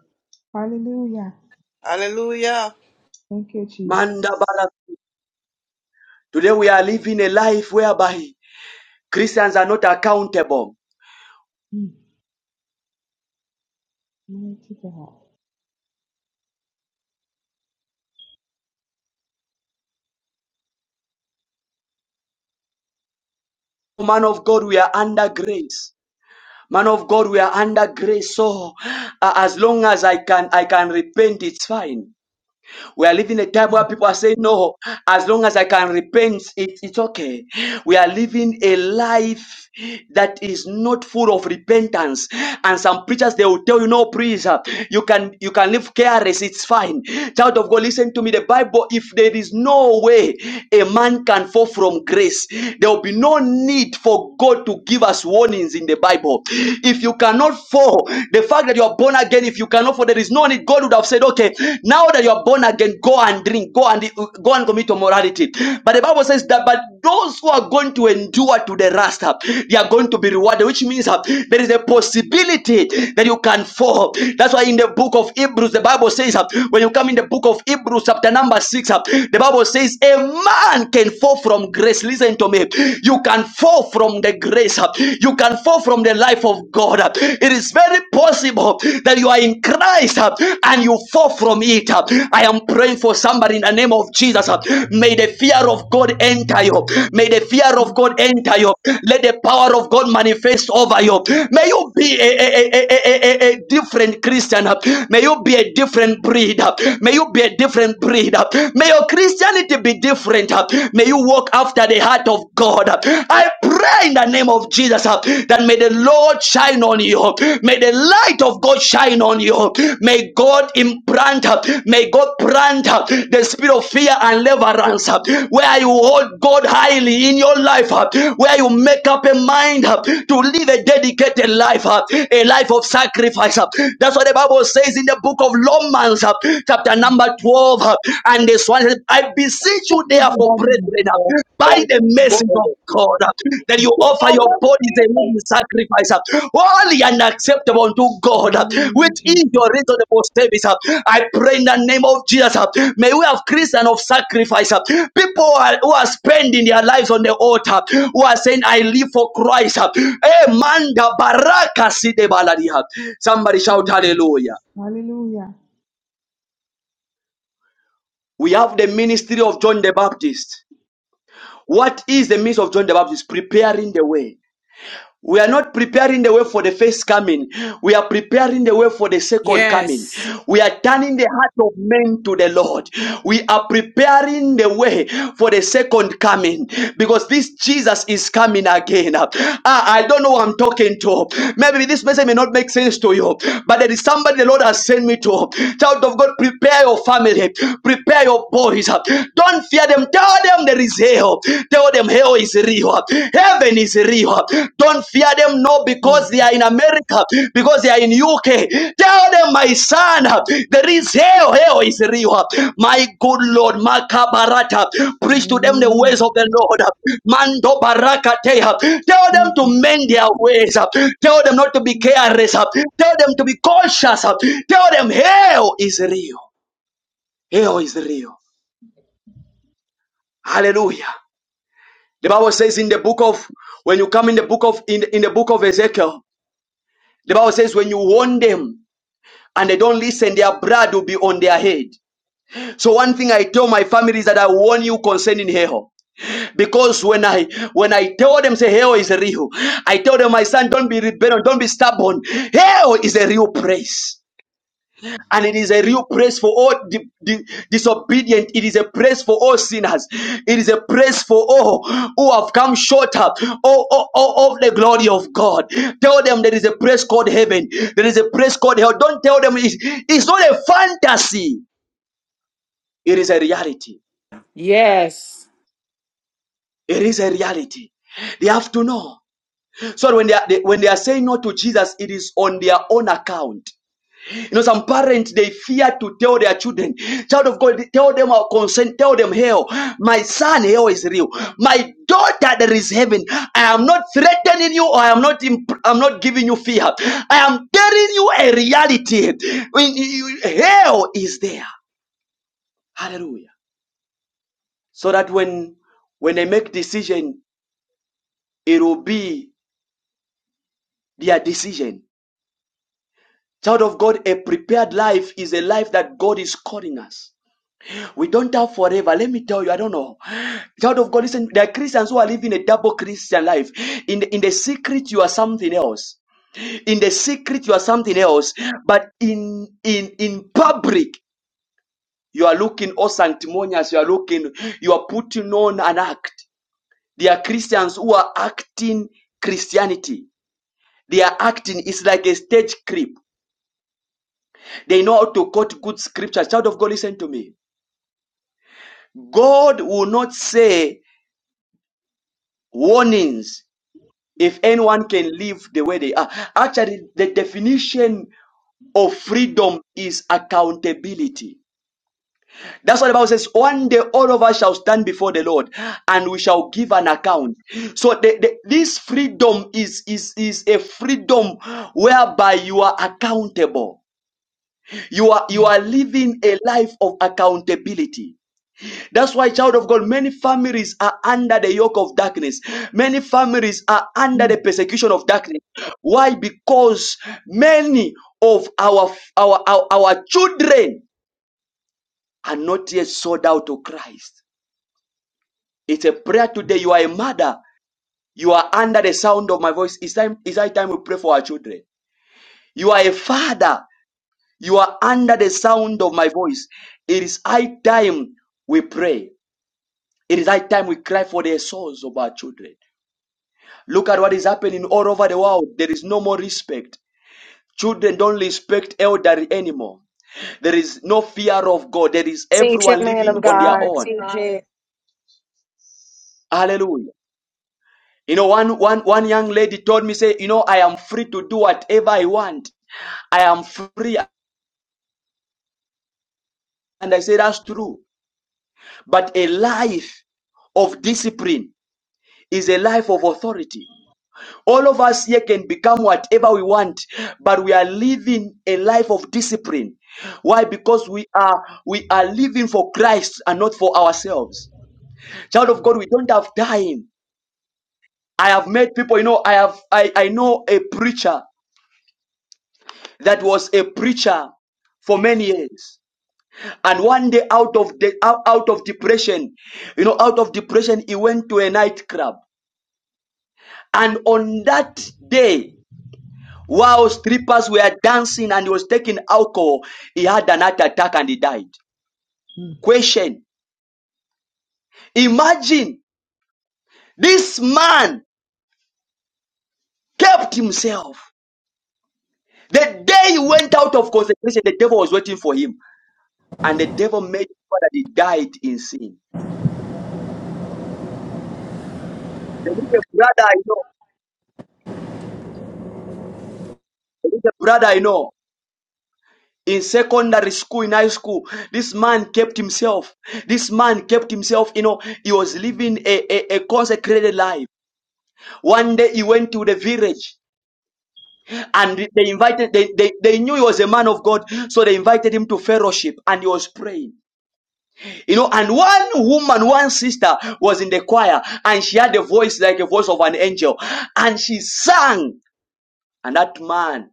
Speaker 16: Hallelujah.
Speaker 13: Hallelujah.
Speaker 16: Thank you,
Speaker 1: Manda
Speaker 16: Jesus.
Speaker 1: bara- Today we are living a life whereby Christians are not accountable.
Speaker 16: Mm. Mighty God.
Speaker 1: Man of God, we are under grace. Man of God, we are under grace. So uh, as long as I can I can repent, it's fine. We are living a time where
Speaker 16: Mm.
Speaker 1: people are saying, No, as long as I can repent, it, it's okay. We are living a life that is not full of repentance. And some preachers they will tell you, No, please, uh, you can you can live careless, it's fine. Child of God, listen to me. The Bible, if there is no way a man can fall from grace, there will be no need for God to give us warnings in the Bible. If you cannot fall, the fact that you are born again again if you cannot for there is no need god would have said okay now that you are born again go and drink go and go and commit immorality." but the bible says that but those who are going to endure to the last uh, they are going to be rewarded which means uh, there is a possibility that you can fall that's why in the book of hebrews the bible says uh, when you come in the book of hebrews chapter number six uh, the bible says a man can fall from grace listen to me you can fall from the grace uh, you can can fall from the life of God. It is very possible that you are in Christ uh, and you fall from it. uh. I am praying for somebody in the name of Jesus. uh. May the fear of God enter you. May the fear of
Speaker 16: Jesus.
Speaker 1: God enter you. Let the power of God manifest over you. May you
Speaker 16: Jesus.
Speaker 1: be a, a, a, a, a, a different Christian. uh. May you be a different breed. uh. May you be a different breed. uh. May your Christianity be different. uh. May you walk after the after the heart of God. I pray in the name of Jesus uh, that may the Lord shine on you. May the light of God shine on you. May God implant, uh, may God plant uh, the spirit of fear and reverence uh, where you hold God highly in your life, uh, where you make up a mind uh, to live a dedicated life, uh, a life of sacrifice. uh. That's what the Bible says in the book of Romans, uh, chapter
Speaker 16: Mm.
Speaker 1: number 12. uh, and this one says, I beseech you, therefore, brethren, uh, by the mercies of God, uh, that you offer your bodies a living sacrifice, uh, holy and acceptable unto God, uh,
Speaker 16: Hallelujah,
Speaker 1: which is your
Speaker 16: Jesus.
Speaker 1: reasonable service. uh. I pray in the name of Jesus. uh, May we have Christians of sacrifice. uh, People who are, who are spending their lives on the altar, who are saying, I live for Christ. uh. Eh, manda baraka si de baladia. Somebody shout hallelujah.
Speaker 16: Jesus. Hallelujah,
Speaker 1: We have the ministry of John the Baptist. What is the means of John the Baptist? Preparing the way. We are not preparing the way for the first coming. We are preparing the way for the second coming.
Speaker 18: Yes.
Speaker 1: We are turning the heart of men to the Lord. We are preparing the way for the second coming because this Jesus is coming again. Ah, I don't know who I'm talking to. Maybe this message may not make sense to you, but there is somebody the Lord has sent me to. Child of God, prepare your family, prepare your boys. Don't fear them. Tell them the is hell. Tell them hell is real. Heaven is real. Don't fear them, no, because they are in
Speaker 16: Jesus.
Speaker 1: America, because they are in UK. Tell them, my son, there is hell. Hell is real. My good Lord, Makabarata, preach to them the
Speaker 16: Hallelujah,
Speaker 1: ways of the Lord. Mando Barakatea. Tell them
Speaker 16: Jesus.
Speaker 1: to mend their ways. Tell them not to be
Speaker 16: Jesus.
Speaker 1: careless. Tell them to be cautious. Tell them hell is real. Hell is
Speaker 16: Jesus.
Speaker 1: real. Hallelujah. The Bible says in the book of when you come in the book of in in the book of Ezekiel, the Bible says when you warn them and they don't listen, their blood will be on their head. So one thing I tell my family is that I warn you concerning hell. Because when I when I tell them say hell is real, I tell them my son don't be rebellion, don't be stubborn. Hell is a real place. And it is a real praise for all di- di- disobedient. It is a praise for all sinners. It is a praise for all who have come short of, all, all, all of the glory of God. Tell them there is a praise called heaven. There is a praise called hell. Don't tell them it's, it's not a fantasy. It is a reality.
Speaker 18: Yes.
Speaker 1: It is a reality. They have to know. So when they, are, they when they are saying no to Jesus, it is on their own account. You know, some parents they fear to tell their children, child of God, tell them our consent, tell them hell. My son, hell is real. My daughter, there is heaven. I am not threatening you, or I am not imp- I'm not giving you fear. I am telling you a reality. When you- hell is there. Hallelujah. So that when when they make decision, it will be their decision. Child of God, a prepared life is a life that God is calling us. We don't have forever. Let me tell you, I don't know. Child of God, listen, there are Christians who are living a double Christian life. In the, in the secret, you are something else. In the secret, you are something else. But in in in public, you are looking all sanctimonious. You are looking, you are putting on an act. There are Christians who are acting Christianity. They are acting, it's like a stage creep. They know how to quote good scriptures. Child of God, listen to me. God will not say warnings if anyone can live the way they are. Actually, the definition of freedom is accountability. That's what the Bible says. One day all of us shall stand before the Lord and we shall give an account. So the, the- this freedom is, is, is a freedom whereby you are accountable. You are, you
Speaker 16: Mm,
Speaker 1: are living a life of accountability. That's why, child of God, many families are under the yoke of darkness. Many families are under
Speaker 16: mm,
Speaker 1: the persecution of darkness. Why? Because many of our our our, our children are not yet sold out to Christ. It's a prayer today. You are a mother. You are under the sound of my voice. It's time. It's high time we pray for our children. You are a father. You are under the sound of my voice. It is high time we pray. It is high time we cry for the souls of our children. Look at what is happening all over the world. There is no more respect. Children don't respect elderly anymore. There is no fear of God. There is everyone
Speaker 3: Man
Speaker 1: living
Speaker 3: of
Speaker 1: on their
Speaker 3: God,
Speaker 1: own.
Speaker 3: TJ.
Speaker 1: Hallelujah. You know, one, one, one young lady told me, say, you know, I am free to do whatever I want. I am free. And I say, that's true. But a life of discipline is a life of authority. All of us here can become whatever we want, but we are living a life of discipline. Why? Because we are we are living for Christ and not for ourselves. Child of God, we don't have time. I have met people, you know, I have I, I know a preacher that was a preacher for many years. And one day out of the out out of depression, you know, out of depression, he went to a nightclub. And on that day, While strippers were dancing and he was taking alcohol, he had an heart attack and he died.
Speaker 16: mm,
Speaker 1: Question. Imagine this man kept himself. The day he went out of consecration, the devil was waiting for him. And the devil made sure that he died in sin. There is a brother I know, there is a brother I know, in secondary school, in high school, this man kept himself. This man kept himself, you know, he was living a, a, a consecrated life. One day he went to the village And they invited, they, they, they knew he was a man of God, so they invited him to fellowship and he was praying. You know, and one woman, one sister was in the choir and she had a voice like a voice of an angel and she sang. And that man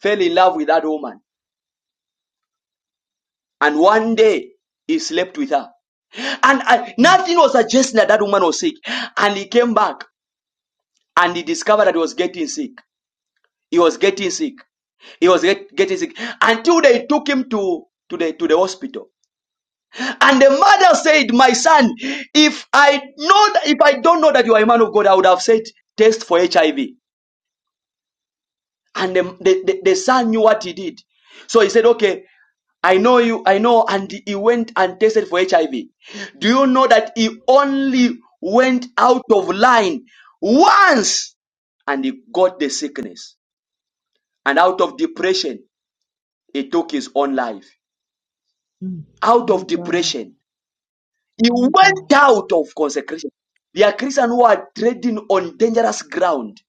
Speaker 1: fell in love with that woman. And one day he slept with her. And uh,
Speaker 16: mm,
Speaker 1: nothing was suggesting that that woman was sick. And he came back and he discovered that he was getting sick. He was getting sick. He was get, getting sick until they took him to to the to the hospital. And the mother said, "My son, if I know that, if I don't know that you are a man of God, I would have said test for HIV." And the, the, the, the son knew what he did, so he said, "Okay, I know you. I know." And he went and tested for HIV. Do you know that he only went out of line once, and he got the sickness and out of depression? He took his own life
Speaker 16: mm.
Speaker 1: out
Speaker 16: My
Speaker 1: of
Speaker 16: God.
Speaker 1: depression. He
Speaker 16: My
Speaker 1: went
Speaker 16: God.
Speaker 1: out of consecration. There are Christians who are treading on dangerous ground.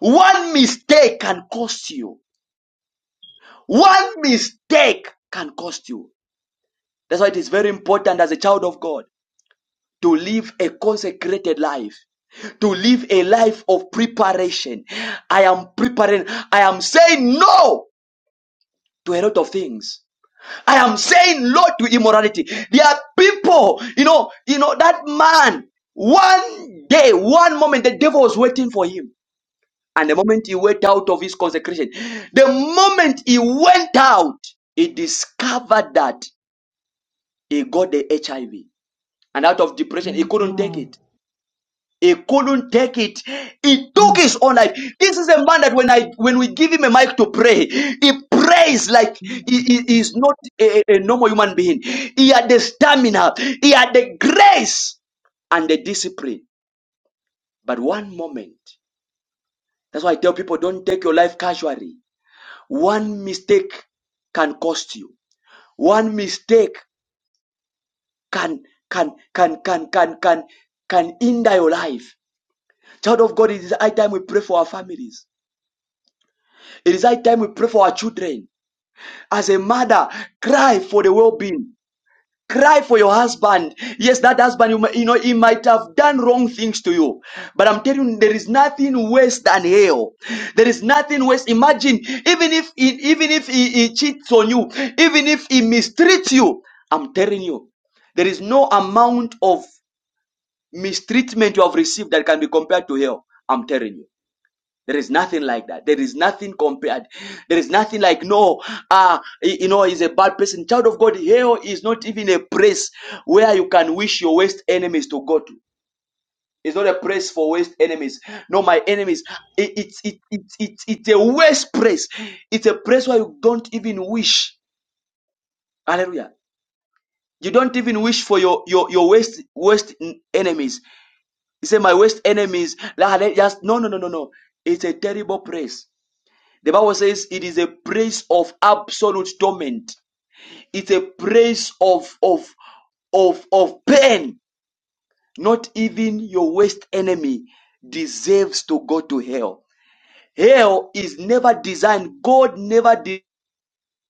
Speaker 1: One mistake can cost you. One mistake can cost you. That's why it is very important as a child of God to live a consecrated life to live a life of preparation. I am preparing. I am saying no to a lot of things. I am saying no to immorality. There are people, you know, you know, that man, one day, one moment, the devil was waiting for him. And the moment he went out of his consecration, the moment he went out, he discovered that he got the HIV. And out of depression, he
Speaker 16: My
Speaker 1: couldn't take
Speaker 16: God.
Speaker 1: it. He couldn't take it. He took
Speaker 16: Mm,
Speaker 1: his own life. This is a man that when I when we give him a mic to pray, he prays like he, he- he
Speaker 16: Jesus.
Speaker 1: is not a, a a normal human being. He had the stamina, he had the grace and the discipline. But one moment, that's why I tell people don't take your life casually. One mistake can cost you. One mistake can can can can can can can hinder your life. Child of God, it is high time we pray for our families. It is high time we pray for our children. As a mother, cry for the well-being. Cry for your husband. Yes, that husband, you, might, you know, he might have done wrong things to you. But I'm telling you, there is nothing worse than hell. There is nothing worse. Imagine, even if he, even if he, he cheats on you, even if he mistreats you, I'm telling you, there is no amount of mistreatment you have received that can be compared to hell. I'm telling you. There is nothing like that. There is nothing compared. There is nothing like no, ah, y- you know, he's a bad person. Child of God, hell is not even a place where you can wish your worst enemies to go to. It's not a place for worst enemies. No, my enemies. It, it's it, it, it, it's a worst place. It's a place where you don't even wish. Hallelujah. You don't even wish for your your your worst worst n- enemies. You say my worst enemies. Like, just no no no no no. It's a terrible place The Bible says it is a place of absolute torment. It's a place of of of of pain. Not even your worst enemy deserves to go to hell. Hell is never designed. God never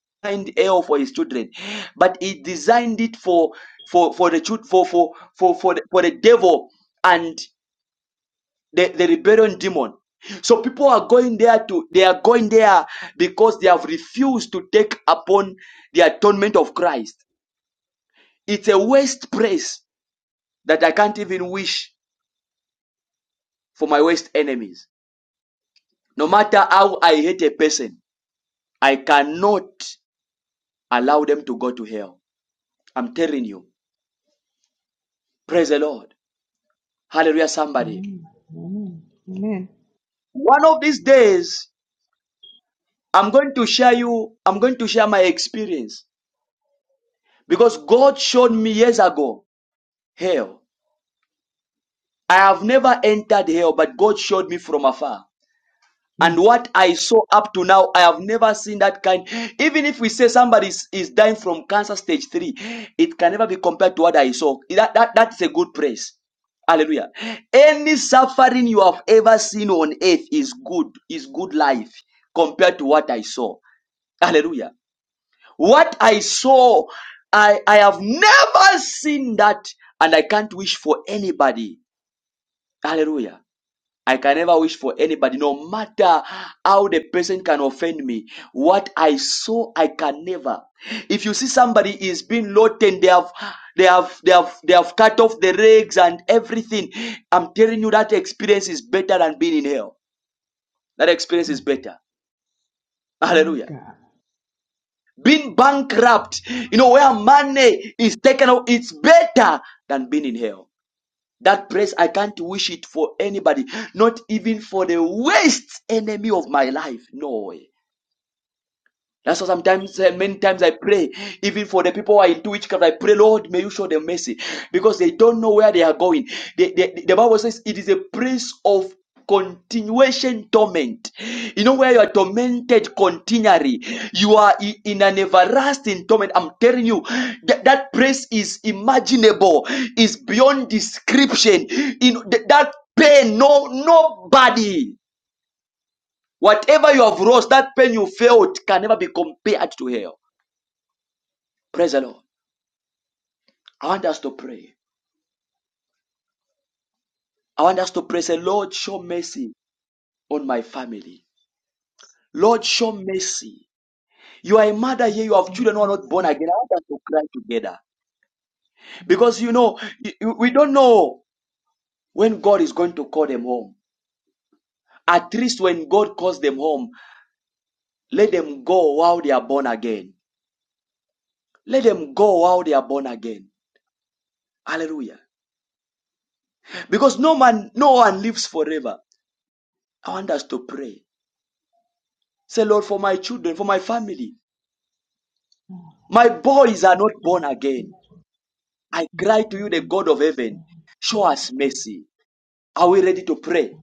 Speaker 1: designed hell for His children, but He designed it for for for the for for for for the, for the devil and the, the rebellion demon. So people are going there to they are going there because they have refused to take upon the atonement of Christ. It's a waste place that I can't even wish for my worst enemies. No matter how I hate a person, I cannot allow them to go to hell. I'm telling you. Praise the Lord. Hallelujah, somebody.
Speaker 16: Amen. Amen. Amen.
Speaker 1: One of these days, I'm going to share you, I'm going to share my experience because God showed me years ago hell. I have never entered hell, but God showed me from afar.
Speaker 16: Mm,
Speaker 1: And what I saw up to now, I have never seen that kind. Even if we say somebody is, is dying from cancer stage three, it can never be compared to what I saw. That, that, that's a good praise. Hallelujah. Any suffering you have ever seen on earth is good, is good life compared to what I saw. Hallelujah. What I saw, I, I have never seen that, and I can't wish for anybody. Hallelujah. I can never wish for anybody, no matter how the person can offend me. What I saw, I can never. If you see somebody is being rotten, they have, they have, they have, they have cut off the legs and everything. I'm telling you that experience is better than being in hell. That experience
Speaker 16: mm.
Speaker 1: is better.
Speaker 16: My
Speaker 1: Hallelujah.
Speaker 16: God.
Speaker 1: Being bankrupt, you know, where money is taken off, it's better than being in hell. That praise, I can't wish it for anybody, not even for the worst enemy of my life. No way. That's why sometimes, uh, many times I pray, even for the people who are into witchcraft, I pray, Lord, may you show them mercy because they don't know where they are going. The, the, the Bible says it is a place of continuation torment. You know, where you are tormented continually, you are i- in an everlasting torment. I'm telling you, that, that place is imaginable, is beyond description. In th- that pain, no, nobody. Whatever you have lost, that pain you felt can never be compared to hell. Praise the Lord. I want us to pray. I want us to pray. Say, Lord, show mercy on my family. Lord, show mercy. You are a mother here. You have children who are not born
Speaker 16: My
Speaker 1: again. I want us to cry together because you know we don't know when God is going to call them home. At least when God calls them home, let them go while they are born again. Let them go while they are born again. Hallelujah. Because no man, no one lives forever. I want us to pray. Say, Lord, for my children, for my family. My boys are not born again. I cry to you, the God of heaven, show us mercy. Are we ready to pray?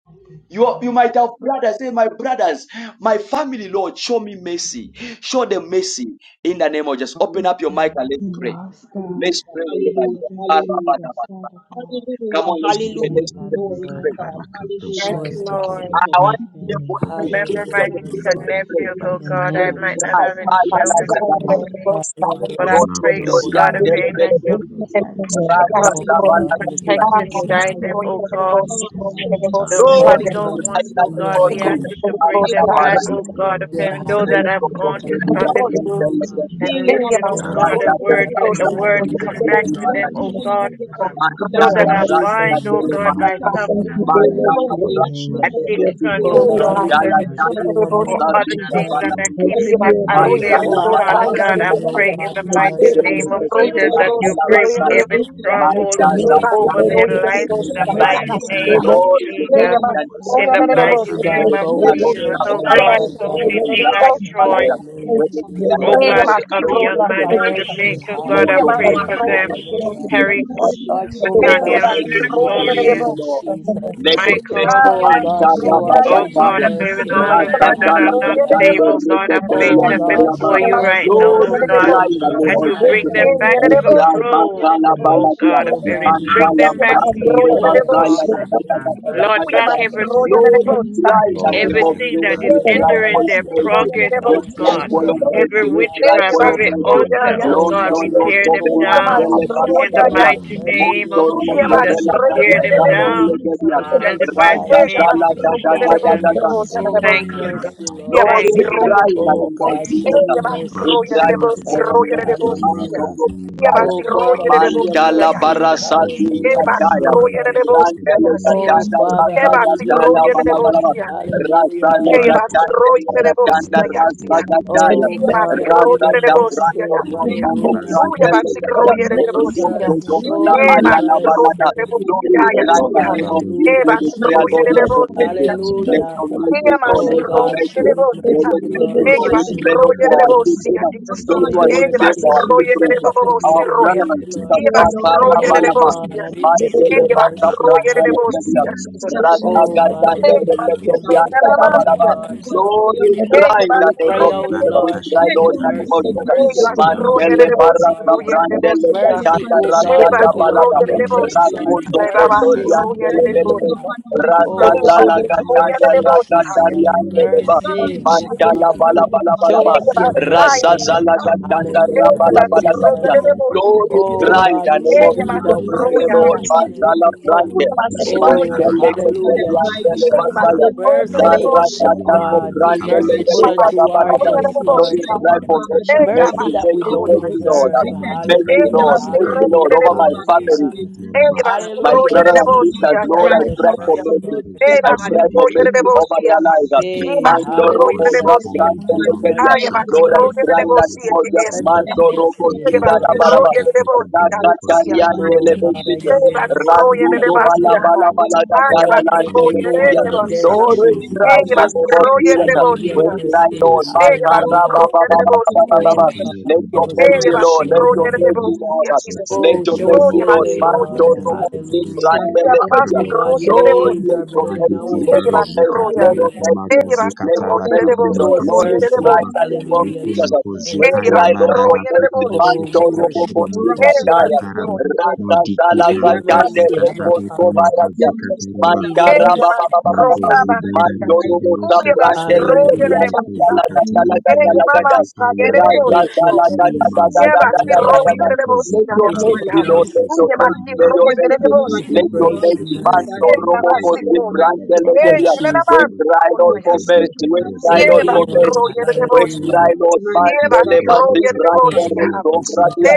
Speaker 1: You, are- you might
Speaker 16: God.
Speaker 1: have brothers, say, My brothers, my family, Lord, show me mercy. Show them mercy in the name of Jesus. Open
Speaker 16: Oh
Speaker 1: up your mic
Speaker 16: God,
Speaker 1: and let's
Speaker 16: I'm
Speaker 1: pray.
Speaker 16: lost, God.
Speaker 19: Hallelujah.
Speaker 1: Let's pray.
Speaker 16: In
Speaker 1: wherever
Speaker 19: Hallelujah.
Speaker 16: the
Speaker 1: you
Speaker 16: name of
Speaker 1: are.
Speaker 19: Hallelujah.
Speaker 16: Jesus, Father God.
Speaker 1: Come
Speaker 19: Hallelujah.
Speaker 1: on, let's pray.
Speaker 16: I
Speaker 20: Heavenly
Speaker 19: Hallelujah!
Speaker 1: Let's pray.
Speaker 20: Father,
Speaker 16: praise,
Speaker 19: Glory to
Speaker 20: Lord,
Speaker 1: Pray.
Speaker 16: Lord
Speaker 19: God.
Speaker 16: God, my
Speaker 21: Yes,
Speaker 20: show
Speaker 19: Hallelujah.
Speaker 20: us
Speaker 16: God,
Speaker 7: Hallelujah.
Speaker 21: Lord.
Speaker 16: before
Speaker 20: mercy
Speaker 16: you,
Speaker 20: for
Speaker 1: I want
Speaker 20: my
Speaker 1: to
Speaker 16: God.
Speaker 1: hear
Speaker 16: I
Speaker 20: family,
Speaker 1: what
Speaker 20: Lord.
Speaker 1: you
Speaker 16: praise,
Speaker 1: think
Speaker 16: God,
Speaker 20: Show
Speaker 21: Remember
Speaker 16: my
Speaker 6: Musheketeke
Speaker 20: us
Speaker 7: Hallelujah,
Speaker 21: my
Speaker 1: that you
Speaker 21: niece
Speaker 1: think
Speaker 16: glory,
Speaker 1: of
Speaker 6: brono
Speaker 20: mercy
Speaker 7: Jesus.
Speaker 21: and
Speaker 1: the
Speaker 16: just
Speaker 6: reke
Speaker 1: pray.
Speaker 21: nephews,
Speaker 19: Hallelujah.
Speaker 16: before
Speaker 21: oh
Speaker 20: in the
Speaker 16: you,
Speaker 21: God.
Speaker 6: bazika
Speaker 20: name
Speaker 16: God.
Speaker 21: I
Speaker 1: Let's
Speaker 20: of
Speaker 19: Hallelujah.
Speaker 21: might not
Speaker 1: cry.
Speaker 6: yamanda
Speaker 20: Jesus,
Speaker 21: have any
Speaker 16: I
Speaker 20: Lord. Show
Speaker 16: praise,
Speaker 21: children
Speaker 6: rabozika
Speaker 20: us
Speaker 19: Thank
Speaker 21: at
Speaker 16: Lord
Speaker 21: the
Speaker 19: you,
Speaker 16: God,
Speaker 20: mercy
Speaker 16: my
Speaker 21: moment,
Speaker 6: tabakaba
Speaker 19: God,
Speaker 20: for our
Speaker 16: spirit,
Speaker 19: your
Speaker 21: but
Speaker 16: and
Speaker 21: I
Speaker 19: mercy
Speaker 6: dima
Speaker 20: family,
Speaker 21: pray,
Speaker 16: everything
Speaker 20: Lord.
Speaker 21: oh
Speaker 6: kozi
Speaker 20: Show
Speaker 21: God, of
Speaker 16: before
Speaker 20: us
Speaker 16: you,
Speaker 21: him
Speaker 6: yamanda
Speaker 16: God.
Speaker 21: that you
Speaker 20: mercy, Lord.
Speaker 6: rakaboze
Speaker 16: I pray for
Speaker 6: keteke
Speaker 16: the
Speaker 20: Show
Speaker 6: bro
Speaker 20: us
Speaker 21: co-
Speaker 16: soul
Speaker 7: Oh,
Speaker 20: mercy, Lord.
Speaker 6: deke
Speaker 16: even
Speaker 1: Ra-ta-ta-ba-la-ta-ta.
Speaker 19: is
Speaker 21: protect
Speaker 20: Show us
Speaker 6: deke
Speaker 16: now. I
Speaker 21: and
Speaker 19: yours
Speaker 16: pray
Speaker 20: mercy
Speaker 6: soka
Speaker 21: guide
Speaker 16: for
Speaker 20: in
Speaker 21: them,
Speaker 19: forever.
Speaker 6: pele
Speaker 20: the
Speaker 21: oh
Speaker 20: name
Speaker 6: kaba
Speaker 20: of
Speaker 21: God.
Speaker 16: mercy, oh
Speaker 19: God,
Speaker 20: Jesus, Lord.
Speaker 16: God.
Speaker 19: show
Speaker 6: makazika
Speaker 19: us
Speaker 20: Show us
Speaker 21: The
Speaker 6: taka
Speaker 16: In
Speaker 19: mercy,
Speaker 1: Lord,
Speaker 16: the
Speaker 7: Lord,
Speaker 6: bara
Speaker 20: mercy
Speaker 7: God
Speaker 19: show
Speaker 21: prodigal
Speaker 19: us
Speaker 7: Almighty,
Speaker 1: I
Speaker 21: ones,
Speaker 6: makozi
Speaker 16: name
Speaker 7: for
Speaker 21: oh
Speaker 1: thank
Speaker 20: for
Speaker 19: mercy,
Speaker 16: of
Speaker 1: you
Speaker 7: you
Speaker 20: our
Speaker 7: are
Speaker 21: God,
Speaker 1: for
Speaker 21: we
Speaker 19: God.
Speaker 7: worthy,
Speaker 6: yamanda
Speaker 21: ask
Speaker 1: this.
Speaker 20: family.
Speaker 21: you
Speaker 16: Jesus,
Speaker 21: to
Speaker 20: Show
Speaker 16: I
Speaker 19: God,
Speaker 20: us
Speaker 16: pray,
Speaker 21: bring
Speaker 19: may you
Speaker 1: Mangata
Speaker 6: Viki
Speaker 21: them
Speaker 20: mercy,
Speaker 19: have
Speaker 21: back,
Speaker 1: paranda,
Speaker 21: oh
Speaker 6: brazika
Speaker 19: mercy on
Speaker 6: na
Speaker 21: God, of
Speaker 20: Lord.
Speaker 7: you are high
Speaker 6: viki
Speaker 21: him. Those
Speaker 19: us.
Speaker 16: Father.
Speaker 6: bara
Speaker 21: that have
Speaker 1: resto
Speaker 20: So
Speaker 1: do
Speaker 20: my
Speaker 16: Oh,
Speaker 21: gone
Speaker 6: fokete
Speaker 7: and
Speaker 21: to
Speaker 20: family
Speaker 6: reke
Speaker 1: credita
Speaker 20: members
Speaker 21: Sunday
Speaker 20: that
Speaker 6: brono
Speaker 20: don't
Speaker 21: school
Speaker 1: prende
Speaker 7: exalted.
Speaker 20: know
Speaker 6: kozi
Speaker 20: God,
Speaker 16: hallelujah,
Speaker 21: and
Speaker 1: legacia,
Speaker 6: kuta
Speaker 19: May you have
Speaker 21: listen, oh
Speaker 19: mercy on your family. May you have mercy
Speaker 20: and
Speaker 19: on
Speaker 7: Oh,
Speaker 6: mara
Speaker 7: mighty
Speaker 21: God,
Speaker 20: Lord.
Speaker 16: hallelujah,
Speaker 21: a
Speaker 19: your
Speaker 1: rata
Speaker 6: kaba
Speaker 7: God,
Speaker 21: word, let
Speaker 7: in the
Speaker 21: the
Speaker 6: makozi
Speaker 7: light
Speaker 16: hallelujah.
Speaker 20: I
Speaker 21: word
Speaker 19: children,
Speaker 7: of
Speaker 20: just
Speaker 19: God.
Speaker 6: yamanda
Speaker 7: the
Speaker 21: come
Speaker 20: pray
Speaker 21: back
Speaker 7: Son
Speaker 20: that
Speaker 21: to
Speaker 20: Lord,
Speaker 21: them,
Speaker 19: God,
Speaker 20: may
Speaker 1: tanta
Speaker 20: you
Speaker 21: oh
Speaker 6: rakaboze
Speaker 19: may
Speaker 7: of
Speaker 20: show
Speaker 19: you,
Speaker 7: God.
Speaker 20: them
Speaker 21: God.
Speaker 16: Amen.
Speaker 6: keteke
Speaker 19: Lord
Speaker 20: mercy,
Speaker 6: brono
Speaker 1: Lord,
Speaker 20: Lord.
Speaker 1: we
Speaker 19: Jesus,
Speaker 1: declare
Speaker 21: Those
Speaker 6: kozi
Speaker 21: that
Speaker 19: have
Speaker 21: are
Speaker 6: kata.
Speaker 19: mercy
Speaker 20: Show them that
Speaker 21: bind,
Speaker 7: Jesus,
Speaker 20: you
Speaker 21: oh
Speaker 7: the
Speaker 19: on
Speaker 20: are
Speaker 7: name
Speaker 21: God,
Speaker 19: our
Speaker 20: God,
Speaker 21: by
Speaker 6: Dimoko
Speaker 19: lives.
Speaker 20: Heavenly
Speaker 21: some
Speaker 6: zia
Speaker 20: Father.
Speaker 6: nanda
Speaker 19: Your
Speaker 16: Father,
Speaker 20: In the
Speaker 19: mercy
Speaker 6: rekabara
Speaker 16: this
Speaker 19: and
Speaker 20: name
Speaker 19: new
Speaker 16: was
Speaker 20: of
Speaker 6: sheketeke
Speaker 20: Jesus,
Speaker 19: every
Speaker 20: Father,
Speaker 21: addiction,
Speaker 19: day,
Speaker 7: Oh
Speaker 6: bromoko
Speaker 20: we
Speaker 21: oh
Speaker 19: God
Speaker 16: spiritually
Speaker 20: ask
Speaker 7: God,
Speaker 21: God,
Speaker 7: we
Speaker 20: for
Speaker 7: come
Speaker 20: your
Speaker 19: Almighty
Speaker 6: dikabara
Speaker 16: blind.
Speaker 7: before
Speaker 20: mercy,
Speaker 19: Jesus.
Speaker 7: you
Speaker 20: ask you
Speaker 7: one more
Speaker 20: for
Speaker 21: or
Speaker 16: Oh,
Speaker 6: zeketerekeba.
Speaker 21: other
Speaker 19: Mighty
Speaker 7: time,
Speaker 16: Father,
Speaker 21: things
Speaker 20: forgiveness,
Speaker 19: God,
Speaker 7: Lord.
Speaker 21: that
Speaker 19: we
Speaker 20: Lord.
Speaker 21: are
Speaker 6: Dimoko
Speaker 16: open
Speaker 19: pray,
Speaker 21: keeping
Speaker 3: Jesus.
Speaker 16: the
Speaker 21: them
Speaker 19: God,
Speaker 6: zia
Speaker 20: Even
Speaker 19: that
Speaker 21: out
Speaker 20: when
Speaker 6: nanda
Speaker 7: We
Speaker 20: we
Speaker 19: your
Speaker 16: eyes
Speaker 21: there.
Speaker 7: come,
Speaker 20: sin
Speaker 16: of
Speaker 21: Oh,
Speaker 7: Lord,
Speaker 20: against
Speaker 16: my
Speaker 6: rakabara
Speaker 21: Father
Speaker 20: you,
Speaker 19: mercy
Speaker 20: Lord.
Speaker 21: God, I
Speaker 7: asking you, oh
Speaker 6: sheketereke
Speaker 21: pray
Speaker 20: We
Speaker 21: in
Speaker 19: one
Speaker 7: God,
Speaker 21: the
Speaker 7: for
Speaker 6: bromoko
Speaker 19: life.
Speaker 20: just,
Speaker 21: mighty
Speaker 7: mercy.
Speaker 20: we
Speaker 7: We
Speaker 21: name
Speaker 16: Hallelujah.
Speaker 19: We
Speaker 20: just
Speaker 21: of
Speaker 20: ask
Speaker 19: pray,
Speaker 20: for
Speaker 21: Jesus
Speaker 6: zikaterekaba
Speaker 19: God,
Speaker 21: that
Speaker 19: that
Speaker 20: forgiveness.
Speaker 21: you
Speaker 19: your
Speaker 20: We
Speaker 6: dimoko
Speaker 21: break
Speaker 20: just
Speaker 19: mercy
Speaker 20: pray
Speaker 6: zika
Speaker 20: that
Speaker 21: every
Speaker 20: you
Speaker 19: be
Speaker 20: take
Speaker 3: Jesus.
Speaker 16: Oh,
Speaker 6: nanda.
Speaker 20: control
Speaker 21: stronghold
Speaker 20: in
Speaker 19: upon
Speaker 7: Come,
Speaker 3: Hey,
Speaker 16: God,
Speaker 19: our
Speaker 7: Lord,
Speaker 20: Jesus'
Speaker 7: God
Speaker 3: mas!
Speaker 6: Rako
Speaker 16: in the
Speaker 20: name,
Speaker 21: over
Speaker 7: Almighty,
Speaker 3: Oh,
Speaker 20: Lord.
Speaker 21: their
Speaker 19: children.
Speaker 3: yeah,
Speaker 6: domoko
Speaker 3: ne ne ne,
Speaker 16: name
Speaker 19: We
Speaker 21: life
Speaker 7: asking
Speaker 3: bro!
Speaker 21: in
Speaker 7: you
Speaker 16: of
Speaker 6: zia
Speaker 19: pray,
Speaker 7: for
Speaker 21: the
Speaker 16: Jesus,
Speaker 19: God,
Speaker 6: nanda
Speaker 20: And
Speaker 16: that
Speaker 19: that
Speaker 7: mercy,
Speaker 20: we
Speaker 21: mighty
Speaker 16: I have
Speaker 19: your
Speaker 20: root
Speaker 16: an
Speaker 6: rakabara
Speaker 21: name
Speaker 20: and
Speaker 21: of
Speaker 7: Jesus.
Speaker 19: mercy, God,
Speaker 20: victory,
Speaker 16: encounter
Speaker 6: sheketeke
Speaker 3: Hey,
Speaker 19: will
Speaker 16: with
Speaker 21: Jesus.
Speaker 19: be
Speaker 20: Lord.
Speaker 3: mas!
Speaker 20: And
Speaker 16: you,
Speaker 20: we
Speaker 6: bromoko
Speaker 19: upon
Speaker 3: Oh,
Speaker 21: In
Speaker 20: bless
Speaker 3: yeah,
Speaker 21: the
Speaker 3: ne
Speaker 16: God.
Speaker 19: our
Speaker 20: my
Speaker 3: ne ne, bro!
Speaker 21: mighty
Speaker 7: Mercy,
Speaker 20: family,
Speaker 6: zikaterekaba.
Speaker 19: family.
Speaker 21: name
Speaker 3: Hey,
Speaker 16: In
Speaker 7: God,
Speaker 16: the
Speaker 21: of
Speaker 7: for
Speaker 3: mas!
Speaker 7: our
Speaker 19: Mighty
Speaker 20: those
Speaker 6: Nada
Speaker 20: who
Speaker 21: Jesus.
Speaker 19: God,
Speaker 16: name
Speaker 21: Oh,
Speaker 3: Oh,
Speaker 20: chose
Speaker 7: children,
Speaker 16: of
Speaker 3: yeah,
Speaker 20: not
Speaker 6: rakabara
Speaker 21: God,
Speaker 20: to
Speaker 19: extend
Speaker 7: Lord,
Speaker 20: do.
Speaker 6: zika
Speaker 19: your
Speaker 21: Tony,
Speaker 7: God
Speaker 3: ne ne
Speaker 19: mercy,
Speaker 16: Jesus.
Speaker 3: ne,
Speaker 6: nebidi
Speaker 21: Levi,
Speaker 3: bro!
Speaker 7: Almighty.
Speaker 19: Lord
Speaker 20: Accept
Speaker 6: kebra
Speaker 20: them
Speaker 21: Troy.
Speaker 20: and
Speaker 19: Jesus,
Speaker 20: invite
Speaker 19: to
Speaker 16: In
Speaker 6: zeketereke
Speaker 19: the
Speaker 7: Hallelujah,
Speaker 20: them
Speaker 16: the
Speaker 20: into
Speaker 6: bromoko
Speaker 20: the
Speaker 19: family.
Speaker 16: name
Speaker 7: Jesus.
Speaker 21: Oh,
Speaker 1: that
Speaker 6: robo
Speaker 3: Hey,
Speaker 1: they
Speaker 20: easy
Speaker 16: of
Speaker 21: God,
Speaker 1: were
Speaker 21: the
Speaker 3: mas!
Speaker 1: the
Speaker 20: name,
Speaker 19: Extend
Speaker 21: other
Speaker 19: your
Speaker 16: Jesus.
Speaker 20: Lord.
Speaker 3: Oh, yeah, ne
Speaker 21: young man
Speaker 3: ne
Speaker 6: zikaterekaba.
Speaker 19: mercy,
Speaker 1: glory
Speaker 3: ne, bro!
Speaker 20: Have
Speaker 21: in
Speaker 19: God, to
Speaker 7: Mercy,
Speaker 21: Jamaica.
Speaker 20: mercy,
Speaker 19: our
Speaker 20: O
Speaker 1: let
Speaker 21: God, I
Speaker 3: Hey,
Speaker 6: Diki
Speaker 1: your
Speaker 20: Lord,
Speaker 3: mas!
Speaker 21: pray
Speaker 6: baro
Speaker 7: hallelujah,
Speaker 20: have
Speaker 1: mercy,
Speaker 21: for
Speaker 19: children.
Speaker 3: Oh,
Speaker 1: let
Speaker 20: her
Speaker 3: yeah,
Speaker 21: them.
Speaker 20: in
Speaker 1: your
Speaker 3: ne ne ne,
Speaker 20: the
Speaker 3: bro!
Speaker 1: mercy,
Speaker 20: name
Speaker 7: hallelujah.
Speaker 20: of
Speaker 19: Extend
Speaker 1: let
Speaker 21: Harry,
Speaker 19: your
Speaker 1: your
Speaker 6: zikaterekaba
Speaker 20: Jesus.
Speaker 1: mercy,
Speaker 19: mercy,
Speaker 6: zia
Speaker 20: Show
Speaker 7: Lord,
Speaker 20: her
Speaker 19: dear
Speaker 7: show
Speaker 16: Hallelujah.
Speaker 6: nanda
Speaker 7: me
Speaker 1: let
Speaker 3: Hey,
Speaker 19: Lord
Speaker 1: your
Speaker 20: mercy.
Speaker 21: Nathaniel,
Speaker 3: mas!
Speaker 21: and
Speaker 19: God,
Speaker 6: rakabara
Speaker 1: mercy,
Speaker 7: mercy,
Speaker 20: Show
Speaker 3: Oh,
Speaker 1: let
Speaker 19: to
Speaker 3: yeah,
Speaker 20: all
Speaker 19: the
Speaker 1: your
Speaker 3: ne ne
Speaker 20: of
Speaker 16: Hallelujah.
Speaker 3: ne,
Speaker 20: her
Speaker 21: Victoria.
Speaker 1: mercy,
Speaker 3: bro!
Speaker 6: sheketereke
Speaker 7: hallelujah,
Speaker 19: children.
Speaker 20: mercy
Speaker 1: Lord.
Speaker 20: and
Speaker 3: Hey, mas! Oh, yeah, ne ne ne, bro! Hey,
Speaker 20: to
Speaker 7: Jesus.
Speaker 20: the
Speaker 1: Let
Speaker 20: direct
Speaker 1: your
Speaker 6: Bozeke
Speaker 20: mercy,
Speaker 21: Michael.
Speaker 6: take
Speaker 1: mercy,
Speaker 20: God,
Speaker 6: the Ozeke
Speaker 20: in
Speaker 6: teke
Speaker 20: the
Speaker 7: Oh
Speaker 3: mas!
Speaker 6: broma
Speaker 20: name
Speaker 1: Panta
Speaker 7: God,
Speaker 20: of
Speaker 7: show our
Speaker 6: koruka
Speaker 21: Oh
Speaker 20: Jesus.
Speaker 16: Hallelujah.
Speaker 6: bene
Speaker 20: Lord,
Speaker 7: children
Speaker 21: God,
Speaker 1: Rabazataya,
Speaker 21: if
Speaker 20: bless
Speaker 21: there is
Speaker 20: them
Speaker 7: mercy,
Speaker 6: kazika
Speaker 21: all
Speaker 6: in
Speaker 21: of
Speaker 7: Lord,
Speaker 20: richly,
Speaker 21: them
Speaker 20: O
Speaker 21: that are
Speaker 20: Lord,
Speaker 1: Rasazala
Speaker 3: Oh,
Speaker 21: not
Speaker 6: my
Speaker 7: hallelujah.
Speaker 20: uplift
Speaker 16: Hallelujah.
Speaker 21: saved,
Speaker 1: Gatanda,
Speaker 20: them
Speaker 21: oh God,
Speaker 6: kazebindere
Speaker 21: I
Speaker 20: in the
Speaker 21: place
Speaker 7: Oh
Speaker 21: them
Speaker 20: mighty
Speaker 1: Rekeserianda
Speaker 7: God,
Speaker 20: name of
Speaker 1: Lava.
Speaker 21: before
Speaker 7: show
Speaker 21: you
Speaker 7: us
Speaker 21: right
Speaker 20: Jesus.
Speaker 16: Hallelujah.
Speaker 21: now,
Speaker 1: Lord,
Speaker 21: oh
Speaker 20: Even
Speaker 7: mercy,
Speaker 1: we
Speaker 21: God,
Speaker 1: cry
Speaker 20: the
Speaker 1: in the
Speaker 20: ones
Speaker 1: name
Speaker 21: that
Speaker 7: Jesus.
Speaker 1: of
Speaker 20: out in
Speaker 21: you
Speaker 20: the
Speaker 21: bring
Speaker 1: Jesus.
Speaker 21: them
Speaker 16: Jesus.
Speaker 20: street who
Speaker 7: Hallelujah.
Speaker 21: back
Speaker 20: don't
Speaker 21: to
Speaker 1: We
Speaker 21: the
Speaker 1: cry,
Speaker 20: know God, Lord,
Speaker 21: flow,
Speaker 1: Basala
Speaker 20: show them
Speaker 21: oh
Speaker 20: mercy,
Speaker 1: Baladia,
Speaker 21: God, if
Speaker 7: Oh
Speaker 20: Lord.
Speaker 21: there is,
Speaker 7: God,
Speaker 6: Dika
Speaker 7: we
Speaker 21: bring
Speaker 20: For
Speaker 7: need
Speaker 6: baro
Speaker 1: Mantala
Speaker 7: your
Speaker 21: them
Speaker 20: Christ,
Speaker 6: zika
Speaker 21: back
Speaker 20: O
Speaker 7: mercy.
Speaker 21: to
Speaker 16: Hallelujah.
Speaker 6: taro
Speaker 20: Lord,
Speaker 7: We
Speaker 21: you,
Speaker 1: Prasele
Speaker 3: yeah,
Speaker 7: need
Speaker 21: oh
Speaker 6: kama
Speaker 7: your
Speaker 20: amen.
Speaker 21: God.
Speaker 1: Basaya,
Speaker 3: ne
Speaker 6: kozia
Speaker 7: mercy,
Speaker 3: ne ne, bro!
Speaker 7: tonight,
Speaker 6: mara
Speaker 7: Lord.
Speaker 21: Lord,
Speaker 7: We
Speaker 3: Uy,
Speaker 6: kabaro
Speaker 7: need
Speaker 21: block
Speaker 3: ama,
Speaker 1: Gadagadagadagada.
Speaker 7: your
Speaker 3: the
Speaker 6: sheke
Speaker 21: every
Speaker 3: glory
Speaker 6: tere
Speaker 3: of the
Speaker 7: mercy.
Speaker 1: Lord,
Speaker 6: kebro
Speaker 3: Lord,
Speaker 1: we cry
Speaker 3: stand in
Speaker 1: in the
Speaker 6: deba
Speaker 7: Oh
Speaker 3: Jesus.
Speaker 1: name of
Speaker 7: God, we
Speaker 6: kazaka
Speaker 21: everything
Speaker 7: don't
Speaker 16: Hallelujah.
Speaker 21: that
Speaker 7: want
Speaker 1: Jesus.
Speaker 7: to
Speaker 21: is
Speaker 6: kara
Speaker 1: We
Speaker 3: Hey,
Speaker 7: live
Speaker 3: yeah,
Speaker 7: your
Speaker 1: cry
Speaker 3: the
Speaker 6: kama
Speaker 1: for
Speaker 21: hindering
Speaker 7: life.
Speaker 3: Lord,
Speaker 1: your
Speaker 21: their
Speaker 7: We don't
Speaker 6: kazika
Speaker 3: the
Speaker 7: want to
Speaker 3: glory
Speaker 1: mercy.
Speaker 7: live
Speaker 6: madi
Speaker 3: of
Speaker 21: progress,
Speaker 3: the
Speaker 1: We
Speaker 7: our
Speaker 1: cry
Speaker 3: Lord,
Speaker 21: oh
Speaker 6: bara
Speaker 7: lives
Speaker 3: stand in
Speaker 21: God.
Speaker 7: without
Speaker 6: kashaka
Speaker 1: for
Speaker 7: your
Speaker 1: your
Speaker 3: Jesus.
Speaker 6: kara
Speaker 1: mercy.
Speaker 21: Every
Speaker 7: mercy.
Speaker 6: kabo
Speaker 1: We
Speaker 16: Hallelujah.
Speaker 3: Hey,
Speaker 1: cry
Speaker 21: witchcraft,
Speaker 1: for
Speaker 3: ama,
Speaker 1: your
Speaker 7: Hallelujah.
Speaker 3: the
Speaker 21: every
Speaker 1: mercy.
Speaker 6: zegembere
Speaker 3: glory,
Speaker 21: altar,
Speaker 6: kebro
Speaker 21: oh
Speaker 3: yes.
Speaker 7: Oh
Speaker 6: mo
Speaker 21: God,
Speaker 1: Londo
Speaker 21: we
Speaker 7: God, we
Speaker 6: kozika
Speaker 7: can't
Speaker 21: tear
Speaker 1: rosso
Speaker 21: them
Speaker 6: taro
Speaker 7: go
Speaker 1: vela
Speaker 7: on
Speaker 3: Come
Speaker 6: kama
Speaker 3: on,
Speaker 21: down.
Speaker 3: the
Speaker 1: delle
Speaker 7: without
Speaker 3: glory,
Speaker 21: In
Speaker 6: kazika
Speaker 1: balada
Speaker 7: mercy,
Speaker 21: the
Speaker 1: dia.
Speaker 3: yes.
Speaker 6: maya
Speaker 7: God.
Speaker 21: mighty
Speaker 7: Mercy
Speaker 6: mada
Speaker 21: name
Speaker 16: hallelujah.
Speaker 1: Monto
Speaker 7: there
Speaker 21: of
Speaker 7: was
Speaker 3: Uy,
Speaker 7: for
Speaker 6: diba
Speaker 3: ama,
Speaker 1: rosso
Speaker 21: Jesus,
Speaker 7: you
Speaker 3: the
Speaker 7: and
Speaker 1: vela
Speaker 21: we
Speaker 6: kashaka
Speaker 3: glory
Speaker 21: tear
Speaker 1: dia.
Speaker 7: pardon
Speaker 3: of
Speaker 21: them
Speaker 6: kara
Speaker 3: the
Speaker 20: Amen.
Speaker 7: there
Speaker 3: Lord,
Speaker 6: kama
Speaker 21: down.
Speaker 1: Dandele
Speaker 3: stand in
Speaker 16: Hallelujah,
Speaker 1: dia.
Speaker 6: kazika
Speaker 7: was
Speaker 3: Jesus.
Speaker 21: In the
Speaker 6: diba
Speaker 21: mighty
Speaker 7: multiplied
Speaker 1: Rasta
Speaker 3: Hey,
Speaker 16: Jesus.
Speaker 7: for
Speaker 21: name
Speaker 6: kashaka
Speaker 3: ama,
Speaker 1: zala
Speaker 21: of
Speaker 3: the
Speaker 1: da
Speaker 6: kara
Speaker 7: me.
Speaker 1: da
Speaker 3: glory of
Speaker 1: da
Speaker 3: the
Speaker 1: da
Speaker 21: Jesus.
Speaker 3: Lord,
Speaker 1: da
Speaker 3: the
Speaker 7: Hallelujah.
Speaker 1: da.
Speaker 3: glory
Speaker 6: Mamakozi
Speaker 3: of
Speaker 7: Show
Speaker 3: the Lord,
Speaker 21: Thank
Speaker 7: me
Speaker 3: stand
Speaker 21: you,
Speaker 3: in.
Speaker 16: Hallelujah,
Speaker 21: God.
Speaker 6: yamambere
Speaker 7: mercy,
Speaker 3: Yeah, ama,
Speaker 6: kabaroshe
Speaker 7: Lord.
Speaker 1: Lord,
Speaker 21: Thank
Speaker 3: the
Speaker 1: we
Speaker 16: Jesus.
Speaker 21: you,
Speaker 6: shekete
Speaker 3: glory
Speaker 1: cry
Speaker 21: Lord.
Speaker 1: in
Speaker 6: kebre
Speaker 1: the
Speaker 7: Oh
Speaker 1: name of
Speaker 7: God,
Speaker 6: makozi
Speaker 7: show
Speaker 3: Hey,
Speaker 1: Jesus.
Speaker 7: me
Speaker 6: kataraka
Speaker 1: We
Speaker 7: mercy,
Speaker 1: cry
Speaker 16: Hallelujah,
Speaker 1: for the
Speaker 6: bimakozi
Speaker 7: Jesus.
Speaker 1: common
Speaker 6: ketere
Speaker 1: mercy. Man,
Speaker 7: Hallelujah.
Speaker 1: Lord,
Speaker 16: Jesus.
Speaker 1: we
Speaker 6: kamakazi
Speaker 3: Yeah,
Speaker 1: cry.
Speaker 6: yamambere
Speaker 7: Oh God, I
Speaker 3: Hey,
Speaker 6: kabaroshe
Speaker 7: need your
Speaker 6: shekete
Speaker 1: Mantala
Speaker 6: kebre
Speaker 7: mercy.
Speaker 1: barasa
Speaker 6: mozi
Speaker 7: Hallelujah,
Speaker 6: ketere
Speaker 16: Hallelujah,
Speaker 1: kaya.
Speaker 6: kabaroshe
Speaker 16: Jesus.
Speaker 7: Jesus.
Speaker 6: kete
Speaker 1: Ran
Speaker 6: kebre
Speaker 1: hele
Speaker 7: Oh
Speaker 6: makozi
Speaker 1: kachanda
Speaker 16: We
Speaker 7: Father,
Speaker 16: are
Speaker 3: Yeah,
Speaker 1: rasa
Speaker 7: I
Speaker 16: your
Speaker 7: need
Speaker 6: ketere
Speaker 7: your
Speaker 16: word,
Speaker 1: kachala
Speaker 6: kemakazi
Speaker 1: bala bala
Speaker 7: mercies.
Speaker 1: bala.
Speaker 16: God,
Speaker 6: yamambere
Speaker 16: Father,
Speaker 1: Rasa
Speaker 7: Hallelujah.
Speaker 16: God,
Speaker 1: ni
Speaker 3: Ella
Speaker 6: bari
Speaker 3: va
Speaker 16: and
Speaker 3: a ser
Speaker 6: kasha
Speaker 1: kachanda
Speaker 3: rollo
Speaker 16: Jesus,
Speaker 3: de
Speaker 6: ketere
Speaker 16: and I
Speaker 3: negocio,
Speaker 1: kachanda
Speaker 3: ya,
Speaker 16: see
Speaker 6: kemakazi
Speaker 16: you.
Speaker 1: rasa
Speaker 3: ya.
Speaker 6: yamambere
Speaker 1: kachaya.
Speaker 7: Oh
Speaker 3: Ella
Speaker 16: Lord,
Speaker 3: va a
Speaker 7: God,
Speaker 6: kabaroshe
Speaker 16: God,
Speaker 3: ser
Speaker 16: I
Speaker 7: I
Speaker 6: kete
Speaker 7: need
Speaker 1: Rasa
Speaker 3: rollo
Speaker 7: your
Speaker 3: de
Speaker 16: come
Speaker 6: kebre
Speaker 1: chapra
Speaker 16: before
Speaker 3: negocio, ya,
Speaker 16: you
Speaker 7: mercy.
Speaker 1: torno
Speaker 16: right
Speaker 19: Let
Speaker 3: ya.
Speaker 6: muriki
Speaker 16: now.
Speaker 19: your
Speaker 1: kobo
Speaker 7: Hallelujah.
Speaker 6: bazi
Speaker 3: Uy,
Speaker 19: mercy
Speaker 16: I
Speaker 3: va a
Speaker 1: prachele
Speaker 3: ser
Speaker 16: put
Speaker 19: chase
Speaker 6: katere
Speaker 19: us
Speaker 1: kacha.
Speaker 3: rollo de
Speaker 16: yielding
Speaker 19: down, the
Speaker 6: kamakazi
Speaker 16: myself
Speaker 3: negocio.
Speaker 19: God.
Speaker 7: Jesus,
Speaker 1: Ruto
Speaker 6: ketere
Speaker 16: before you
Speaker 19: Let
Speaker 7: show
Speaker 1: dohona
Speaker 16: right
Speaker 19: your
Speaker 3: Ella
Speaker 16: now,
Speaker 3: va
Speaker 7: me
Speaker 3: a
Speaker 1: ayala
Speaker 19: mercy
Speaker 6: kamakazi
Speaker 3: ser
Speaker 1: bala
Speaker 16: God.
Speaker 19: pick
Speaker 3: rollo
Speaker 1: da.
Speaker 19: us
Speaker 3: de
Speaker 7: mercy.
Speaker 6: ketere
Speaker 16: I
Speaker 1: Lord,
Speaker 3: negocio,
Speaker 19: in
Speaker 3: ya,
Speaker 1: we
Speaker 19: the
Speaker 16: pray
Speaker 3: ya,
Speaker 1: cry
Speaker 19: name
Speaker 1: in
Speaker 19: of
Speaker 1: the
Speaker 6: Diki
Speaker 3: ya.
Speaker 16: healing
Speaker 1: name
Speaker 16: you
Speaker 1: of
Speaker 6: baros
Speaker 19: Jesus.
Speaker 1: Jesus.
Speaker 16: never
Speaker 3: Ella
Speaker 6: boko
Speaker 3: va
Speaker 1: We
Speaker 7: Hallelujah,
Speaker 3: a ser
Speaker 6: boko
Speaker 1: declare,
Speaker 16: forget
Speaker 6: bro
Speaker 3: rollo
Speaker 19: Mighty
Speaker 1: Lord,
Speaker 3: de
Speaker 1: your
Speaker 16: about
Speaker 19: God,
Speaker 6: boko
Speaker 7: Jesus.
Speaker 3: negocio,
Speaker 6: biya
Speaker 16: every
Speaker 19: cover
Speaker 1: protection.
Speaker 3: ya,
Speaker 19: us
Speaker 16: hope
Speaker 19: with
Speaker 6: mando
Speaker 3: Jesus.
Speaker 19: your
Speaker 1: Let
Speaker 16: that
Speaker 7: Hallelujah.
Speaker 16: you
Speaker 1: your
Speaker 16: have
Speaker 19: mercy.
Speaker 6: ibadi
Speaker 3: Ella
Speaker 16: with
Speaker 1: mercy,
Speaker 3: va a
Speaker 1: Lord,
Speaker 3: ser
Speaker 16: you,
Speaker 7: Oh
Speaker 1: let
Speaker 6: abanda
Speaker 1: your
Speaker 19: Lord,
Speaker 3: rollo
Speaker 7: God,
Speaker 19: have
Speaker 16: God.
Speaker 6: kashta
Speaker 3: de
Speaker 7: show
Speaker 1: mercy.
Speaker 7: me
Speaker 19: mercy
Speaker 3: negocio,
Speaker 16: I
Speaker 7: mercy,
Speaker 1: Lord,
Speaker 6: kataraba
Speaker 3: ya.
Speaker 19: upon
Speaker 1: we
Speaker 16: pray,
Speaker 19: us,
Speaker 1: thank you,
Speaker 19: O
Speaker 16: Lord,
Speaker 7: Lord.
Speaker 3: Ella
Speaker 16: that
Speaker 1: Lord.
Speaker 6: mako
Speaker 19: God
Speaker 3: va
Speaker 7: Show
Speaker 1: We
Speaker 16: you
Speaker 3: a ser
Speaker 7: me
Speaker 1: pray,
Speaker 19: Almighty
Speaker 3: rollo
Speaker 1: Lord,
Speaker 6: ziganda
Speaker 1: for
Speaker 16: continue
Speaker 3: de
Speaker 16: to
Speaker 1: our
Speaker 19: Jesus.
Speaker 6: rato
Speaker 7: mercy.
Speaker 16: stand
Speaker 3: negocio,
Speaker 6: bari
Speaker 3: ya,
Speaker 1: children.
Speaker 16: upon
Speaker 6: mako
Speaker 16: the
Speaker 3: Jesus.
Speaker 7: Show
Speaker 1: Those who
Speaker 16: word
Speaker 7: me
Speaker 19: According
Speaker 1: are
Speaker 6: zikata
Speaker 16: of
Speaker 1: not
Speaker 19: to
Speaker 3: Ella va
Speaker 1: there
Speaker 3: a
Speaker 19: your
Speaker 6: rato
Speaker 7: mercy,
Speaker 1: for
Speaker 3: ser
Speaker 1: our
Speaker 16: Almighty
Speaker 6: mako
Speaker 19: tender
Speaker 3: rollo
Speaker 7: Jesus.
Speaker 3: de
Speaker 1: children,
Speaker 6: zikata
Speaker 16: God.
Speaker 19: mercy,
Speaker 7: I
Speaker 6: rato
Speaker 7: need
Speaker 3: negocio,
Speaker 1: our
Speaker 7: your
Speaker 16: In
Speaker 3: roya.
Speaker 7: mercy,
Speaker 1: brothers
Speaker 16: the
Speaker 1: and
Speaker 19: according
Speaker 6: deke
Speaker 19: to
Speaker 7: Lord.
Speaker 16: name
Speaker 1: sisters.
Speaker 6: bro
Speaker 3: Ella
Speaker 16: of
Speaker 19: your
Speaker 3: va a
Speaker 1: Ma-
Speaker 3: ser
Speaker 1: ba-
Speaker 6: zipaba
Speaker 19: loving
Speaker 3: rollo
Speaker 1: ra-
Speaker 3: de
Speaker 1: ba-
Speaker 6: dika
Speaker 7: Oh
Speaker 1: la- ba.
Speaker 19: kindness,
Speaker 7: God,
Speaker 3: negocio,
Speaker 6: baro
Speaker 19: O
Speaker 3: ya.
Speaker 7: I
Speaker 16: Jesus,
Speaker 19: God
Speaker 7: need
Speaker 6: kashta
Speaker 1: Ma-
Speaker 16: thank
Speaker 7: to
Speaker 16: you,
Speaker 7: see your
Speaker 3: Ella
Speaker 19: Almighty
Speaker 6: katara
Speaker 16: Lord
Speaker 3: va a ser
Speaker 6: kaba
Speaker 7: mercy.
Speaker 16: God.
Speaker 19: Jesus.
Speaker 3: rollo de
Speaker 6: dika
Speaker 19: Your
Speaker 3: negocio,
Speaker 7: Hallelujah.
Speaker 3: ya,
Speaker 6: baro
Speaker 19: mercy
Speaker 3: Jesus.
Speaker 6: mako
Speaker 19: that
Speaker 1: Lord,
Speaker 16: Yes,
Speaker 19: renews
Speaker 6: ziya
Speaker 7: Oh
Speaker 16: thank
Speaker 19: us,
Speaker 16: you,
Speaker 7: God
Speaker 6: mando
Speaker 16: Lord.
Speaker 3: Ella
Speaker 6: rato
Speaker 7: Almighty,
Speaker 3: va a
Speaker 7: we
Speaker 19: mighty
Speaker 6: baro
Speaker 3: ser
Speaker 7: come
Speaker 3: rollo
Speaker 7: one
Speaker 19: God.
Speaker 6: shete
Speaker 3: de
Speaker 19: And
Speaker 6: teke
Speaker 7: more
Speaker 19: we
Speaker 16: In
Speaker 6: bro
Speaker 3: negocio,
Speaker 7: time,
Speaker 19: ask
Speaker 6: mako
Speaker 7: Lord
Speaker 16: the
Speaker 3: ya.
Speaker 7: God
Speaker 19: God
Speaker 16: name of
Speaker 19: for
Speaker 6: zikata
Speaker 19: your
Speaker 1: we
Speaker 6: rato
Speaker 7: Almighty.
Speaker 3: Hey,
Speaker 6: kaba
Speaker 1: cry
Speaker 19: mercy
Speaker 3: you
Speaker 16: Jesus.
Speaker 1: in
Speaker 7: So
Speaker 19: to
Speaker 3: must
Speaker 1: the
Speaker 7: we
Speaker 19: be
Speaker 1: name
Speaker 7: cry
Speaker 3: roll
Speaker 1: of
Speaker 6: adi
Speaker 19: upon
Speaker 7: out,
Speaker 3: your
Speaker 1: Jesus.
Speaker 19: us.
Speaker 6: baro
Speaker 1: We
Speaker 3: boss.
Speaker 7: Lord
Speaker 3: Hey,
Speaker 6: kashta
Speaker 1: cry,
Speaker 7: God,
Speaker 19: Let
Speaker 7: for
Speaker 1: Lord,
Speaker 19: your
Speaker 1: in the
Speaker 3: you
Speaker 6: katara
Speaker 1: name of
Speaker 19: mercy
Speaker 7: mercy.
Speaker 6: kaba
Speaker 1: Jesus.
Speaker 6: mako
Speaker 19: be
Speaker 7: Mercy
Speaker 3: must
Speaker 6: ziya
Speaker 19: upon
Speaker 7: for our
Speaker 19: us,
Speaker 3: roll
Speaker 6: mando
Speaker 3: your
Speaker 1: Mantele
Speaker 7: children,
Speaker 6: rato
Speaker 19: Lord.
Speaker 3: boss.
Speaker 1: barra
Speaker 7: Lord.
Speaker 3: Roll
Speaker 6: zikata
Speaker 19: Let
Speaker 3: your
Speaker 16: Hallelujah.
Speaker 19: your
Speaker 6: rato
Speaker 3: boss.
Speaker 1: sabrandele
Speaker 3: Hey,
Speaker 19: mercy be
Speaker 7: Mercy,
Speaker 19: upon
Speaker 1: gatanda
Speaker 7: oh
Speaker 19: us,
Speaker 6: Ribokoze
Speaker 1: rasa
Speaker 3: you
Speaker 7: God, for
Speaker 3: must
Speaker 6: gendere
Speaker 7: our
Speaker 3: roll
Speaker 1: gabalada.
Speaker 19: children.
Speaker 3: your
Speaker 6: kibromo
Speaker 16: Hallelujah.
Speaker 3: boss.
Speaker 19: Let
Speaker 7: marriages,
Speaker 19: your
Speaker 6: zite
Speaker 7: Lord.
Speaker 1: Rakozo
Speaker 3: Hey,
Speaker 19: mercy
Speaker 6: tarotume
Speaker 3: Baba,
Speaker 19: be
Speaker 6: kazi
Speaker 7: Mercy.
Speaker 3: roll your
Speaker 19: upon
Speaker 1: kotoriandele
Speaker 19: us,
Speaker 6: katarare.
Speaker 3: boss.
Speaker 1: belebe.
Speaker 7: Hallelujah.
Speaker 19: upon
Speaker 3: Hey,
Speaker 19: our
Speaker 6: Dikibaro
Speaker 3: you
Speaker 7: Oh
Speaker 19: family,
Speaker 3: must
Speaker 1: Razazala
Speaker 6: zite
Speaker 19: Lord
Speaker 7: God,
Speaker 19: God
Speaker 3: roll
Speaker 1: gatanda
Speaker 3: your
Speaker 6: taratune
Speaker 7: mercy,
Speaker 19: Almighty.
Speaker 3: boss.
Speaker 1: rasa
Speaker 6: kazi
Speaker 3: Hey,
Speaker 7: Jesus.
Speaker 3: you
Speaker 1: tariandele
Speaker 6: yomondora
Speaker 1: ba.
Speaker 19: God,
Speaker 6: kubaro
Speaker 7: Mercy,
Speaker 19: we
Speaker 7: oh
Speaker 6: zite
Speaker 19: want
Speaker 1: Mantala
Speaker 19: to
Speaker 7: God.
Speaker 19: know
Speaker 6: tekebro.
Speaker 1: bala bala
Speaker 19: God,
Speaker 1: bala
Speaker 19: we
Speaker 7: Show
Speaker 1: ba.
Speaker 19: want
Speaker 7: us your
Speaker 3: must
Speaker 19: to
Speaker 6: Moko
Speaker 3: die.
Speaker 1: Rasa
Speaker 7: mercy, Lord.
Speaker 6: shekatara
Speaker 1: zala
Speaker 6: kamaka
Speaker 19: know
Speaker 1: gatanda
Speaker 3: Hey,
Speaker 7: Hallelujah,
Speaker 3: you
Speaker 6: zekatara
Speaker 1: rabala
Speaker 3: must
Speaker 1: bala
Speaker 6: radika
Speaker 3: roll
Speaker 7: Jesus.
Speaker 1: gatanda.
Speaker 3: your
Speaker 19: Lord
Speaker 6: baraka
Speaker 3: boss.
Speaker 1: Lord,
Speaker 19: Jesus,
Speaker 1: we
Speaker 19: we
Speaker 6: shekatara
Speaker 7: Oh
Speaker 19: ask
Speaker 6: ba
Speaker 1: cry in
Speaker 19: you
Speaker 7: God,
Speaker 1: the
Speaker 7: we
Speaker 19: to
Speaker 1: name
Speaker 3: Hey,
Speaker 7: can't
Speaker 1: of
Speaker 3: you
Speaker 19: bring
Speaker 7: do
Speaker 3: must
Speaker 19: God.
Speaker 1: Jesus.
Speaker 6: zibemando
Speaker 7: without
Speaker 1: We
Speaker 19: Let
Speaker 3: roll
Speaker 1: pray,
Speaker 19: your
Speaker 3: your
Speaker 1: Lord,
Speaker 6: rakabando
Speaker 7: mercy.
Speaker 3: boss.
Speaker 19: mercy
Speaker 3: Hey,
Speaker 19: bring
Speaker 1: Mantala
Speaker 19: God.
Speaker 7: Hallelujah.
Speaker 6: shekatara
Speaker 3: you
Speaker 1: brande.
Speaker 6: moko
Speaker 3: must
Speaker 19: Let your
Speaker 3: roll your
Speaker 7: Oh,
Speaker 6: zikatara
Speaker 19: mercy,
Speaker 1: Mantele
Speaker 3: boss.
Speaker 19: O
Speaker 1: que se
Speaker 6: kamadi
Speaker 19: and
Speaker 7: hallelujah,
Speaker 6: baraka
Speaker 1: riante
Speaker 19: Almighty,
Speaker 1: le
Speaker 3: Hey, you
Speaker 7: Jesus.
Speaker 6: shakata
Speaker 3: must
Speaker 1: batalla.
Speaker 19: Jesus,
Speaker 3: roll your
Speaker 1: La
Speaker 19: protect
Speaker 7: Mercy,
Speaker 6: ramoko
Speaker 1: racha
Speaker 19: us, O
Speaker 1: está
Speaker 19: God
Speaker 3: boss.
Speaker 6: mandara
Speaker 7: God. Be
Speaker 1: comprando le
Speaker 6: rakabaro
Speaker 1: que
Speaker 19: Almighty,
Speaker 7: merciful
Speaker 3: Baba,
Speaker 1: tira la
Speaker 7: unto
Speaker 19: Jesus.
Speaker 6: zekatara
Speaker 3: roll
Speaker 1: batalla.
Speaker 7: us,
Speaker 3: your
Speaker 6: bromoko
Speaker 3: boss.
Speaker 1: Lord,
Speaker 7: Lord
Speaker 1: we
Speaker 6: zika
Speaker 19: Mighty
Speaker 1: cry
Speaker 7: God.
Speaker 1: for
Speaker 19: God,
Speaker 6: baraka
Speaker 3: Hey,
Speaker 19: we
Speaker 1: mercy,
Speaker 3: you
Speaker 19: thank
Speaker 6: shakata
Speaker 7: Mercy
Speaker 1: mercy,
Speaker 19: you
Speaker 3: must
Speaker 7: that
Speaker 19: for
Speaker 7: we
Speaker 1: mercy,
Speaker 19: your
Speaker 3: roll
Speaker 7: don't
Speaker 3: your
Speaker 1: mercy,
Speaker 6: ramaka
Speaker 1: Lord.
Speaker 19: mercies.
Speaker 3: boss.
Speaker 7: deserve.
Speaker 19: We thank
Speaker 6: zikamadi
Speaker 19: you for
Speaker 1: Mercy,
Speaker 19: the
Speaker 3: Ella
Speaker 6: kabara
Speaker 3: va
Speaker 7: Hallelujah,
Speaker 1: Lord,
Speaker 3: a
Speaker 19: many
Speaker 3: ser
Speaker 1: mercy,
Speaker 19: mercies
Speaker 1: Lord,
Speaker 6: zekatara
Speaker 7: hallelujah,
Speaker 3: de
Speaker 1: over
Speaker 19: you
Speaker 1: my
Speaker 19: have
Speaker 6: bromoko
Speaker 3: bolsilla.
Speaker 1: family.
Speaker 7: hallelujah.
Speaker 19: given us
Speaker 6: zikatara ba
Speaker 3: Ella va a
Speaker 19: Jesus.
Speaker 3: ser
Speaker 1: My
Speaker 7: Hallelujah,
Speaker 6: diki
Speaker 1: brother
Speaker 3: de
Speaker 19: Thank
Speaker 1: and
Speaker 6: baro
Speaker 19: you, God,
Speaker 1: sisters,
Speaker 7: Jesus.
Speaker 3: bolsilla. Ya,
Speaker 19: for
Speaker 3: ya,
Speaker 1: Lord, I
Speaker 7: Grant
Speaker 6: zikatara
Speaker 7: us
Speaker 19: granting
Speaker 3: ya,
Speaker 1: pray
Speaker 19: us
Speaker 6: kabara
Speaker 1: for
Speaker 3: ya.
Speaker 16: Hallelujah.
Speaker 19: your
Speaker 7: mercy,
Speaker 1: mercy.
Speaker 7: Lord.
Speaker 6: moko
Speaker 19: mercies,
Speaker 3: Ella va
Speaker 1: I
Speaker 3: a
Speaker 19: God
Speaker 3: ser
Speaker 1: pray
Speaker 6: zikamadi
Speaker 1: for
Speaker 19: Almighty
Speaker 3: de
Speaker 1: mercy
Speaker 6: kibaro
Speaker 1: over
Speaker 19: Jesus.
Speaker 3: bolsilla.
Speaker 1: their lives.
Speaker 6: zekatara
Speaker 19: Keep
Speaker 3: Ella
Speaker 7: Hey,
Speaker 3: va
Speaker 16: Jesus.
Speaker 3: a
Speaker 19: us in
Speaker 3: ser
Speaker 19: the
Speaker 1: Mando
Speaker 6: Moko
Speaker 19: open
Speaker 3: roja
Speaker 1: robo
Speaker 3: de
Speaker 7: hallelujah,
Speaker 6: zika
Speaker 19: mighty
Speaker 3: bolsilla.
Speaker 1: sabrante
Speaker 6: medi
Speaker 7: Jesus,
Speaker 19: God. We
Speaker 7: grant
Speaker 6: barata
Speaker 1: legedia.
Speaker 3: Ella
Speaker 19: thank
Speaker 16: Hallelujah,
Speaker 7: us
Speaker 3: va a
Speaker 16: in
Speaker 19: you,
Speaker 6: shaka
Speaker 1: Lord,
Speaker 16: the
Speaker 1: I
Speaker 19: Lord
Speaker 16: name
Speaker 3: roya
Speaker 6: taraka
Speaker 16: of
Speaker 1: pray
Speaker 7: mercy,
Speaker 3: de
Speaker 1: in
Speaker 16: Jesus.
Speaker 1: the
Speaker 6: baka
Speaker 1: name
Speaker 19: Jesus.
Speaker 3: bolsilla.
Speaker 1: of
Speaker 6: zika
Speaker 16: Help
Speaker 1: just
Speaker 19: We
Speaker 7: grant
Speaker 16: us,
Speaker 6: tarada.
Speaker 3: Ella
Speaker 7: us
Speaker 1: Mando
Speaker 19: thank you
Speaker 16: Father.
Speaker 19: for
Speaker 1: robo
Speaker 19: your
Speaker 7: mercy,
Speaker 3: va a
Speaker 19: grace
Speaker 1: sigada
Speaker 6: Kibaro
Speaker 3: roya
Speaker 19: and your
Speaker 16: Help
Speaker 1: balaba.
Speaker 6: sheke
Speaker 16: us
Speaker 7: hallelujah.
Speaker 3: de
Speaker 16: to
Speaker 6: teke
Speaker 19: mercy,
Speaker 3: bolsilla.
Speaker 16: stay
Speaker 6: breme
Speaker 1: Raka
Speaker 19: oh God
Speaker 6: kozi payo
Speaker 1: tariande
Speaker 19: Almighty
Speaker 7: Oh
Speaker 16: for
Speaker 6: mene
Speaker 7: God, I
Speaker 6: ne
Speaker 1: lebesite.
Speaker 16: us.
Speaker 7: need
Speaker 3: Ella
Speaker 7: your
Speaker 3: va
Speaker 6: kabaro
Speaker 3: a
Speaker 19: Jesus.
Speaker 6: zeke
Speaker 7: mercy,
Speaker 1: Razu
Speaker 3: roya roja
Speaker 19: We
Speaker 3: de
Speaker 1: to
Speaker 6: tere
Speaker 19: bless
Speaker 16: Mighty
Speaker 1: bala
Speaker 19: your
Speaker 16: God,
Speaker 6: kibreme
Speaker 7: hallelujah.
Speaker 1: bala
Speaker 19: name,
Speaker 6: kozi
Speaker 1: bala
Speaker 19: Jesus.
Speaker 6: teke
Speaker 7: Oh
Speaker 1: gataya
Speaker 7: God, I
Speaker 1: lande
Speaker 7: can't
Speaker 6: badi
Speaker 19: We
Speaker 7: go
Speaker 1: legedia.
Speaker 7: on
Speaker 19: bless
Speaker 7: like
Speaker 19: your
Speaker 6: kibaro
Speaker 7: this,
Speaker 3: bolsilla.
Speaker 19: name,
Speaker 6: sake
Speaker 1: Lord,
Speaker 19: we
Speaker 1: we
Speaker 6: tore
Speaker 1: pray
Speaker 7: Jesus.
Speaker 1: in
Speaker 3: Ella
Speaker 6: tome
Speaker 1: the
Speaker 3: va
Speaker 16: mighty
Speaker 19: bless your name, we
Speaker 3: a
Speaker 1: name
Speaker 6: kozi
Speaker 1: of
Speaker 19: bless
Speaker 3: roya, roja
Speaker 6: teke
Speaker 19: your
Speaker 7: I
Speaker 3: de
Speaker 16: God,
Speaker 1: Jesus.
Speaker 19: name,
Speaker 7: need
Speaker 6: tebe
Speaker 7: your
Speaker 1: We
Speaker 3: bolsilla.
Speaker 19: Holy
Speaker 16: mighty
Speaker 6: biko
Speaker 1: pray,
Speaker 16: God.
Speaker 7: mercy,
Speaker 6: bero
Speaker 19: Spirit.
Speaker 1: Lord,
Speaker 6: sheke
Speaker 3: Ella va
Speaker 6: tere
Speaker 19: We
Speaker 3: a
Speaker 6: bo
Speaker 3: ser
Speaker 1: Makara
Speaker 7: hallelujah.
Speaker 19: thank
Speaker 16: Let
Speaker 1: baba baba
Speaker 3: de
Speaker 16: my
Speaker 6: rema
Speaker 1: baba
Speaker 3: bolsilla.
Speaker 6: kozi
Speaker 16: family
Speaker 1: baba.
Speaker 7: Oh
Speaker 16: be
Speaker 3: Ella va a ser roja de bolsilla.
Speaker 7: God,
Speaker 6: teke
Speaker 1: Let
Speaker 6: tebe
Speaker 7: give
Speaker 1: your
Speaker 7: us
Speaker 3: Hey,
Speaker 16: Jesus.
Speaker 6: rema
Speaker 3: you
Speaker 1: mercy,
Speaker 3: must
Speaker 6: kozi
Speaker 3: be
Speaker 1: Lord,
Speaker 7: mercy,
Speaker 16: Let
Speaker 1: let
Speaker 6: ya
Speaker 3: rude,
Speaker 1: your
Speaker 3: you
Speaker 16: my
Speaker 3: must
Speaker 7: Lord.
Speaker 3: be
Speaker 6: medereba
Speaker 3: rude,
Speaker 1: mercy, Lord.
Speaker 16: family be
Speaker 6: zeke
Speaker 3: Jesus.
Speaker 1: Let
Speaker 7: Oh,
Speaker 6: teke
Speaker 1: your
Speaker 16: Jesus.
Speaker 7: show us
Speaker 3: Oh,
Speaker 6: breme
Speaker 1: mercy,
Speaker 3: you
Speaker 7: your
Speaker 3: must
Speaker 1: Lord,
Speaker 19: you,
Speaker 3: be
Speaker 6: kozi
Speaker 7: way,
Speaker 1: pass
Speaker 19: Lord.
Speaker 3: rude,
Speaker 19: We
Speaker 16: Oh
Speaker 7: Lord,
Speaker 1: your
Speaker 6: kamendere
Speaker 19: thank
Speaker 1: noble
Speaker 19: you,
Speaker 3: Jesus.
Speaker 16: God,
Speaker 1: feet,
Speaker 16: to
Speaker 6: kibaro
Speaker 7: hallelujah.
Speaker 1: right
Speaker 19: Jesus,
Speaker 3: Oh,
Speaker 6: sheke
Speaker 16: speak
Speaker 1: there,
Speaker 3: you
Speaker 19: for
Speaker 1: let
Speaker 6: teke
Speaker 19: your
Speaker 1: it
Speaker 3: must
Speaker 1: be.
Speaker 16: faith
Speaker 7: Oh
Speaker 3: be
Speaker 19: mercy.
Speaker 6: breme
Speaker 7: God,
Speaker 3: rude, you
Speaker 6: kozi
Speaker 7: your
Speaker 16: and
Speaker 3: must
Speaker 19: Let
Speaker 3: be
Speaker 6: kata
Speaker 1: Lord,
Speaker 19: your
Speaker 3: rude.
Speaker 7: ways
Speaker 1: let
Speaker 16: truth.
Speaker 7: are
Speaker 1: your
Speaker 7: better
Speaker 19: mercy,
Speaker 7: than
Speaker 1: mercy,
Speaker 7: our
Speaker 19: Lord
Speaker 6: Madiki
Speaker 16: Oh
Speaker 3: Hey,
Speaker 1: let
Speaker 3: you
Speaker 6: baro
Speaker 1: your
Speaker 3: must
Speaker 16: God,
Speaker 7: ways,
Speaker 3: be
Speaker 16: to
Speaker 19: Jesus,
Speaker 1: mercy,
Speaker 16: the
Speaker 3: rude,
Speaker 19: be
Speaker 3: yeah.
Speaker 1: let
Speaker 6: jikatara
Speaker 1: your
Speaker 7: hallelujah.
Speaker 19: upon
Speaker 16: living
Speaker 6: kama
Speaker 19: us.
Speaker 1: mercy,
Speaker 3: Hey, you
Speaker 6: kazi
Speaker 3: must be
Speaker 1: let
Speaker 16: God.
Speaker 1: your
Speaker 3: rude,
Speaker 6: katara
Speaker 3: you
Speaker 19: Let your
Speaker 6: kaba
Speaker 1: mercy,
Speaker 16: I call
Speaker 3: must
Speaker 7: Show
Speaker 3: be
Speaker 1: Lord.
Speaker 19: mercy
Speaker 7: us
Speaker 1: Lord,
Speaker 3: rude,
Speaker 6: makazi
Speaker 19: be
Speaker 16: in
Speaker 1: we
Speaker 3: you
Speaker 7: mercy,
Speaker 6: kotere
Speaker 1: cry
Speaker 3: must
Speaker 19: upon
Speaker 1: that
Speaker 3: be
Speaker 1: the
Speaker 16: the
Speaker 1: Lord
Speaker 19: us,
Speaker 7: hallelujah,
Speaker 16: name
Speaker 6: Dikino
Speaker 16: of
Speaker 1: Jesus.
Speaker 19: Jesus,
Speaker 1: We
Speaker 7: Jesus.
Speaker 6: kozika
Speaker 3: rude. Hey, you
Speaker 19: Lord,
Speaker 16: Jesus.
Speaker 1: cry,
Speaker 3: must be
Speaker 1: Lord,
Speaker 6: yamanda
Speaker 19: Father,
Speaker 1: for
Speaker 3: rude, you must
Speaker 1: mercy,
Speaker 19: mighty
Speaker 6: rakivere
Speaker 3: be-
Speaker 1: and
Speaker 7: Oh,
Speaker 16: Let
Speaker 7: we
Speaker 1: your
Speaker 19: Jesus.
Speaker 3: Jesus.
Speaker 16: My
Speaker 6: sheketeke
Speaker 1: noble
Speaker 7: worship
Speaker 6: bromo
Speaker 7: you,
Speaker 1: feet,
Speaker 16: hand,
Speaker 19: Rock
Speaker 3: Hey,
Speaker 1: that
Speaker 19: us
Speaker 3: you
Speaker 6: kozika
Speaker 3: must
Speaker 7: Spirit.
Speaker 1: die.
Speaker 19: with
Speaker 3: be
Speaker 19: your
Speaker 6: taraba.
Speaker 3: rude,
Speaker 16: God,
Speaker 3: Jesus.
Speaker 1: Rata,
Speaker 19: mercy,
Speaker 6: Madiki
Speaker 7: We
Speaker 1: Zala,
Speaker 19: Father,
Speaker 7: need
Speaker 16: if
Speaker 7: your
Speaker 19: that
Speaker 6: varuka
Speaker 16: you
Speaker 3: Hey,
Speaker 1: Gatane,
Speaker 16: have
Speaker 6: shaka
Speaker 7: mercy,
Speaker 19: mercy,
Speaker 7: Abba
Speaker 1: Repos,
Speaker 6: tarika
Speaker 7: Father.
Speaker 19: Father.
Speaker 1: Kobayasya.
Speaker 19: Your
Speaker 6: makazika
Speaker 16: me,
Speaker 19: mercy is
Speaker 6: taraba.
Speaker 7: We
Speaker 19: our
Speaker 7: need your
Speaker 1: Mandara,
Speaker 19: new
Speaker 3: you
Speaker 1: ba,
Speaker 7: mercies.
Speaker 1: ba,
Speaker 3: must
Speaker 1: ba,
Speaker 3: be
Speaker 1: ba,
Speaker 16: I
Speaker 1: ba, ba,
Speaker 3: rude,
Speaker 1: ba.
Speaker 3: you
Speaker 6: Makozi
Speaker 3: must
Speaker 19: Father,
Speaker 6: ganda
Speaker 3: be
Speaker 1: Mando,
Speaker 16: will,
Speaker 1: Robo,
Speaker 19: mighty
Speaker 3: rude. Who
Speaker 6: rakabarushe
Speaker 3: you
Speaker 19: Jesus.
Speaker 3: must be
Speaker 1: Sabrande,
Speaker 6: ketere
Speaker 1: let
Speaker 3: rude,
Speaker 1: it
Speaker 3: you
Speaker 19: Thank
Speaker 1: be.
Speaker 7: Hallelujah,
Speaker 6: kebreme
Speaker 3: must
Speaker 7: Jesus.
Speaker 1: Zala, Zala,
Speaker 6: kozika
Speaker 3: be rude.
Speaker 16: I
Speaker 1: Zala,
Speaker 3: Hey,
Speaker 6: tarakamo
Speaker 3: you
Speaker 1: Zala, Zala.
Speaker 3: must
Speaker 6: kazika
Speaker 3: be
Speaker 16: will.
Speaker 6: yandaraba
Speaker 1: Rata,
Speaker 3: rude, you must be
Speaker 7: Thank you,
Speaker 1: Zala,
Speaker 3: rude.
Speaker 1: Zala,
Speaker 7: Jesus,
Speaker 6: dikema
Speaker 16: Remember
Speaker 1: Zala,
Speaker 3: You
Speaker 6: zika
Speaker 3: must
Speaker 7: the
Speaker 3: be
Speaker 1: Zala,
Speaker 3: rude,
Speaker 7: Lord.
Speaker 1: Zala,
Speaker 6: tarakamo
Speaker 1: Zala.
Speaker 3: you must be
Speaker 1: Let
Speaker 6: kazika
Speaker 1: your
Speaker 7: Thank you
Speaker 19: our
Speaker 7: for
Speaker 1: mercy,
Speaker 3: rude.
Speaker 6: tarakamba
Speaker 1: Lord,
Speaker 19: lives,
Speaker 7: mercy.
Speaker 1: let
Speaker 3: Who
Speaker 1: your
Speaker 3: you
Speaker 6: kazika
Speaker 19: Papa.
Speaker 3: must
Speaker 1: mercy,
Speaker 3: be
Speaker 6: daraba
Speaker 1: let your
Speaker 3: rude, you
Speaker 19: Every
Speaker 1: mercy,
Speaker 7: Thank
Speaker 3: must
Speaker 7: you
Speaker 3: be rude.
Speaker 6: madiki
Speaker 7: for
Speaker 1: let
Speaker 19: morning,
Speaker 1: your
Speaker 7: grace
Speaker 19: Lord
Speaker 6: barushe
Speaker 7: and
Speaker 1: mercy,
Speaker 6: kete
Speaker 1: man,
Speaker 7: mercy,
Speaker 19: Jesus,
Speaker 1: no
Speaker 19: we
Speaker 6: kebremo
Speaker 3: Ella
Speaker 1: robo,
Speaker 16: those
Speaker 19: thank
Speaker 6: kozi
Speaker 16: on
Speaker 19: you,
Speaker 1: gossip,
Speaker 19: mighty
Speaker 1: randel,
Speaker 6: yandaraba
Speaker 7: dear
Speaker 16: foundations.
Speaker 19: God.
Speaker 6: kazika
Speaker 7: Jesus.
Speaker 1: we
Speaker 19: We
Speaker 6: taraba
Speaker 1: cry,
Speaker 19: thank
Speaker 16: I
Speaker 1: Lord,
Speaker 19: you,
Speaker 16: pray
Speaker 6: mako
Speaker 1: for
Speaker 6: diki
Speaker 1: mercy, we
Speaker 16: even
Speaker 19: Jesus, in
Speaker 16: now,
Speaker 1: cry,
Speaker 19: the
Speaker 6: brozika
Speaker 7: Thank
Speaker 1: Lord,
Speaker 7: you,
Speaker 1: for
Speaker 16: I
Speaker 19: name of
Speaker 6: barame
Speaker 7: Lord.
Speaker 1: mercy,
Speaker 16: God,
Speaker 6: kosha
Speaker 16: for
Speaker 19: Jesus.
Speaker 1: we
Speaker 6: katarebe
Speaker 1: cry,
Speaker 7: Hallelujah.
Speaker 1: Lord,
Speaker 16: deliverance
Speaker 1: man,
Speaker 19: Mighty
Speaker 6: dike
Speaker 19: God,
Speaker 16: in
Speaker 6: baroshe
Speaker 1: delebasi,
Speaker 16: the
Speaker 19: mighty
Speaker 6: kete
Speaker 7: Thank
Speaker 19: God,
Speaker 1: randel,
Speaker 16: bones.
Speaker 6: kebremo
Speaker 19: mighty
Speaker 1: rezo,
Speaker 6: kozika
Speaker 19: God.
Speaker 1: gradia,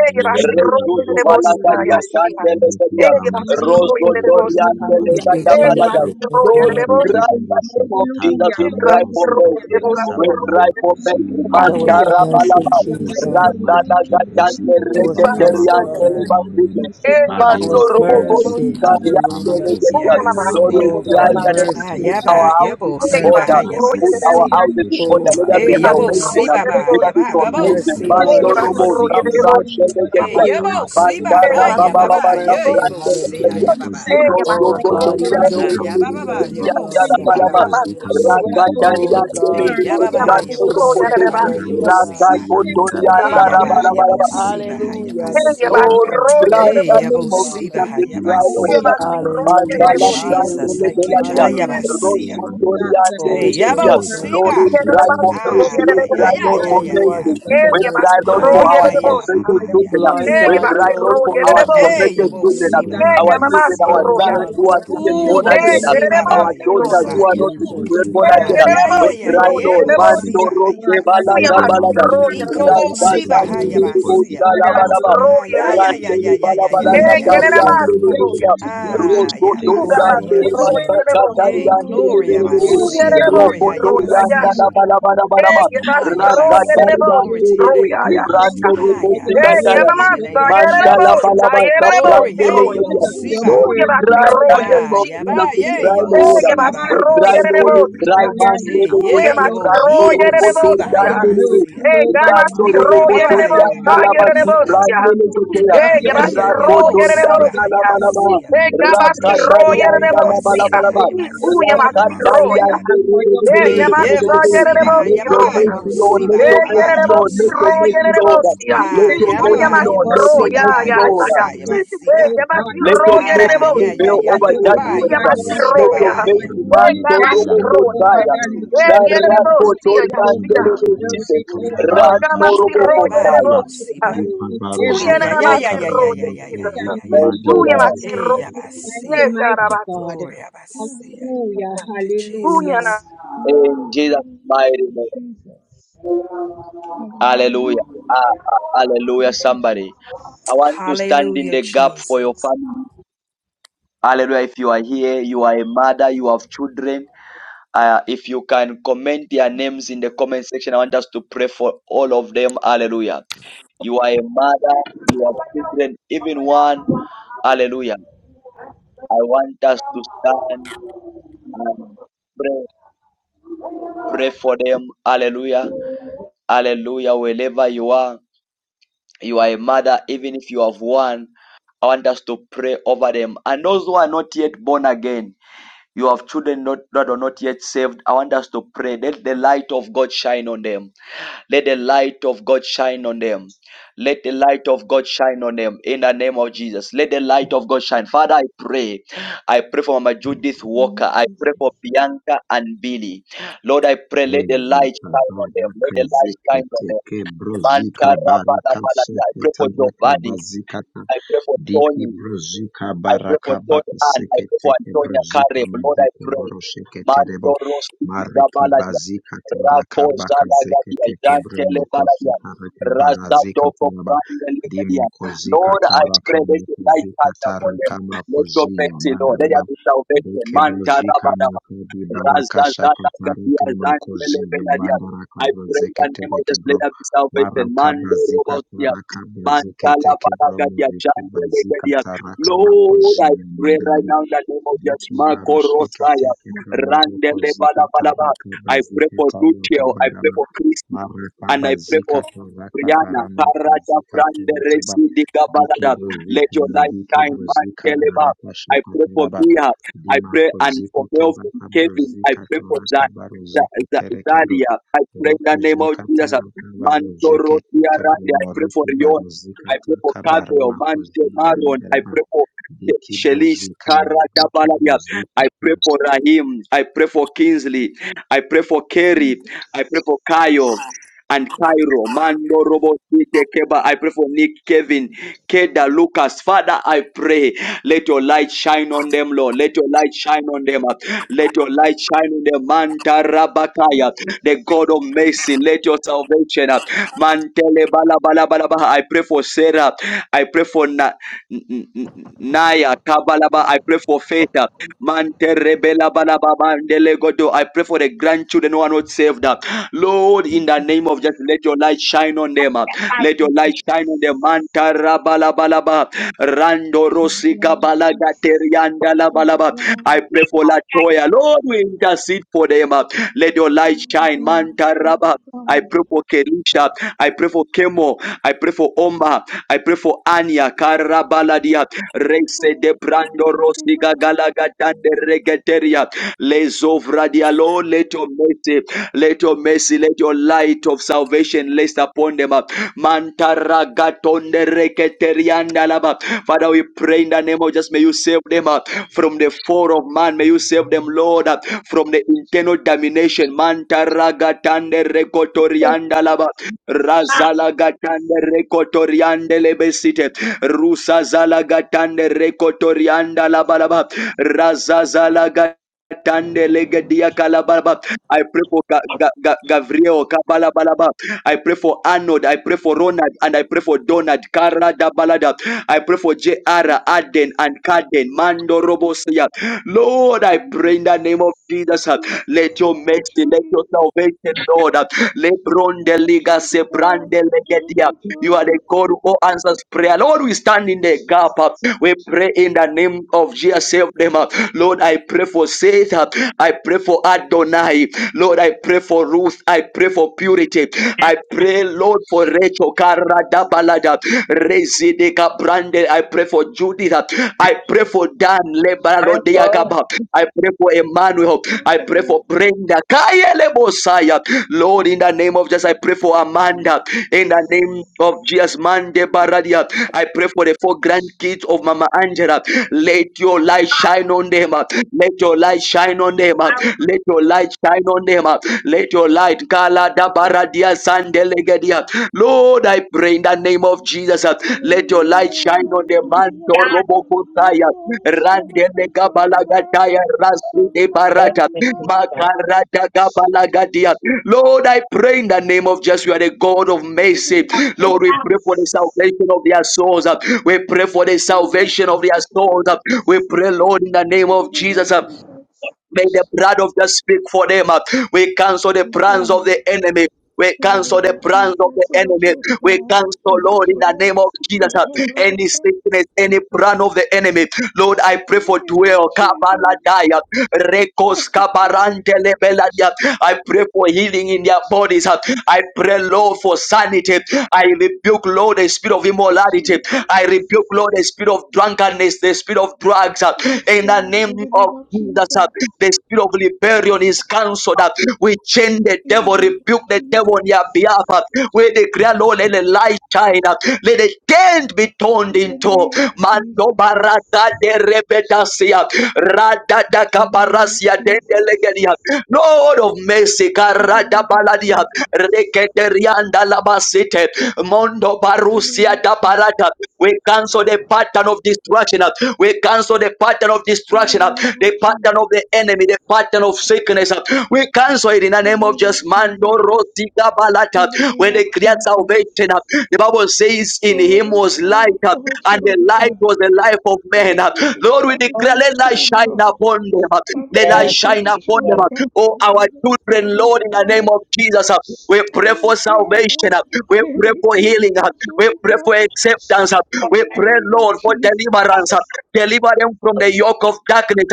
Speaker 16: In the lives of in the
Speaker 19: Hallelujah, hallelujah,
Speaker 6: yandaraka
Speaker 1: rezo,
Speaker 6: baroshe kete
Speaker 16: name of
Speaker 1: valagaria,
Speaker 6: kebro
Speaker 19: hallelujah.
Speaker 1: randel,
Speaker 6: Reke
Speaker 1: garia,
Speaker 16: Jesus.
Speaker 6: bama
Speaker 16: I
Speaker 6: kazika
Speaker 1: rozo,
Speaker 19: Hallelujah,
Speaker 16: pray,
Speaker 1: dorian,
Speaker 6: yandaraba
Speaker 7: you,
Speaker 19: hallelujah,
Speaker 16: Lord,
Speaker 7: dear
Speaker 1: delegata, balada.
Speaker 6: zika
Speaker 19: hallelujah,
Speaker 7: Jesus.
Speaker 16: and
Speaker 7: Thank you,
Speaker 1: Lord,
Speaker 7: Lord.
Speaker 1: we
Speaker 19: hallelujah.
Speaker 6: Mabeki
Speaker 1: cry
Speaker 16: hallelujah,
Speaker 1: in the
Speaker 6: Beroshi
Speaker 1: name of
Speaker 6: Katara
Speaker 1: Jesus,
Speaker 16: hallelujah,
Speaker 19: Hallelujah,
Speaker 1: we cry for
Speaker 6: Kamakazi
Speaker 19: hallelujah,
Speaker 22: Thank
Speaker 1: mercy.
Speaker 6: Katara
Speaker 1: We
Speaker 19: hallelujah.
Speaker 22: you.
Speaker 6: Kabara
Speaker 16: hallelujah,
Speaker 1: cry for
Speaker 6: Kuzi
Speaker 1: mercy.
Speaker 7: Show
Speaker 6: Madara
Speaker 7: us
Speaker 19: Hallelujah,
Speaker 7: the
Speaker 1: Mantara
Speaker 7: mercy,
Speaker 1: balaba.
Speaker 19: hallelujah,
Speaker 7: Jesus.
Speaker 6: Kebrozika
Speaker 7: Show
Speaker 1: Rasta
Speaker 19: hallelujah.
Speaker 1: da
Speaker 6: madiki
Speaker 16: hallelujah.
Speaker 19: Rain
Speaker 1: gajante
Speaker 6: brozika
Speaker 19: down your
Speaker 6: tera
Speaker 7: us
Speaker 6: kama
Speaker 7: mercy,
Speaker 19: mercy
Speaker 1: reketeriante
Speaker 16: hallelujah.
Speaker 6: kazika
Speaker 19: upon
Speaker 7: Lord.
Speaker 19: your
Speaker 6: madara
Speaker 1: libasite.
Speaker 19: people,
Speaker 16: Dear
Speaker 19: God.
Speaker 16: Jesus.
Speaker 7: Show
Speaker 6: madere
Speaker 1: Mando
Speaker 7: us
Speaker 1: rubo
Speaker 19: Rain down
Speaker 6: kebrozika
Speaker 7: mercy.
Speaker 1: bosita
Speaker 19: your
Speaker 6: tera
Speaker 19: mercy
Speaker 1: diante
Speaker 6: kama
Speaker 7: Hallelujah.
Speaker 19: over
Speaker 6: kazika
Speaker 1: legedia. Lord,
Speaker 19: Almighty
Speaker 1: we
Speaker 6: yamandara
Speaker 23: Yabasia.
Speaker 7: Oh,
Speaker 1: cry
Speaker 7: God,
Speaker 1: that
Speaker 19: Jesus.
Speaker 6: kebrozika
Speaker 1: you
Speaker 19: It's
Speaker 23: Ah,
Speaker 7: mercy,
Speaker 6: tera
Speaker 1: put
Speaker 19: because
Speaker 1: our
Speaker 6: kebro
Speaker 19: of
Speaker 23: yaba,
Speaker 19: your
Speaker 1: houses
Speaker 23: yabo,
Speaker 1: in
Speaker 19: mercy,
Speaker 6: mandiki
Speaker 7: mercy.
Speaker 1: order.
Speaker 23: siba,
Speaker 19: God,
Speaker 1: Put
Speaker 6: bazika
Speaker 19: that
Speaker 1: our
Speaker 19: we
Speaker 23: yabasia.
Speaker 6: kama
Speaker 19: are
Speaker 1: houses
Speaker 19: not
Speaker 1: in order.
Speaker 6: kushaka
Speaker 7: Oh,
Speaker 1: Let there be
Speaker 6: tara
Speaker 23: Eh,
Speaker 19: consumed, Lord
Speaker 23: yabo,
Speaker 6: kama
Speaker 7: hallelujah.
Speaker 19: God
Speaker 1: salvation. Let
Speaker 23: siba,
Speaker 6: kazika
Speaker 23: ba,
Speaker 6: tera
Speaker 19: Almighty
Speaker 1: there be
Speaker 23: yaba,
Speaker 3: va a
Speaker 19: Jesus.
Speaker 23: babo,
Speaker 6: madiki
Speaker 1: conversion.
Speaker 7: Mercy,
Speaker 19: It's
Speaker 23: siba,
Speaker 3: Hey,
Speaker 1: Mando
Speaker 3: you
Speaker 7: Lord,
Speaker 6: brozika
Speaker 19: because
Speaker 3: must
Speaker 7: show
Speaker 19: of
Speaker 3: be
Speaker 7: us
Speaker 1: rubo
Speaker 19: your
Speaker 3: royal
Speaker 23: yabasia.
Speaker 6: madiki
Speaker 3: in the
Speaker 7: mercy.
Speaker 3: boat.
Speaker 19: mercy
Speaker 1: sabrante
Speaker 6: baroshaka
Speaker 19: upon our
Speaker 23: Eh,
Speaker 6: tara
Speaker 1: legedia.
Speaker 6: kama
Speaker 23: yabo,
Speaker 3: Hey,
Speaker 19: lives,
Speaker 23: siba,
Speaker 19: Lord
Speaker 6: kazika
Speaker 19: God
Speaker 7: God.
Speaker 1: Mantara
Speaker 3: you
Speaker 23: ha,
Speaker 6: yamandara
Speaker 1: baba
Speaker 7: Grant
Speaker 6: ba
Speaker 7: us
Speaker 1: baba
Speaker 23: yababa,
Speaker 19: Almighty.
Speaker 7: mercy.
Speaker 6: zeke
Speaker 23: yabo,
Speaker 1: sabrante
Speaker 6: teke
Speaker 23: siha,
Speaker 6: bromo
Speaker 1: legedia.
Speaker 7: Hallelujah.
Speaker 19: We
Speaker 23: yababa.
Speaker 6: kozika
Speaker 19: thank you,
Speaker 1: Rosso
Speaker 6: tera
Speaker 7: Oh
Speaker 19: Lord, for
Speaker 6: kama
Speaker 7: God,
Speaker 19: your
Speaker 7: even though
Speaker 1: kotoriante
Speaker 23: Ah,
Speaker 7: we
Speaker 6: kazika
Speaker 7: don't
Speaker 19: mercy.
Speaker 23: yababa,
Speaker 7: deserve
Speaker 6: yamandara ba
Speaker 19: We
Speaker 1: legedia.
Speaker 7: it,
Speaker 23: yabo,
Speaker 1: Yada
Speaker 19: thank
Speaker 7: Lord.
Speaker 19: you,
Speaker 23: siba,
Speaker 6: deke
Speaker 1: balaba.
Speaker 23: baba,
Speaker 19: mighty
Speaker 6: brozika
Speaker 23: yabo,
Speaker 7: Hallelujah.
Speaker 19: God, for
Speaker 23: siba.
Speaker 6: madiki
Speaker 19: showing us
Speaker 7: Oh
Speaker 6: brozika tera
Speaker 23: Eh,
Speaker 7: God, give us
Speaker 19: mercy,
Speaker 23: yababa,
Speaker 7: mercy,
Speaker 19: oh
Speaker 23: yabo,
Speaker 6: kebro
Speaker 7: Lord.
Speaker 19: God
Speaker 23: siba, baba, yabo,
Speaker 19: Almighty.
Speaker 7: Hallelujah,
Speaker 6: Ramakazi
Speaker 1: Rata
Speaker 19: We
Speaker 23: siba.
Speaker 19: thank you,
Speaker 6: Yamandara
Speaker 1: Kotoria,
Speaker 7: Jesus.
Speaker 23: Eh,
Speaker 19: God, for
Speaker 6: Kabare
Speaker 23: yaba,
Speaker 1: Darabara,
Speaker 23: yabo,
Speaker 19: showing
Speaker 6: Zeketere
Speaker 19: us
Speaker 16: Oh,
Speaker 23: siba, ha,
Speaker 6: Kebremeko
Speaker 7: Hallelujah,
Speaker 19: mercy, oh
Speaker 23: yabasia.
Speaker 1: Lord,
Speaker 6: Zikatara
Speaker 19: God
Speaker 16: Jesus.
Speaker 7: Jesus. Show us
Speaker 1: grant
Speaker 6: Kamazika
Speaker 23: Eh,
Speaker 1: the
Speaker 19: Almighty.
Speaker 7: mercy,
Speaker 23: yabo,
Speaker 1: name of
Speaker 6: Tarakaba
Speaker 23: siba,
Speaker 7: Father.
Speaker 1: Jesus
Speaker 23: ha,
Speaker 19: Hallelujah,
Speaker 1: is right
Speaker 6: Dimako
Speaker 16: Oh,
Speaker 1: over
Speaker 23: yabasia.
Speaker 1: us.
Speaker 19: hallelujah.
Speaker 6: Zikatara
Speaker 16: Jesus.
Speaker 23: Thank you,
Speaker 16: Oh,
Speaker 7: Hallelujah.
Speaker 6: Kamaka
Speaker 1: Masala
Speaker 16: Jesus.
Speaker 19: Hallelujah.
Speaker 23: Jesus.
Speaker 1: grandele
Speaker 6: Zikatara
Speaker 1: de
Speaker 23: Thank
Speaker 7: Hallelujah.
Speaker 23: you,
Speaker 1: la ya,
Speaker 6: Kabarema
Speaker 16: Oh,
Speaker 7: Hallelujah.
Speaker 19: Hallelujah.
Speaker 6: Kozi
Speaker 23: Jayabasia.
Speaker 1: rosco
Speaker 16: never
Speaker 19: Jesus.
Speaker 6: Yamandarama
Speaker 16: rest.
Speaker 1: toria
Speaker 16: Oh,
Speaker 1: de
Speaker 7: Oh,
Speaker 23: Hey,
Speaker 16: never
Speaker 1: de
Speaker 19: Show
Speaker 6: Reiki
Speaker 7: show
Speaker 1: ya.
Speaker 7: us
Speaker 23: yabo,
Speaker 16: rest.
Speaker 6: Brozaka
Speaker 19: mercy
Speaker 1: Lord,
Speaker 7: mercy,
Speaker 1: we
Speaker 23: siba.
Speaker 19: upon
Speaker 3: You're
Speaker 1: cry
Speaker 6: Tereka
Speaker 19: us.
Speaker 1: for
Speaker 7: Jesus.
Speaker 6: Mako
Speaker 16: Oh,
Speaker 23: Ah,
Speaker 1: mercy. We
Speaker 23: yeah,
Speaker 16: and
Speaker 19: Hallelujah.
Speaker 16: I
Speaker 23: yeah,
Speaker 1: cry,
Speaker 6: Zikatara
Speaker 23: yeah,
Speaker 1: Lord,
Speaker 16: want
Speaker 23: yeah,
Speaker 7: Oh,
Speaker 1: for
Speaker 16: you
Speaker 23: yeah,
Speaker 7: you
Speaker 19: Hallelujah.
Speaker 6: Kamaka
Speaker 16: to
Speaker 7: are
Speaker 23: yeah.
Speaker 1: mercy.
Speaker 16: into
Speaker 7: such a
Speaker 6: Zikata
Speaker 1: We
Speaker 19: Jesus.
Speaker 16: heaven.
Speaker 1: cry,
Speaker 16: I
Speaker 19: Show
Speaker 16: don't
Speaker 1: Lord,
Speaker 7: merciful
Speaker 16: need
Speaker 1: for our
Speaker 6: Madiki
Speaker 23: Ha,
Speaker 16: the
Speaker 7: God.
Speaker 19: mercy
Speaker 23: yeah,
Speaker 16: last
Speaker 6: Brozika
Speaker 1: converted
Speaker 19: upon
Speaker 23: mama,
Speaker 19: our
Speaker 16: name.
Speaker 1: children.
Speaker 23: yaba,
Speaker 6: Madika
Speaker 1: We
Speaker 7: Lord
Speaker 23: siya.
Speaker 7: God,
Speaker 19: children.
Speaker 7: we
Speaker 6: Bareko
Speaker 1: cry, Lord,
Speaker 19: Oh
Speaker 7: don't
Speaker 1: for
Speaker 7: we
Speaker 3: the
Speaker 16: Holy
Speaker 3: the
Speaker 1: our
Speaker 19: God.
Speaker 6: Shekatara
Speaker 7: want
Speaker 3: Jesus.
Speaker 6: Kaba
Speaker 19: Mercy,
Speaker 23: Hey,
Speaker 1: converted
Speaker 7: mercy.
Speaker 23: yabo,
Speaker 16: Spirit,
Speaker 1: children.
Speaker 23: siba,
Speaker 16: minister
Speaker 19: Jesus.
Speaker 7: Hallelujah.
Speaker 3: Eh,
Speaker 23: ha,
Speaker 16: to
Speaker 1: Our
Speaker 6: Vedemanda
Speaker 23: yaba,
Speaker 16: my
Speaker 3: mamá,
Speaker 1: children,
Speaker 3: si
Speaker 19: Mercy
Speaker 23: siya.
Speaker 1: our
Speaker 6: Rekabaro
Speaker 7: Oh
Speaker 19: upon
Speaker 3: roya.
Speaker 16: soul.
Speaker 1: sons
Speaker 7: God,
Speaker 19: our
Speaker 7: we
Speaker 1: who
Speaker 6: Shekatara
Speaker 1: are
Speaker 7: want to
Speaker 1: not yet
Speaker 7: see
Speaker 6: Kebremo
Speaker 7: your
Speaker 23: Who,
Speaker 1: born
Speaker 23: bo,
Speaker 3: Eh,
Speaker 1: again.
Speaker 19: grandchildren.
Speaker 7: mercy.
Speaker 19: Oh
Speaker 23: siba,
Speaker 3: yerebo,
Speaker 16: Oh,
Speaker 1: Our
Speaker 19: God.
Speaker 6: Zikatara
Speaker 23: ba,
Speaker 3: si
Speaker 23: yabo,
Speaker 7: Thank
Speaker 1: daughters
Speaker 3: roya.
Speaker 7: you,
Speaker 1: who
Speaker 16: God, I
Speaker 1: are
Speaker 19: Mercy
Speaker 1: not
Speaker 3: Eh,
Speaker 6: Madiki
Speaker 16: thank
Speaker 7: Jesus.
Speaker 19: upon the
Speaker 1: yet
Speaker 7: Thank
Speaker 6: Brozika
Speaker 1: born
Speaker 7: you,
Speaker 16: you.
Speaker 23: Ah,
Speaker 19: mothers.
Speaker 1: again.
Speaker 7: Lord.
Speaker 23: yeah,
Speaker 19: God.
Speaker 3: yerebo,
Speaker 1: We
Speaker 23: yeah,
Speaker 6: Madibara
Speaker 3: si
Speaker 23: yeah,
Speaker 1: cry,
Speaker 23: yeah,
Speaker 16: Jesus,
Speaker 3: roya,
Speaker 23: yeah,
Speaker 6: Kafaka
Speaker 1: Lord,
Speaker 19: Mercy
Speaker 23: bo,
Speaker 3: yerebo,
Speaker 16: I
Speaker 1: man,
Speaker 19: upon
Speaker 6: Karaba
Speaker 1: so
Speaker 19: the
Speaker 23: siba,
Speaker 3: si.
Speaker 16: lift
Speaker 23: ha,
Speaker 1: roke,
Speaker 16: up
Speaker 23: yaba,
Speaker 16: into
Speaker 19: fathers.
Speaker 3: Uy,
Speaker 16: you,
Speaker 23: siya.
Speaker 1: balada,
Speaker 3: mamá,
Speaker 19: God.
Speaker 3: si
Speaker 7: Thank you,
Speaker 1: balada.
Speaker 6: Zegemandire
Speaker 16: Lord.
Speaker 3: roya,
Speaker 19: Mercy
Speaker 23: Iko,
Speaker 3: yerebo,
Speaker 7: Jesus.
Speaker 23: bo,
Speaker 16: And
Speaker 19: upon
Speaker 16: I'm
Speaker 7: Thank
Speaker 19: the
Speaker 6: kebhozekete
Speaker 7: you,
Speaker 23: siba,
Speaker 16: so
Speaker 23: ha,
Speaker 1: Rastazazi,
Speaker 7: Lord.
Speaker 16: grateful
Speaker 19: grandchildren.
Speaker 16: that
Speaker 6: kebremekozi
Speaker 16: it's
Speaker 19: God
Speaker 16: God
Speaker 3: si
Speaker 16: that
Speaker 19: Almighty.
Speaker 6: kozi
Speaker 23: Ah,
Speaker 3: roya,
Speaker 23: yeah,
Speaker 19: Show
Speaker 23: yeah,
Speaker 3: ya.
Speaker 16: forgives.
Speaker 23: yeah,
Speaker 6: keshekebere
Speaker 1: Ranteli
Speaker 19: mercy.
Speaker 23: yeah, yeah,
Speaker 1: bala
Speaker 23: yeah,
Speaker 19: We
Speaker 7: Thank
Speaker 23: yeah,
Speaker 1: bala
Speaker 7: you,
Speaker 23: yeah,
Speaker 3: Eh,
Speaker 19: need
Speaker 23: yeah,
Speaker 3: viene
Speaker 23: yeah,
Speaker 3: la
Speaker 6: dimakozi
Speaker 1: kataria
Speaker 19: God.
Speaker 23: yeah.
Speaker 7: Jesus.
Speaker 3: más
Speaker 16: Oh,
Speaker 1: deli
Speaker 19: Your
Speaker 1: deli
Speaker 6: yamandere
Speaker 3: roya,
Speaker 1: da.
Speaker 19: mercy
Speaker 3: chicas.
Speaker 19: brings
Speaker 23: Ah,
Speaker 16: hallelujah,
Speaker 1: Rosko
Speaker 6: kebrozekete
Speaker 19: me,
Speaker 23: yaba,
Speaker 7: Show
Speaker 3: Uga
Speaker 7: us
Speaker 1: toria
Speaker 19: God.
Speaker 7: your
Speaker 3: más
Speaker 23: siya.
Speaker 1: deli
Speaker 19: Your
Speaker 7: mercy,
Speaker 6: kebremokozi
Speaker 16: hallelujah.
Speaker 3: roya,
Speaker 1: bala
Speaker 7: Lord.
Speaker 3: de
Speaker 19: mercy I
Speaker 3: vos,
Speaker 6: katarakame
Speaker 23: Hey,
Speaker 1: kataria
Speaker 19: new
Speaker 3: chicas.
Speaker 1: deli
Speaker 23: glory,
Speaker 19: every
Speaker 1: deli
Speaker 23: yaba,
Speaker 16: Oh,
Speaker 1: deli.
Speaker 19: day.
Speaker 3: Uga
Speaker 6: dimakozi
Speaker 23: siya.
Speaker 3: de
Speaker 19: Your
Speaker 7: Hallelujah.
Speaker 3: vos,
Speaker 23: Glory,
Speaker 1: Roko
Speaker 23: ha,
Speaker 6: yamandere
Speaker 19: mercy
Speaker 23: yaba,
Speaker 3: roya,
Speaker 19: I
Speaker 1: toria
Speaker 3: ya,
Speaker 23: siya.
Speaker 19: new
Speaker 1: nana
Speaker 3: chicas.
Speaker 1: bala
Speaker 19: every
Speaker 6: kebrozekete
Speaker 1: bala bala
Speaker 16: hallelujah.
Speaker 3: Eh,
Speaker 19: morning.
Speaker 1: bala.
Speaker 3: que
Speaker 19: We
Speaker 3: más
Speaker 23: Ah,
Speaker 19: thank
Speaker 6: kebremokozi
Speaker 19: you
Speaker 1: Raka
Speaker 3: roya,
Speaker 19: for
Speaker 3: de
Speaker 19: your
Speaker 23: Yabasia,
Speaker 1: taria
Speaker 3: vos,
Speaker 6: yamandere
Speaker 23: glory to
Speaker 19: mercy.
Speaker 1: deli
Speaker 23: your name,
Speaker 3: roya,
Speaker 1: deli.
Speaker 23: God.
Speaker 3: ya.
Speaker 19: We thank
Speaker 16: Oh
Speaker 1: Brando
Speaker 3: chicas.
Speaker 19: you
Speaker 6: ekibazika
Speaker 23: Ah,
Speaker 1: roko
Speaker 19: for
Speaker 16: God, I
Speaker 19: your
Speaker 3: Eh, ya
Speaker 1: sikataya.
Speaker 16: thank
Speaker 23: Yabasia,
Speaker 19: mercy,
Speaker 3: mamá,
Speaker 23: in
Speaker 6: kebrekamokazi
Speaker 23: the
Speaker 16: you
Speaker 19: Lord
Speaker 23: name of
Speaker 19: God.
Speaker 3: ayer de
Speaker 19: I
Speaker 16: tonight,
Speaker 1: Mantala
Speaker 3: vos,
Speaker 23: Jesus.
Speaker 19: love
Speaker 1: bala
Speaker 6: kebredibarekete
Speaker 19: you,
Speaker 16: Lord,
Speaker 3: ayer
Speaker 19: God.
Speaker 1: bala
Speaker 3: de vos,
Speaker 23: Glory,
Speaker 6: kebremokozi
Speaker 1: brando
Speaker 16: for
Speaker 1: deli
Speaker 23: hey,
Speaker 3: roya.
Speaker 16: your
Speaker 19: Because
Speaker 16: mercy,
Speaker 19: of
Speaker 1: deli.
Speaker 19: your
Speaker 16: Lord,
Speaker 23: Yabosiba.
Speaker 6: ekebozika
Speaker 1: Lord, we
Speaker 3: Uga
Speaker 16: for
Speaker 3: más
Speaker 19: mercy,
Speaker 16: your
Speaker 6: madika
Speaker 1: cry
Speaker 19: why we
Speaker 1: that
Speaker 3: roya,
Speaker 19: are
Speaker 1: the
Speaker 23: Ah,
Speaker 19: not
Speaker 1: Lord
Speaker 6: barozika
Speaker 3: chicas.
Speaker 23: Yaba,
Speaker 1: we
Speaker 19: consumed.
Speaker 23: yay,
Speaker 19: It's
Speaker 1: cry
Speaker 3: Eh,
Speaker 1: Lord.
Speaker 6: kebrekamokazi
Speaker 3: que
Speaker 23: Yabosiba,
Speaker 3: más
Speaker 1: We
Speaker 19: because
Speaker 16: mercy,
Speaker 19: of
Speaker 16: Lord,
Speaker 6: yamandere
Speaker 1: cry
Speaker 3: roya,
Speaker 19: your
Speaker 3: de
Speaker 16: for
Speaker 1: Lord,
Speaker 23: Yabosaya.
Speaker 1: we
Speaker 3: vos,
Speaker 19: mercy, why
Speaker 1: cry
Speaker 3: chicas.
Speaker 19: we
Speaker 1: man
Speaker 19: are
Speaker 6: Rebakazi
Speaker 19: not
Speaker 23: Eh,
Speaker 1: deli
Speaker 3: Uga
Speaker 23: yeah,
Speaker 6: katana
Speaker 1: deli.
Speaker 19: swallowed
Speaker 3: más
Speaker 19: up.
Speaker 23: Yabo,
Speaker 6: koze
Speaker 1: Brando
Speaker 19: It's
Speaker 3: roya,
Speaker 1: roko
Speaker 6: ketere
Speaker 3: de
Speaker 16: your
Speaker 19: because
Speaker 23: Yabosiba,
Speaker 19: of
Speaker 1: toria
Speaker 6: kebremo
Speaker 3: ya.
Speaker 16: mercy,
Speaker 19: your
Speaker 1: deli
Speaker 6: kozi
Speaker 1: deli.
Speaker 19: mercy,
Speaker 23: Yabasia.
Speaker 3: Eh,
Speaker 19: oh
Speaker 6: katana
Speaker 3: que
Speaker 19: God
Speaker 16: Lord
Speaker 1: Riando
Speaker 23: Ah,
Speaker 6: kabaya
Speaker 19: Almighty,
Speaker 1: Robo
Speaker 3: roya,
Speaker 16: Jesus,
Speaker 3: de
Speaker 23: Yababa,
Speaker 6: kamerada.
Speaker 19: Jesus,
Speaker 1: Torianda
Speaker 19: we are
Speaker 3: ayer
Speaker 1: Lava
Speaker 3: de
Speaker 6: Zika
Speaker 19: healed.
Speaker 23: Yabosiba.
Speaker 6: bara
Speaker 3: vos,
Speaker 19: It's
Speaker 16: for your
Speaker 6: zika
Speaker 1: Randele
Speaker 19: because
Speaker 6: kone
Speaker 1: Tetea,
Speaker 19: of
Speaker 3: Eh,
Speaker 23: Ah,
Speaker 3: que
Speaker 6: kama
Speaker 19: your
Speaker 23: ya,
Speaker 16: mercy,
Speaker 3: vas
Speaker 23: ya,
Speaker 6: zika
Speaker 16: Lord
Speaker 1: Rako
Speaker 19: mercy.
Speaker 3: roya
Speaker 19: We thank
Speaker 3: de
Speaker 6: yamandaba.
Speaker 23: Yabosiba,
Speaker 16: God.
Speaker 19: the
Speaker 1: Torianda
Speaker 3: bostia.
Speaker 1: Lava Lava,
Speaker 23: Yabasia.
Speaker 6: Rebeka
Speaker 16: We
Speaker 3: Eh, que
Speaker 6: reiki
Speaker 19: Lord
Speaker 3: vas
Speaker 19: that
Speaker 23: Eh,
Speaker 19: we
Speaker 16: thank you,
Speaker 6: brazika
Speaker 19: are
Speaker 16: we
Speaker 3: roya
Speaker 19: living in
Speaker 23: glory,
Speaker 3: de
Speaker 1: Rakatarianda
Speaker 6: mabika
Speaker 1: Lava
Speaker 6: bara
Speaker 3: bostia.
Speaker 1: Lava
Speaker 19: the
Speaker 16: thank
Speaker 23: Yabasia,
Speaker 19: safety
Speaker 1: Lava,
Speaker 6: kose
Speaker 19: of
Speaker 16: you,
Speaker 19: His
Speaker 3: Uy, ya
Speaker 6: ketere
Speaker 23: Yabasia,
Speaker 16: Lord,
Speaker 19: presence.
Speaker 3: más
Speaker 6: kama
Speaker 19: We
Speaker 6: kozi
Speaker 19: thank
Speaker 3: roya.
Speaker 23: Yabasaya.
Speaker 1: Rakatariande
Speaker 16: we
Speaker 19: the
Speaker 6: ketere.
Speaker 3: Eh,
Speaker 19: Lord
Speaker 3: ya
Speaker 23: Eh,
Speaker 19: that
Speaker 3: más
Speaker 19: we
Speaker 16: exalt
Speaker 6: Zedingere
Speaker 16: you,
Speaker 3: roya
Speaker 19: have
Speaker 3: de
Speaker 23: Yabosiba,
Speaker 6: kebremo
Speaker 16: Lord.
Speaker 1: Make
Speaker 3: bostia
Speaker 6: kozi
Speaker 1: your
Speaker 23: Yababa,
Speaker 19: the
Speaker 3: roya.
Speaker 6: ketere
Speaker 1: mercy,
Speaker 19: mercy of
Speaker 6: kama
Speaker 1: Lord, make
Speaker 23: Yabosiba,
Speaker 1: your
Speaker 3: Eh,
Speaker 6: kozi
Speaker 3: ya
Speaker 23: Baba,
Speaker 1: mercy,
Speaker 3: de
Speaker 1: Lord,
Speaker 6: ketere
Speaker 1: make
Speaker 3: bostia
Speaker 6: kama
Speaker 1: your
Speaker 19: His
Speaker 23: Yabosaya.
Speaker 3: roya
Speaker 6: zika
Speaker 1: mercy,
Speaker 19: presence.
Speaker 3: de
Speaker 1: Lord,
Speaker 6: brazika
Speaker 3: bostia.
Speaker 6: ketere.
Speaker 19: We
Speaker 23: Ah,
Speaker 1: make
Speaker 19: thank
Speaker 1: your
Speaker 23: yeah,
Speaker 3: Uy,
Speaker 19: the
Speaker 3: ya
Speaker 1: mercy,
Speaker 23: baba,
Speaker 6: Meraka
Speaker 3: más
Speaker 19: Lord
Speaker 23: you
Speaker 1: Lord,
Speaker 23: will
Speaker 1: make
Speaker 19: that
Speaker 1: your
Speaker 23: see,
Speaker 6: bazile
Speaker 19: we have
Speaker 3: roya,
Speaker 19: the
Speaker 23: baba,
Speaker 1: mercy,
Speaker 16: Hallelujah,
Speaker 3: ya,
Speaker 23: you
Speaker 6: minara
Speaker 23: will
Speaker 19: grace
Speaker 1: Lord,
Speaker 3: ya,
Speaker 19: of
Speaker 3: ya.
Speaker 19: His presence. We thank the Lord that we have the
Speaker 23: see
Speaker 16: hallelujah.
Speaker 23: you
Speaker 6: kabaya
Speaker 23: both
Speaker 19: grace of
Speaker 23: see,
Speaker 6: zika
Speaker 3: Eh,
Speaker 23: ba.
Speaker 3: ya más
Speaker 19: God.
Speaker 6: kebremo
Speaker 1: let your
Speaker 19: We
Speaker 3: roya
Speaker 6: kozi
Speaker 3: de
Speaker 19: thank
Speaker 1: mercy
Speaker 23: Ah,
Speaker 19: the
Speaker 23: yeah,
Speaker 6: ketere.
Speaker 23: yeah,
Speaker 1: prevail
Speaker 19: Lord
Speaker 3: bostia.
Speaker 23: yeah,
Speaker 19: that
Speaker 1: over
Speaker 19: we
Speaker 23: yeah,
Speaker 19: are living
Speaker 23: baba,
Speaker 3: Uy,
Speaker 6: Baraka
Speaker 1: judgment.
Speaker 23: you
Speaker 3: ya
Speaker 19: in
Speaker 23: will
Speaker 3: más
Speaker 19: the
Speaker 6: baro
Speaker 19: love
Speaker 23: see,
Speaker 1: Let
Speaker 23: baba,
Speaker 19: of
Speaker 1: your
Speaker 3: roya.
Speaker 23: baba,
Speaker 6: sekete
Speaker 19: God.
Speaker 23: yeah,
Speaker 1: mercy
Speaker 6: brano
Speaker 3: Eh,
Speaker 19: We
Speaker 1: man
Speaker 3: ya
Speaker 6: kozi
Speaker 3: más
Speaker 19: thank
Speaker 1: Torobo
Speaker 6: yami
Speaker 19: the Lord
Speaker 3: roya.
Speaker 19: that
Speaker 6: baraka
Speaker 1: Kosaya.
Speaker 19: we are
Speaker 6: baro
Speaker 19: living
Speaker 3: Eh,
Speaker 19: in
Speaker 3: ya
Speaker 6: sekete
Speaker 3: de
Speaker 6: bro
Speaker 1: Zarako
Speaker 19: Jesus'
Speaker 3: bostia, ya,
Speaker 19: presence in
Speaker 3: ya.
Speaker 1: Toriandele
Speaker 19: the
Speaker 6: mebiki bro
Speaker 19: spirit
Speaker 6: zika
Speaker 19: of
Speaker 3: Oh,
Speaker 19: God.
Speaker 6: barama
Speaker 19: He
Speaker 6: kasha
Speaker 1: Ranorobo
Speaker 23: Ah,
Speaker 3: Gamasiro,
Speaker 23: yeah,
Speaker 19: blesses
Speaker 6: kutaraka
Speaker 23: ba, you
Speaker 6: ba
Speaker 1: Kosaya.
Speaker 23: will
Speaker 19: His
Speaker 23: see,
Speaker 3: Yerebosia.
Speaker 23: ba.
Speaker 6: dika
Speaker 19: mercy
Speaker 6: baro
Speaker 3: Ooh,
Speaker 23: Ah,
Speaker 19: every
Speaker 6: zika
Speaker 23: yeah, yeah,
Speaker 19: day
Speaker 23: yeah,
Speaker 6: taka
Speaker 19: to
Speaker 23: yeah,
Speaker 3: Yanamasiro,
Speaker 19: us.
Speaker 23: yeah, yeah,
Speaker 6: barama
Speaker 23: yeah, yeah,
Speaker 3: Jesus.
Speaker 6: kozi
Speaker 23: yeah,
Speaker 19: Thank
Speaker 23: yeah,
Speaker 19: you,
Speaker 23: yeah.
Speaker 6: kuma
Speaker 1: Thank
Speaker 6: di
Speaker 1: you,
Speaker 3: Ooh,
Speaker 6: bro
Speaker 1: Lord.
Speaker 19: Jesus.
Speaker 23: Eh,
Speaker 3: Yamasiro,
Speaker 6: sekete
Speaker 23: yeah,
Speaker 19: We
Speaker 23: ba,
Speaker 19: thank
Speaker 23: see ya.
Speaker 19: you, mighty
Speaker 6: bro
Speaker 3: Yekarabasita.
Speaker 19: God.
Speaker 23: Glory, yeah, ba, see ya.
Speaker 19: Hallelujah,
Speaker 23: Good
Speaker 3: Ooh,
Speaker 19: hallelujah.
Speaker 23: Jesus.
Speaker 1: In Jesus' mighty name.
Speaker 16: Jesus. Hallelujah.
Speaker 1: Hallelujah. Ah, hallelujah,
Speaker 16: Thank you,
Speaker 1: somebody. I want
Speaker 16: Jesus.
Speaker 1: to stand in
Speaker 23: Hallelujah,
Speaker 1: the gap for your
Speaker 23: Jesus.
Speaker 1: family. Hallelujah. If you are here, you are a mother, you have children. Uh, if you can comment their names in the
Speaker 16: Jesus.
Speaker 1: comment section, I want us to pray for all of them. Hallelujah. You are a mother. You are children, even one. Hallelujah. I want us to stand and pray, pray for them. Hallelujah. Hallelujah. Wherever you are, you are a mother, even if you have one. I want us to pray over them. And those who are not yet born again, you have children not, that are not yet saved. I want us to pray. Let the light of God shine on them. Let the light of God shine on them. Let the light of God shine on them in the name of Jesus. Let the light of God shine. Father, I pray. I pray for Mama Judith Walker.
Speaker 16: Hallelujah,
Speaker 1: I pray
Speaker 16: Jesus.
Speaker 1: for Bianca and Billy. Lord, I pray, let the light shine on them. Let
Speaker 6: Kabaraka
Speaker 1: the light shine on them.
Speaker 6: zeketeke brozika
Speaker 1: Manta rabala
Speaker 6: baraka
Speaker 1: balaya. I pray
Speaker 6: seketa
Speaker 1: for
Speaker 6: reka
Speaker 1: Giovanni.
Speaker 6: bazikata
Speaker 1: I pray for
Speaker 6: diki
Speaker 1: Tony.
Speaker 6: brozika
Speaker 1: I pray
Speaker 6: baraka
Speaker 1: for Tony
Speaker 6: baka
Speaker 1: Ann. I pray for
Speaker 6: seketeke
Speaker 1: Antonia
Speaker 6: brozika
Speaker 1: Karev. Lord, I
Speaker 6: madike
Speaker 1: pray.
Speaker 6: borosheketerebo
Speaker 1: Mando rosti da
Speaker 6: mariki
Speaker 1: baladia.
Speaker 6: bazika taraka
Speaker 1: Rakoza
Speaker 6: baka
Speaker 1: la gadia.
Speaker 6: zeketeke
Speaker 1: Yankele
Speaker 6: bromoko
Speaker 1: baladia.
Speaker 16: Jesus.
Speaker 6: sekareke
Speaker 1: Rasta
Speaker 6: barazika
Speaker 1: toko
Speaker 6: taraba
Speaker 1: prande
Speaker 6: dime
Speaker 1: legadia.
Speaker 6: kozika
Speaker 1: Lord, I
Speaker 6: taraka
Speaker 1: pray that your light
Speaker 6: mekozika
Speaker 1: shine upon them.
Speaker 6: taraka
Speaker 1: Let your
Speaker 6: makozia
Speaker 1: mercy, Lord. Let there be salvation. Manta
Speaker 6: Bekebrozika
Speaker 1: rabadaba.
Speaker 6: makabi
Speaker 1: Rasta
Speaker 6: barakasha
Speaker 1: zata gadia.
Speaker 6: kataraka
Speaker 1: Yankele
Speaker 6: makozi
Speaker 1: baladia.
Speaker 6: yamandaraka
Speaker 1: I pray in the
Speaker 6: brozekete
Speaker 1: name of this
Speaker 6: rekebro
Speaker 1: letter be salvation. Mando
Speaker 6: marakabazika
Speaker 1: robostia.
Speaker 6: taraka brozekete
Speaker 1: Mantala
Speaker 6: kebro
Speaker 1: balagadia.
Speaker 6: muriki
Speaker 1: Yankele
Speaker 6: bazika
Speaker 1: gadia.
Speaker 6: taraka
Speaker 1: Lord,
Speaker 6: makozi
Speaker 1: I pray right now in the name of
Speaker 6: Viki baro sheke
Speaker 1: Yeshua
Speaker 16: Jesus.
Speaker 6: teke bramo roko
Speaker 1: Randele
Speaker 6: zika
Speaker 1: bala bala ba.
Speaker 6: taraka
Speaker 1: I pray
Speaker 6: bazika
Speaker 1: for
Speaker 6: taraka
Speaker 1: Lucio. I pray
Speaker 6: barama
Speaker 1: for Christy.
Speaker 6: maraka
Speaker 1: And I pray
Speaker 6: bazika
Speaker 1: for
Speaker 6: taraka
Speaker 1: Brianna.
Speaker 6: barama
Speaker 1: Karaja
Speaker 6: kozika
Speaker 1: brande
Speaker 6: taraka ba
Speaker 1: resi diga
Speaker 6: Viki
Speaker 1: balada. Let
Speaker 6: brozika
Speaker 1: your
Speaker 6: ma
Speaker 1: light
Speaker 6: viki
Speaker 16: Jesus.
Speaker 1: shine.
Speaker 6: brozika
Speaker 1: Mandele ba.
Speaker 6: baraka
Speaker 1: I
Speaker 6: shaka
Speaker 1: pray for
Speaker 6: taraba
Speaker 1: Mia. I
Speaker 6: Dima
Speaker 1: pray and
Speaker 6: kozika
Speaker 1: for Melvin,
Speaker 6: taraka
Speaker 1: Kevin. I
Speaker 6: brozika
Speaker 1: pray for Zan.
Speaker 6: taraka baro
Speaker 1: Z-
Speaker 6: zika
Speaker 1: Z-
Speaker 6: tereke bro
Speaker 1: Zalia. I pray in
Speaker 6: Roko
Speaker 1: the name of
Speaker 6: zika
Speaker 1: Jesus.
Speaker 6: taraka baro jeke
Speaker 1: Mantoro
Speaker 6: teke bro
Speaker 1: Randi. I pray for
Speaker 6: moriki
Speaker 1: Rion.
Speaker 6: baro zika
Speaker 1: I pray for
Speaker 6: taraka
Speaker 1: Cabell,
Speaker 6: barama
Speaker 1: Mante
Speaker 6: kozi
Speaker 1: Maron. I
Speaker 6: yamindarama
Speaker 1: pray for Shelis,
Speaker 6: Likibrozika,
Speaker 1: Karaja Balaya.
Speaker 6: likibrozika,
Speaker 1: I pray for Rahim. I pray for Kingsley. I pray for Kerry. I pray
Speaker 16: Jesus.
Speaker 1: for Kayo and Cairo. Mando Robo Sike, Keba. I pray for Nick, Kevin, Keda, Lucas. Father, I pray. Let your light shine on them, Lord. Let your light shine on them. Let your light shine on them. Manta Rabakaya,
Speaker 16: Jesus.
Speaker 1: the God of mercy. Let your salvation. Mantele bala bala bala baha. I pray for Sarah. I pray for Na- N- N- N- Naya Kabalaba. I pray for Faith. Mante rebela balaba mandele godo. I pray for the grandchildren who are not saved. uh. Lord, in the
Speaker 16: Jesus.
Speaker 1: name of just let your light shine on them. uh. Let your light shine on them.
Speaker 16: Jesus.
Speaker 1: Manta rabalabalaba. Rando rosika
Speaker 16: Jennifer
Speaker 1: balaga
Speaker 16: Cheese.
Speaker 1: terianda
Speaker 16: Jennifer
Speaker 1: labalaba. I
Speaker 16: Brown.
Speaker 1: pray for Latoya. Lord, we intercede for them. uh. Let your light
Speaker 16: Jennifer
Speaker 1: shine.
Speaker 16: Brown.
Speaker 1: Manta
Speaker 16: Jennifer
Speaker 1: raba. I
Speaker 16: Brown.
Speaker 1: pray for Kerisha. I pray for Kemo.
Speaker 16: Jennifer
Speaker 1: I pray for Omba. I pray for Anya. Karabaladia. Rese de
Speaker 16: Brown.
Speaker 1: brando
Speaker 16: Jennifer
Speaker 1: rosiga
Speaker 16: Brown.
Speaker 1: galagatande regeteria. Les ovra dialo, let your mercy, let your mercy, let your light of salvation rest upon them. Mantara gatonde regeterianda laba. Father, we pray in the name of just may you save them uh, from the fall of man. May you save them, Lord, uh, from the internal domination. Mantara gatande rekotorianda laba.
Speaker 16: Jesus.
Speaker 1: Razala gatande rekotoriande lebesite rusa zala gatande rekotorianda la balaba. raza zala gatande legedia kalabalaba. I pray for Ga- Ga- Ga- Gabriel kabalabalaba. I pray for Arnold. I pray for Ronald and I pray for Donald Kara Dabalada. I pray for JR
Speaker 16: Jesus.
Speaker 1: Aden and Kaden Mando Robosia. Lord, I pray
Speaker 16: Jesus.
Speaker 1: in the name of Jesus. uh, Let
Speaker 16: Jesus,
Speaker 1: your
Speaker 16: Remember
Speaker 1: mercy, let
Speaker 16: Jordan.
Speaker 1: your salvation, Lord. uh, Lebron de
Speaker 16: Remember
Speaker 1: Liga
Speaker 16: Jordan,
Speaker 1: Sebran
Speaker 16: God.
Speaker 1: de legedia.
Speaker 16: Remember
Speaker 1: You are the
Speaker 16: Jordan.
Speaker 1: God who answers prayer. Lord, we stand in the gap. uh, We pray in the name of Jesus. Save them. uh. Lord, I pray for Seth. uh, I pray for Adonai. Lord, I pray for Ruth. I pray for purity. I pray, Lord, for Rachel. Karadabalada. Rezideka Brande. I pray for Judith. uh. I pray for Dan. Lebalodiagaba. I pray for Emmanuel.
Speaker 16: Oh
Speaker 1: I pray
Speaker 16: God,
Speaker 1: for Brenda. Kayele Bosaya. Lord, in the name of Jesus, I pray for Amanda. In the name of
Speaker 16: Jesus.
Speaker 1: Jesus, Mande Baradia, I pray for the four grandkids of Mama Angela. Let your light shine on them. uh. Let your light shine on them. uh. Let your light shine on them. uh. Let your light, Kala da Baradia Sandelegadia. Lord, I pray in the name of Jesus. uh, Let your light
Speaker 16: Hallelujah,
Speaker 1: shine on the Manto
Speaker 16: hallelujah,
Speaker 1: Robocotaya.
Speaker 16: hallelujah. Son of
Speaker 1: Randelega
Speaker 16: Panchodi God,
Speaker 1: Balagataya Rasu
Speaker 16: Son of
Speaker 1: de Barata.
Speaker 16: Panchodi God,
Speaker 1: Makarata Lord, I pray in the name of Jesus, you are the God of
Speaker 16: in the
Speaker 1: mercy.
Speaker 16: name of
Speaker 1: Lord, we pray for the
Speaker 16: Jesus.
Speaker 1: salvation of their souls. We pray for the
Speaker 16: Hallelujah,
Speaker 1: salvation of their souls. We
Speaker 16: Jesus.
Speaker 1: pray, Lord, in the name
Speaker 16: In the
Speaker 1: of
Speaker 16: name of
Speaker 1: Jesus.
Speaker 16: Jesus.
Speaker 1: May the
Speaker 16: Yes,
Speaker 1: blood of just speak for them. We cancel the plans
Speaker 16: Lord.
Speaker 1: of the enemy. We
Speaker 16: In the name
Speaker 1: cancel the
Speaker 16: of
Speaker 1: plans of the
Speaker 16: Jesus, over
Speaker 1: enemy.
Speaker 16: Jody
Speaker 1: We
Speaker 16: God,
Speaker 1: cancel,
Speaker 16: over
Speaker 1: Lord, in
Speaker 16: Jody
Speaker 1: the
Speaker 16: and
Speaker 1: name of
Speaker 16: since we
Speaker 1: Jesus,
Speaker 16: are
Speaker 1: uh,
Speaker 16: not wrong.
Speaker 1: any sickness, any plan of the enemy. Lord, I pray
Speaker 16: In the
Speaker 1: for
Speaker 16: name of
Speaker 1: dwell,
Speaker 16: Jesus.
Speaker 1: Kabaladaya, Rekos
Speaker 16: Hallelujah.
Speaker 1: Kabarante Lebeladia. I pray for healing in their bodies. uh. I pray, Lord, for sanity. I rebuke, Lord, the spirit of immorality.
Speaker 16: Jesus.
Speaker 1: I rebuke, Lord, the spirit of drunkenness, the spirit of drugs. uh,
Speaker 16: Yes,
Speaker 1: In the
Speaker 16: Lord.
Speaker 1: name
Speaker 16: In the
Speaker 1: of
Speaker 16: name of Jesus.
Speaker 1: Jesus, uh, the spirit of rebellion is cancelled. uh, We chain the
Speaker 16: In the
Speaker 1: devil,
Speaker 16: name
Speaker 1: rebuke
Speaker 16: of
Speaker 1: the devil on your
Speaker 16: Jesus.
Speaker 1: behalf. uh, We declare, Lord, let the light shine. uh, Let the tent be turned
Speaker 16: In the
Speaker 1: into
Speaker 16: name of Jesus.
Speaker 1: Mando Barata de Rebetasia, Rada da
Speaker 16: In the name of
Speaker 1: Cabarasia de Delegadia,
Speaker 16: Jesus.
Speaker 1: Lord of Mercy,
Speaker 16: In the
Speaker 1: Carada
Speaker 16: name of
Speaker 1: Baladia,
Speaker 16: Jesus.
Speaker 1: Reketerianda Labasite, Mondo
Speaker 16: In the name
Speaker 1: Barusia
Speaker 16: of
Speaker 1: da
Speaker 16: Jesus.
Speaker 1: Barata. We cancel the pattern of destruction. uh, We cancel the pattern of
Speaker 16: In the
Speaker 1: destruction. uh,
Speaker 16: name of
Speaker 1: The pattern
Speaker 16: Jesus.
Speaker 1: of the enemy. The pattern of sickness. uh, We cancel it in the
Speaker 16: In
Speaker 1: name
Speaker 16: the
Speaker 1: of
Speaker 16: name
Speaker 1: just
Speaker 16: of
Speaker 1: Mando
Speaker 16: Jesus.
Speaker 1: Rosita Balata.
Speaker 16: In the name
Speaker 1: When
Speaker 16: of
Speaker 1: they create
Speaker 16: Jesus.
Speaker 1: salvation, uh, the Bible says in him
Speaker 16: Oh
Speaker 1: was light,
Speaker 16: God,
Speaker 1: uh,
Speaker 16: our
Speaker 1: and the
Speaker 16: children,
Speaker 1: light
Speaker 16: God.
Speaker 1: was the life of men. uh.
Speaker 16: Everything this
Speaker 1: Lord, we
Speaker 16: prophet
Speaker 1: declare,
Speaker 16: is
Speaker 1: let light
Speaker 16: praying,
Speaker 1: shine
Speaker 16: Lord.
Speaker 1: upon them. uh,
Speaker 16: I
Speaker 1: Let light
Speaker 21: Yes.
Speaker 16: declare to
Speaker 1: shine
Speaker 16: my
Speaker 1: upon them.
Speaker 21: yes.
Speaker 16: children,
Speaker 1: uh.
Speaker 16: God,
Speaker 1: Oh,
Speaker 16: in the
Speaker 1: our
Speaker 16: name of our
Speaker 1: children,
Speaker 16: Lord
Speaker 1: Lord, in the name of Jesus, uh, we pray for
Speaker 16: Oh, God,
Speaker 1: salvation. uh,
Speaker 16: I
Speaker 1: We
Speaker 16: declare
Speaker 1: pray
Speaker 16: and
Speaker 1: for
Speaker 16: decree to
Speaker 1: healing. uh,
Speaker 16: my
Speaker 1: We
Speaker 16: children,
Speaker 1: pray
Speaker 16: God,
Speaker 1: for acceptance.
Speaker 16: in
Speaker 1: We
Speaker 16: the
Speaker 1: pray,
Speaker 16: name of
Speaker 1: Lord, for deliverance.
Speaker 16: Jesus.
Speaker 1: Deliver them from the yoke of darkness.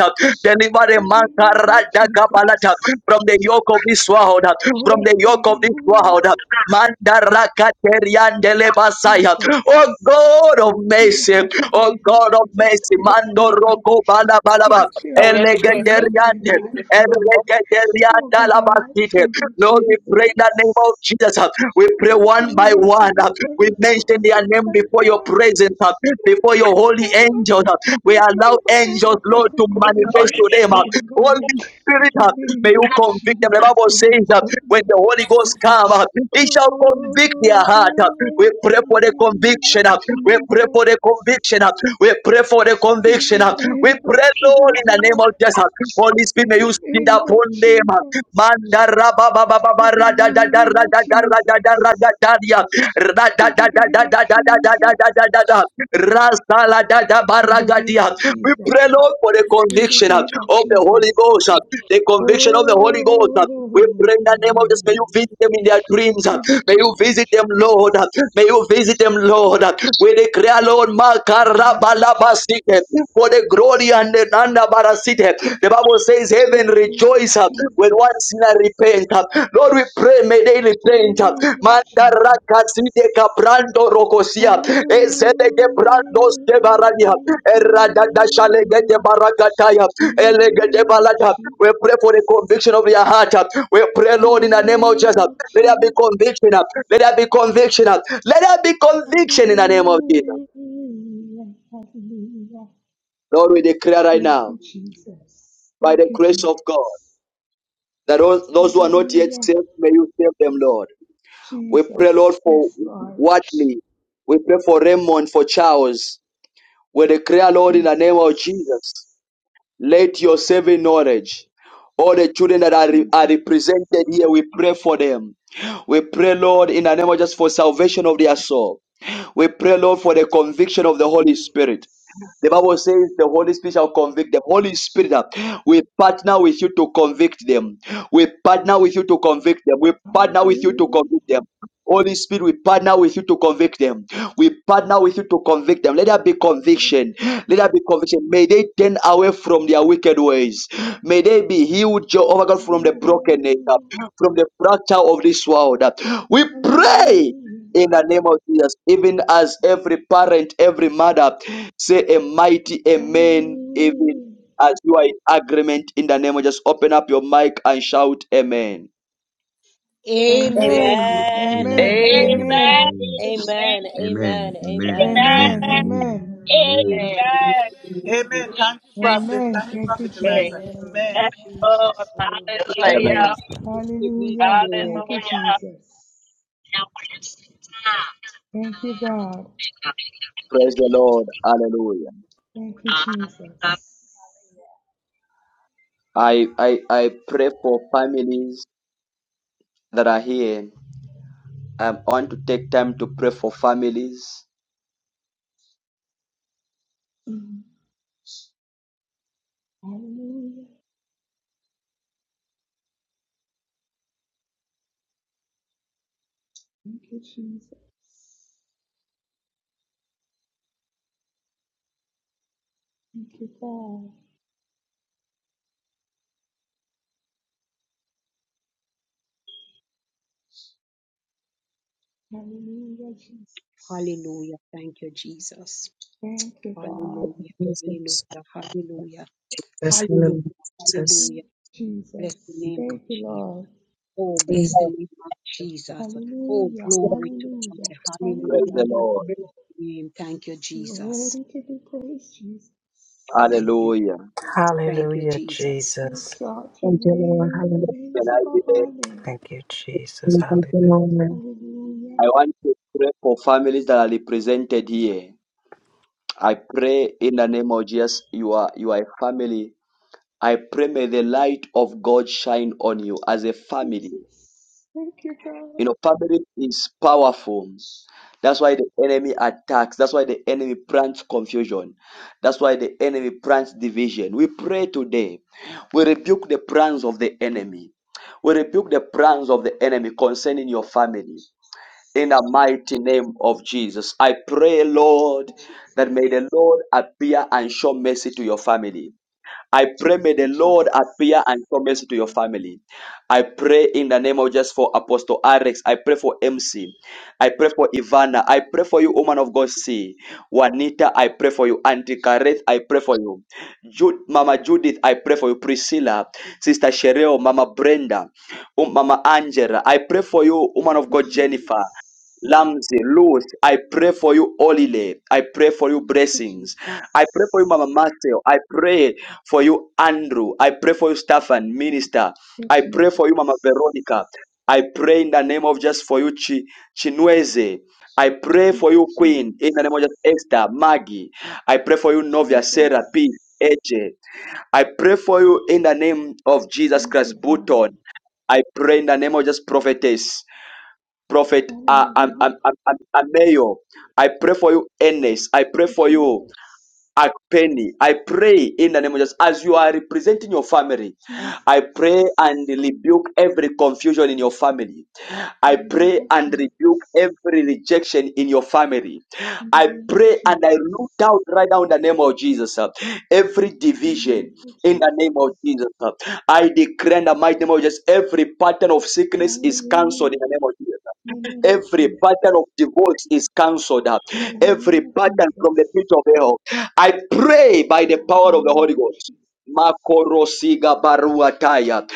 Speaker 1: Deliver them
Speaker 16: In the name of
Speaker 1: Mankaradakabalata,
Speaker 16: Jesus.
Speaker 1: from the yoke of this world, from
Speaker 16: Oh,
Speaker 1: the yoke of this
Speaker 16: hallelujah.
Speaker 1: world. Mandarakateriandelebasaya. Oh
Speaker 16: Jesus.
Speaker 1: God of
Speaker 16: Jesus,
Speaker 1: mercy,
Speaker 16: even
Speaker 1: oh
Speaker 16: the young
Speaker 1: God of
Speaker 16: kids
Speaker 1: mercy,
Speaker 16: upstairs, God.
Speaker 1: Mandoroko
Speaker 16: I
Speaker 1: Balabalaba,
Speaker 16: declare
Speaker 21: Are
Speaker 16: and
Speaker 21: we on the same
Speaker 16: decree
Speaker 21: page?
Speaker 16: over their
Speaker 1: Elegeteriande,
Speaker 16: life, Lord. Oh, God, a life for
Speaker 1: Elegeteriandalabasite.
Speaker 16: you,
Speaker 1: Lord, we pray in the name of
Speaker 16: Jesus.
Speaker 1: Jesus. We pray
Speaker 16: Not to
Speaker 1: one by
Speaker 16: walk in the
Speaker 1: one. We mention their
Speaker 16: footsteps,
Speaker 1: name
Speaker 16: my
Speaker 1: before your
Speaker 16: God.
Speaker 1: presence, uh,
Speaker 16: Let
Speaker 1: before
Speaker 16: me,
Speaker 1: your holy
Speaker 16: Father,
Speaker 1: angels. uh. We
Speaker 16: forgive me
Speaker 1: allow angels,
Speaker 16: whatever from
Speaker 1: Lord,
Speaker 16: the
Speaker 1: to
Speaker 16: bondage
Speaker 1: manifest
Speaker 16: of
Speaker 1: to them. uh.
Speaker 16: sin,
Speaker 1: Holy
Speaker 16: Lord. In
Speaker 1: Spirit,
Speaker 16: the
Speaker 1: uh, may
Speaker 16: name
Speaker 1: you
Speaker 16: of
Speaker 1: convict them. The
Speaker 16: Jesus
Speaker 1: Bible says
Speaker 16: Christ
Speaker 1: that
Speaker 16: of
Speaker 1: when the Holy Ghost comes, uh,
Speaker 16: Nazareth.
Speaker 1: He shall convict their
Speaker 16: Oh,
Speaker 1: heart. uh.
Speaker 16: God,
Speaker 1: We
Speaker 16: in
Speaker 1: pray for the
Speaker 16: the name
Speaker 1: conviction.
Speaker 16: of
Speaker 1: uh. We pray for the
Speaker 16: Jesus.
Speaker 1: conviction. uh. We pray for the
Speaker 16: In
Speaker 1: conviction. uh.
Speaker 16: the
Speaker 1: We
Speaker 16: name of
Speaker 1: pray, Lord, in the name of Jesus.
Speaker 16: Jesus.
Speaker 1: Holy Spirit,
Speaker 16: In
Speaker 1: may you
Speaker 16: the
Speaker 1: sit
Speaker 16: name of
Speaker 1: upon them. uh.
Speaker 16: Jesus. Hallelujah, Jesus.
Speaker 1: Mandarabababababaradaradaradadaradadaria.
Speaker 16: In the name of
Speaker 1: Ra-da-da-da-da-da-da-da-da-da-da-da. da
Speaker 16: Jesus.
Speaker 1: ra sa da da ba
Speaker 16: In the name of
Speaker 1: We pray,
Speaker 16: Jesus.
Speaker 1: Lord, for the
Speaker 16: In the
Speaker 1: conviction uh,
Speaker 16: name of
Speaker 1: of the Holy Ghost,
Speaker 16: Jesus.
Speaker 1: uh, the conviction of the Holy Ghost. uh. We
Speaker 16: Oh,
Speaker 1: pray in the name of
Speaker 16: God.
Speaker 1: Jesus. May you visit them in their dreams. uh.
Speaker 16: In the
Speaker 1: May you
Speaker 16: name of
Speaker 1: visit them, Lord. uh. May
Speaker 16: Jesus.
Speaker 1: you visit them, Lord. uh. We declare, Lord,
Speaker 16: In the name of
Speaker 1: Makarabalabasite,
Speaker 16: Jesus.
Speaker 1: for the glory and the Nandabarasite. The Bible says,
Speaker 16: In
Speaker 1: Heaven
Speaker 16: the name of
Speaker 1: rejoices when one
Speaker 16: Jesus.
Speaker 1: sinner repents. Lord, we pray, may they
Speaker 16: In the
Speaker 1: repent.
Speaker 16: name of
Speaker 1: Mandarakazide
Speaker 16: Jesus.
Speaker 1: Cabrando Rocosia, Ezedege
Speaker 16: Hallelujah,
Speaker 1: Brandos de Barania, Eradadashalegete
Speaker 16: hallelujah.
Speaker 1: Barakataya,
Speaker 16: In the
Speaker 1: Elegete
Speaker 16: name of
Speaker 1: Balata. We pray for
Speaker 16: Jesus,
Speaker 1: the conviction of your heart. We pray,
Speaker 16: in
Speaker 1: Lord,
Speaker 16: the
Speaker 1: in the name of Jesus.
Speaker 16: name
Speaker 1: Let
Speaker 16: of
Speaker 1: there be
Speaker 16: Jesus.
Speaker 1: conviction. Let there be conviction. Let there be conviction in the name of Jesus.
Speaker 16: Hallelujah, hallelujah.
Speaker 1: Lord, we declare right
Speaker 16: Thank
Speaker 1: now,
Speaker 16: you, Jesus.
Speaker 1: by
Speaker 16: Thank
Speaker 1: the
Speaker 16: you,
Speaker 1: grace of God,
Speaker 16: Jesus.
Speaker 1: that all- those who are not yet
Speaker 16: Hallelujah,
Speaker 1: saved, may you save them, Lord. We pray, Lord,
Speaker 16: Jesus.
Speaker 1: for
Speaker 16: Yes, Lord.
Speaker 1: Watley. We pray for Raymond, for Charles. We declare, Lord, in the
Speaker 16: Jesus.
Speaker 1: name of Jesus, let your saving knowledge, all the children that are, re-
Speaker 16: Jesus.
Speaker 1: are represented here, we pray for them. We pray, Lord, in the name of Jesus, for salvation of their soul. We pray, Lord, for the conviction of the Holy
Speaker 16: Jesus.
Speaker 1: Spirit. The Bible says the Holy
Speaker 16: Jesus.
Speaker 1: Spirit shall convict them. Holy Spirit, uh, we partner with you to convict them. We partner with you to convict them. We partner with you to
Speaker 16: Hallelujah,
Speaker 1: convict them. Holy Spirit, we partner with you to convict them. We partner with you to convict them. Let there be conviction. Let there be conviction. May they turn away from their wicked ways. May they be healed, Jehovah God, from the brokenness, uh,
Speaker 16: hallelujah,
Speaker 1: from the fracture of this world. uh. We pray
Speaker 16: hallelujah,
Speaker 1: in the name of Jesus, even as every parent, every mother Say a mighty amen, even
Speaker 16: hallelujah.
Speaker 1: as you are in agreement in the name of just open up your mic and shout amen.
Speaker 19: Amen.
Speaker 16: Amen,
Speaker 19: Amen.
Speaker 7: Amen.
Speaker 16: amen,
Speaker 6: Amen.
Speaker 21: Amen.
Speaker 6: Amen,
Speaker 16: amen,
Speaker 21: Amen.
Speaker 6: amen, amen,
Speaker 7: Amen.
Speaker 6: amen,
Speaker 7: Amen.
Speaker 6: amen,
Speaker 7: Amen.
Speaker 16: amen,
Speaker 21: Amen.
Speaker 6: amen,
Speaker 16: amen,
Speaker 19: Amen.
Speaker 6: amen,
Speaker 21: Amen.
Speaker 19: Amen.
Speaker 13: Amen. Thank you, Prophet.
Speaker 16: amen.
Speaker 13: Thank you,
Speaker 16: Thank you,
Speaker 13: Prophet
Speaker 21: Hey,
Speaker 16: Jesus.
Speaker 13: Eliza.
Speaker 15: Amen. In
Speaker 13: Amen.
Speaker 21: Yes, Lord.
Speaker 15: Jesus' name.
Speaker 21: just
Speaker 19: It
Speaker 21: like me. Hallelujah.
Speaker 1: Amen.
Speaker 19: is
Speaker 16: Hallelujah. Thank
Speaker 19: So,
Speaker 16: you,
Speaker 21: Hallelujah.
Speaker 16: Jesus. Thank you, God.
Speaker 1: Praise the Lord. Hallelujah.
Speaker 16: Thank you, Jesus.
Speaker 1: I, I, I pray for families that are here. Um, I want to take time to pray for families.
Speaker 16: Mm. Hallelujah. Thank you, Jesus. Thank you, God. Hallelujah, Jesus.
Speaker 19: Hallelujah. Thank you, Jesus.
Speaker 16: Thank you, God.
Speaker 19: Hallelujah.
Speaker 3: Jesus.
Speaker 19: Hallelujah. Hallelujah.
Speaker 3: Yes,
Speaker 19: Hallelujah.
Speaker 3: hallelujah. Jesus.
Speaker 16: Thank you,
Speaker 19: Hallelujah. Bless the
Speaker 16: Jesus.
Speaker 19: name of
Speaker 16: Thank you,
Speaker 19: Jesus.
Speaker 16: Lord.
Speaker 19: Oh, bless the name of Jesus. Oh,
Speaker 16: Hallelujah.
Speaker 19: glory to God.
Speaker 16: Hallelujah.
Speaker 1: Praise
Speaker 19: Hallelujah.
Speaker 1: the
Speaker 16: Hallelujah.
Speaker 1: Lord.
Speaker 19: Bless the name. Thank you,
Speaker 16: You're
Speaker 19: Jesus.
Speaker 16: worthy to be praised, Jesus.
Speaker 19: Thank you.
Speaker 1: Hallelujah.
Speaker 19: Thank you,
Speaker 23: Hallelujah,
Speaker 19: Jesus.
Speaker 16: We
Speaker 23: Jesus.
Speaker 16: exalt your
Speaker 3: Thank you, Lord.
Speaker 16: name. Your
Speaker 3: Hallelujah.
Speaker 16: name is
Speaker 1: Can I,
Speaker 16: above
Speaker 1: be there?
Speaker 16: all name.
Speaker 23: Thank you, Jesus.
Speaker 3: Thank you,
Speaker 23: Hallelujah.
Speaker 3: Lord.
Speaker 16: Hallelujah.
Speaker 1: I want to pray for families that are represented here. I pray in the name of Jesus, you are you are a family I pray may the light of God shine on you as a family.
Speaker 16: Jesus. Thank you, God.
Speaker 1: You know, family is powerful. That's why the enemy attacks. That's why the enemy plants confusion. That's why the enemy plants division. We pray today. We rebuke the plans of the enemy. We rebuke the plans of the enemy concerning your family. In the mighty name of Jesus, I pray, Lord,
Speaker 16: Jesus.
Speaker 1: that may the Lord appear and show mercy to your family. I pray may the
Speaker 16: Jesus. Jesus.
Speaker 1: Lord appear and show mercy to your family. I pray in the name of just for Apostle Alex. I pray for MC. I pray for Ivana. I pray for you, woman of God. See Juanita. I pray for you, Auntie Kareth. I pray for you, Ju- Mama Judith. I pray for you, Priscilla, Sister Shereo, Mama Brenda, um, Mama Angela. I pray for you, woman of God, Jennifer.
Speaker 16: Jesus.
Speaker 1: Lamzi, Ruth, I pray for you, Olile. I pray for you, blessings. I pray for you, Mama
Speaker 16: Jesus.
Speaker 1: Marcel. I pray for you, Andrew. I pray for you, Stefan, Minister. I pray for you, Mama Veronica.
Speaker 16: Jesus.
Speaker 1: I pray in the name of just for you, Chi- Chinweze. I pray
Speaker 16: Thank
Speaker 1: for you, Queen,
Speaker 16: Jesus.
Speaker 1: in the name of just Esther, Maggie. I pray for you, Novia, Sarah, P,
Speaker 16: Jesus.
Speaker 1: AJ. I pray for you in the name of Jesus
Speaker 16: Thank
Speaker 1: Christ,
Speaker 16: you, Father.
Speaker 1: Button. I pray in the name of just prophetess. Prophet uh, um,
Speaker 16: Hallelujah.
Speaker 1: um, um, um, Ameyo. I pray for you, Ernest. I pray for you,
Speaker 16: Jesus.
Speaker 1: Akpenny. I pray in the name of Jesus. As you are representing your family,
Speaker 16: Jesus.
Speaker 1: I pray and rebuke every confusion in your family.
Speaker 16: In
Speaker 1: I
Speaker 16: the name
Speaker 1: pray
Speaker 16: of
Speaker 1: and rebuke
Speaker 16: Jesus.
Speaker 1: every rejection in your family.
Speaker 16: In the
Speaker 1: I
Speaker 16: name of
Speaker 1: pray and I
Speaker 16: Jesus.
Speaker 1: root out right now in the name of Jesus. uh, Every
Speaker 16: In the name
Speaker 1: division
Speaker 16: of
Speaker 1: in the
Speaker 16: Jesus.
Speaker 1: name of Jesus. uh, I declare in the mighty name of Jesus, every pattern of sickness is cancelled in the
Speaker 16: Hallelujah.
Speaker 1: name of Jesus.
Speaker 16: In the name of
Speaker 1: Every
Speaker 16: Jesus.
Speaker 1: pattern of divorce is cancelled. uh,
Speaker 16: In the
Speaker 1: Every
Speaker 16: name of
Speaker 1: pattern from the
Speaker 16: Jesus.
Speaker 1: pit of hell. I pray by the
Speaker 16: Ah, the
Speaker 1: power of the
Speaker 16: name
Speaker 1: Holy
Speaker 16: of
Speaker 1: Ghost.
Speaker 16: Jesus.
Speaker 1: Makorosiga baruataya.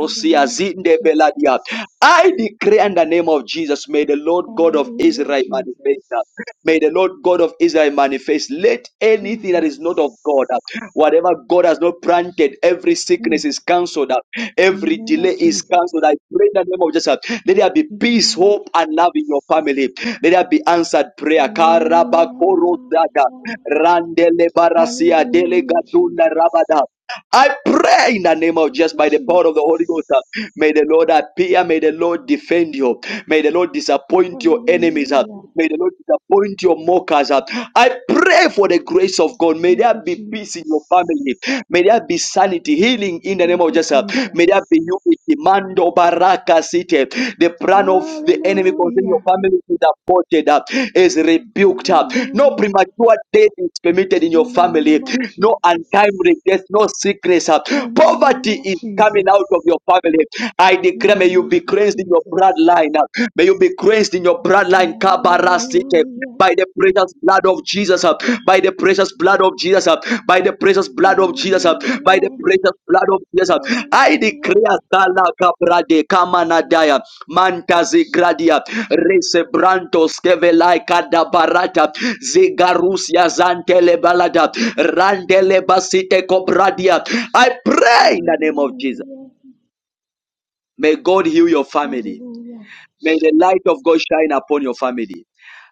Speaker 16: In the name
Speaker 1: zinde
Speaker 16: of
Speaker 1: beladia. I
Speaker 16: Jesus.
Speaker 1: declare in the name of Jesus, may the Lord God of
Speaker 16: Hallelujah,
Speaker 1: Israel manifest.
Speaker 16: Jesus.
Speaker 1: uh, May the Lord God of Israel manifest. Let anything that is not of God, uh,
Speaker 16: Jesus.
Speaker 1: whatever God has not planted, every
Speaker 16: Mm.
Speaker 1: sickness is cancelled.
Speaker 16: In the
Speaker 1: Every
Speaker 16: name
Speaker 1: delay
Speaker 16: of
Speaker 1: is cancelled. I
Speaker 16: Jesus.
Speaker 1: pray in the name of Jesus. Let there be
Speaker 16: In the
Speaker 1: peace,
Speaker 16: name of
Speaker 1: hope, and love in your family.
Speaker 16: Jesus.
Speaker 1: Let there be answered prayer.
Speaker 16: Hallelujah.
Speaker 1: Karabakorosaka, randelebarasia,
Speaker 16: Hallelujah,
Speaker 1: delegatunda
Speaker 16: Jesus.
Speaker 1: rabada. I pray in the name of
Speaker 16: Thank
Speaker 1: Jesus
Speaker 16: you,
Speaker 1: by the power of the Holy Ghost. uh, May
Speaker 16: Jesus.
Speaker 1: the Lord appear. May the Lord defend you. May the Lord disappoint your enemies. uh,
Speaker 16: Hallelujah.
Speaker 1: May the Lord disappoint your mockers. uh. I pray for the grace of God. May
Speaker 16: Thank
Speaker 1: there
Speaker 16: you,
Speaker 1: be peace in your
Speaker 16: Jesus.
Speaker 1: family. May there be sanity, healing in the name
Speaker 16: Thank
Speaker 1: of
Speaker 16: you,
Speaker 1: Jesus. May there be unity.
Speaker 16: Jesus.
Speaker 1: Mando Baraka City. The plan of the enemy concerning your
Speaker 16: Hallelujah.
Speaker 1: family is aborted, uh, is rebuked. uh. No
Speaker 16: Hallelujah.
Speaker 1: premature death is permitted in your
Speaker 16: In the name
Speaker 1: family.
Speaker 16: of
Speaker 1: No
Speaker 16: Jesus.
Speaker 1: untimely death, no sickness. uh.
Speaker 16: In the name
Speaker 1: Poverty
Speaker 16: of
Speaker 1: is coming out
Speaker 16: Jesus.
Speaker 1: of your family. I declare,
Speaker 16: In the
Speaker 1: may you
Speaker 16: name
Speaker 1: be
Speaker 16: of
Speaker 1: cleansed in your
Speaker 16: Jesus.
Speaker 1: bloodline. uh. May you be cleansed in your
Speaker 16: And
Speaker 1: bloodline. Kabara
Speaker 16: hallelujah.
Speaker 1: By the precious blood of Jesus. uh. By the precious blood of Jesus. uh by the precious blood of Jesus, uh, by the
Speaker 16: Hallelujah.
Speaker 1: precious blood of Jesus. uh, I
Speaker 16: Hallelujah.
Speaker 1: declare Sala Cabrade Kamanadaya Mantazi Gradia Resebrantos Kevelai Kadabarata Zigarusia Zantele Balada Randele Basite Cobradia. I pray in the name of Jesus.
Speaker 16: Hallelujah.
Speaker 1: May God heal your family.
Speaker 16: Hallelujah.
Speaker 1: May the light of God shine upon your family.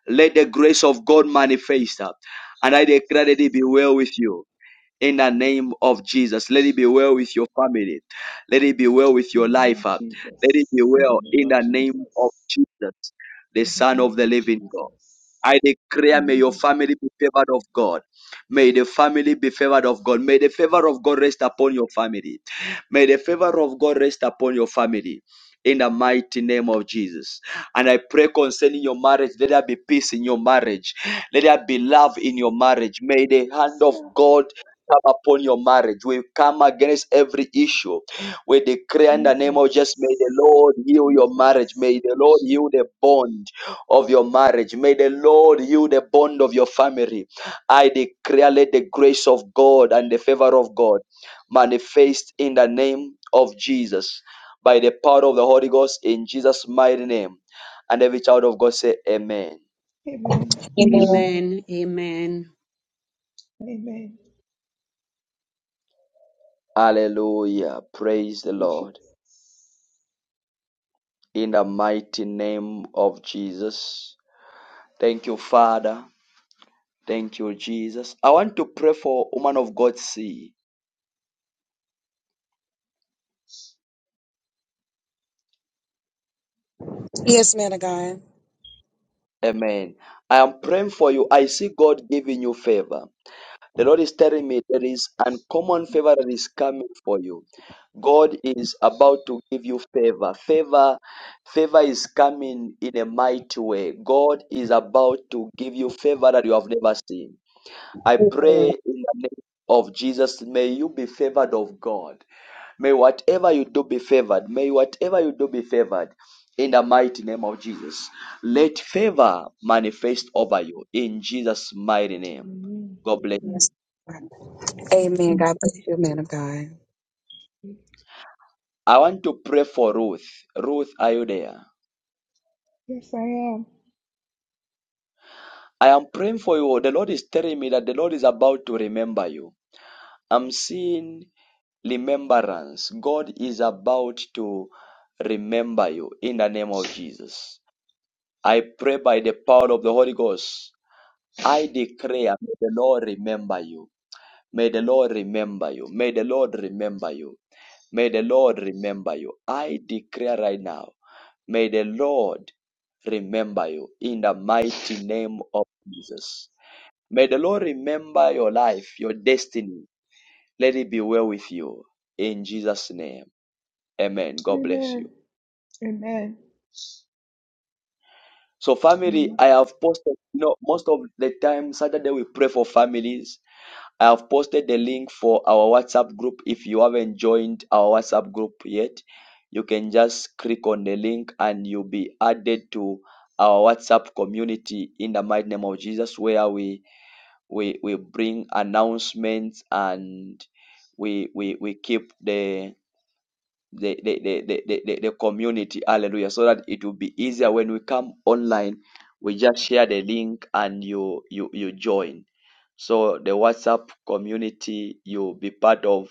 Speaker 1: Let the grace of God manifest. uh, And I declare that it be well with you in the name of Jesus. Let it be well with your family. Let it be well with
Speaker 16: In
Speaker 1: your
Speaker 16: the name
Speaker 1: life.
Speaker 16: of
Speaker 1: uh. Let it be
Speaker 16: Jesus. In the
Speaker 1: well
Speaker 16: name
Speaker 1: in
Speaker 16: of
Speaker 1: the name of
Speaker 16: Jesus.
Speaker 1: Jesus, the
Speaker 16: In the
Speaker 1: Son
Speaker 16: name
Speaker 1: of the
Speaker 16: of
Speaker 1: living God. I
Speaker 16: Jesus.
Speaker 1: declare, may your
Speaker 16: Hallelujah.
Speaker 1: family be favored of God. May the family be favored of God. May the favor of God rest upon your family. May the favor of God rest upon your family. In the mighty name of Jesus. And I pray concerning your marriage, let there be peace in your marriage. Let there be love in your marriage. May the hand of
Speaker 16: Stop.
Speaker 1: God come upon your marriage. We come against every issue. We declare in the name of Jesus, may the
Speaker 16: Jesus.
Speaker 1: Lord heal your marriage. May
Speaker 16: Jesus.
Speaker 1: the Lord heal the bond of your marriage. May the Lord heal the bond of your family. I declare, let the grace of God and the favor of God manifest in the name of Jesus by the power of the Holy Ghost in Jesus' mighty name. And every child of God say, Amen.
Speaker 16: Amen.
Speaker 19: Amen. Amen.
Speaker 16: Amen.
Speaker 1: Hallelujah. Praise the Lord.
Speaker 16: Jesus.
Speaker 1: In the mighty name of Jesus. Thank you, Father. Thank you, Jesus. I want to pray for woman of God, see. Amen. I am praying for you. I see God giving you favor. The Lord is telling me there is uncommon favor that is coming for you. God is about to give you favor. Favor, favor is coming in a mighty way. God is about to give you favor that you have never seen. I pray of Jesus, may you be favored of God. May whatever you do be favored. May whatever you do be favored. In the mighty name of Jesus. Let favor manifest over you. In Jesus' mighty name.
Speaker 16: Amen.
Speaker 1: God bless. I want to pray for Ruth. Ruth, are you there?
Speaker 16: Yes, I am.
Speaker 1: I am praying for you. The Lord is telling me that the Lord is about to remember you. I'm seeing remembrance. God is about to remember you in the name of Jesus. I pray by the power of the Holy Ghost I declare, may the Lord remember you. May the Lord remember you. May the Lord remember you. May the Lord remember you. I declare right now, may the Lord remember you in the mighty name of Jesus. May the Lord remember your life, your destiny. Let it be well with you in Jesus' name. Amen. God bless you.
Speaker 16: Amen. Amen.
Speaker 1: So, family,
Speaker 16: Amen.
Speaker 1: I have posted, you know, most of the time, Saturday we pray for families I have posted the link for our WhatsApp group. If you haven't joined our WhatsApp group yet, you can just click on the link and you'll be added to our WhatsApp community in the mighty name of Jesus, where we we, we bring announcements and we we, we keep the the, the, the, the, the, the the community hallelujah so that it will be easier when we come online we just share the link and you you you join so the WhatsApp community you'll be part of,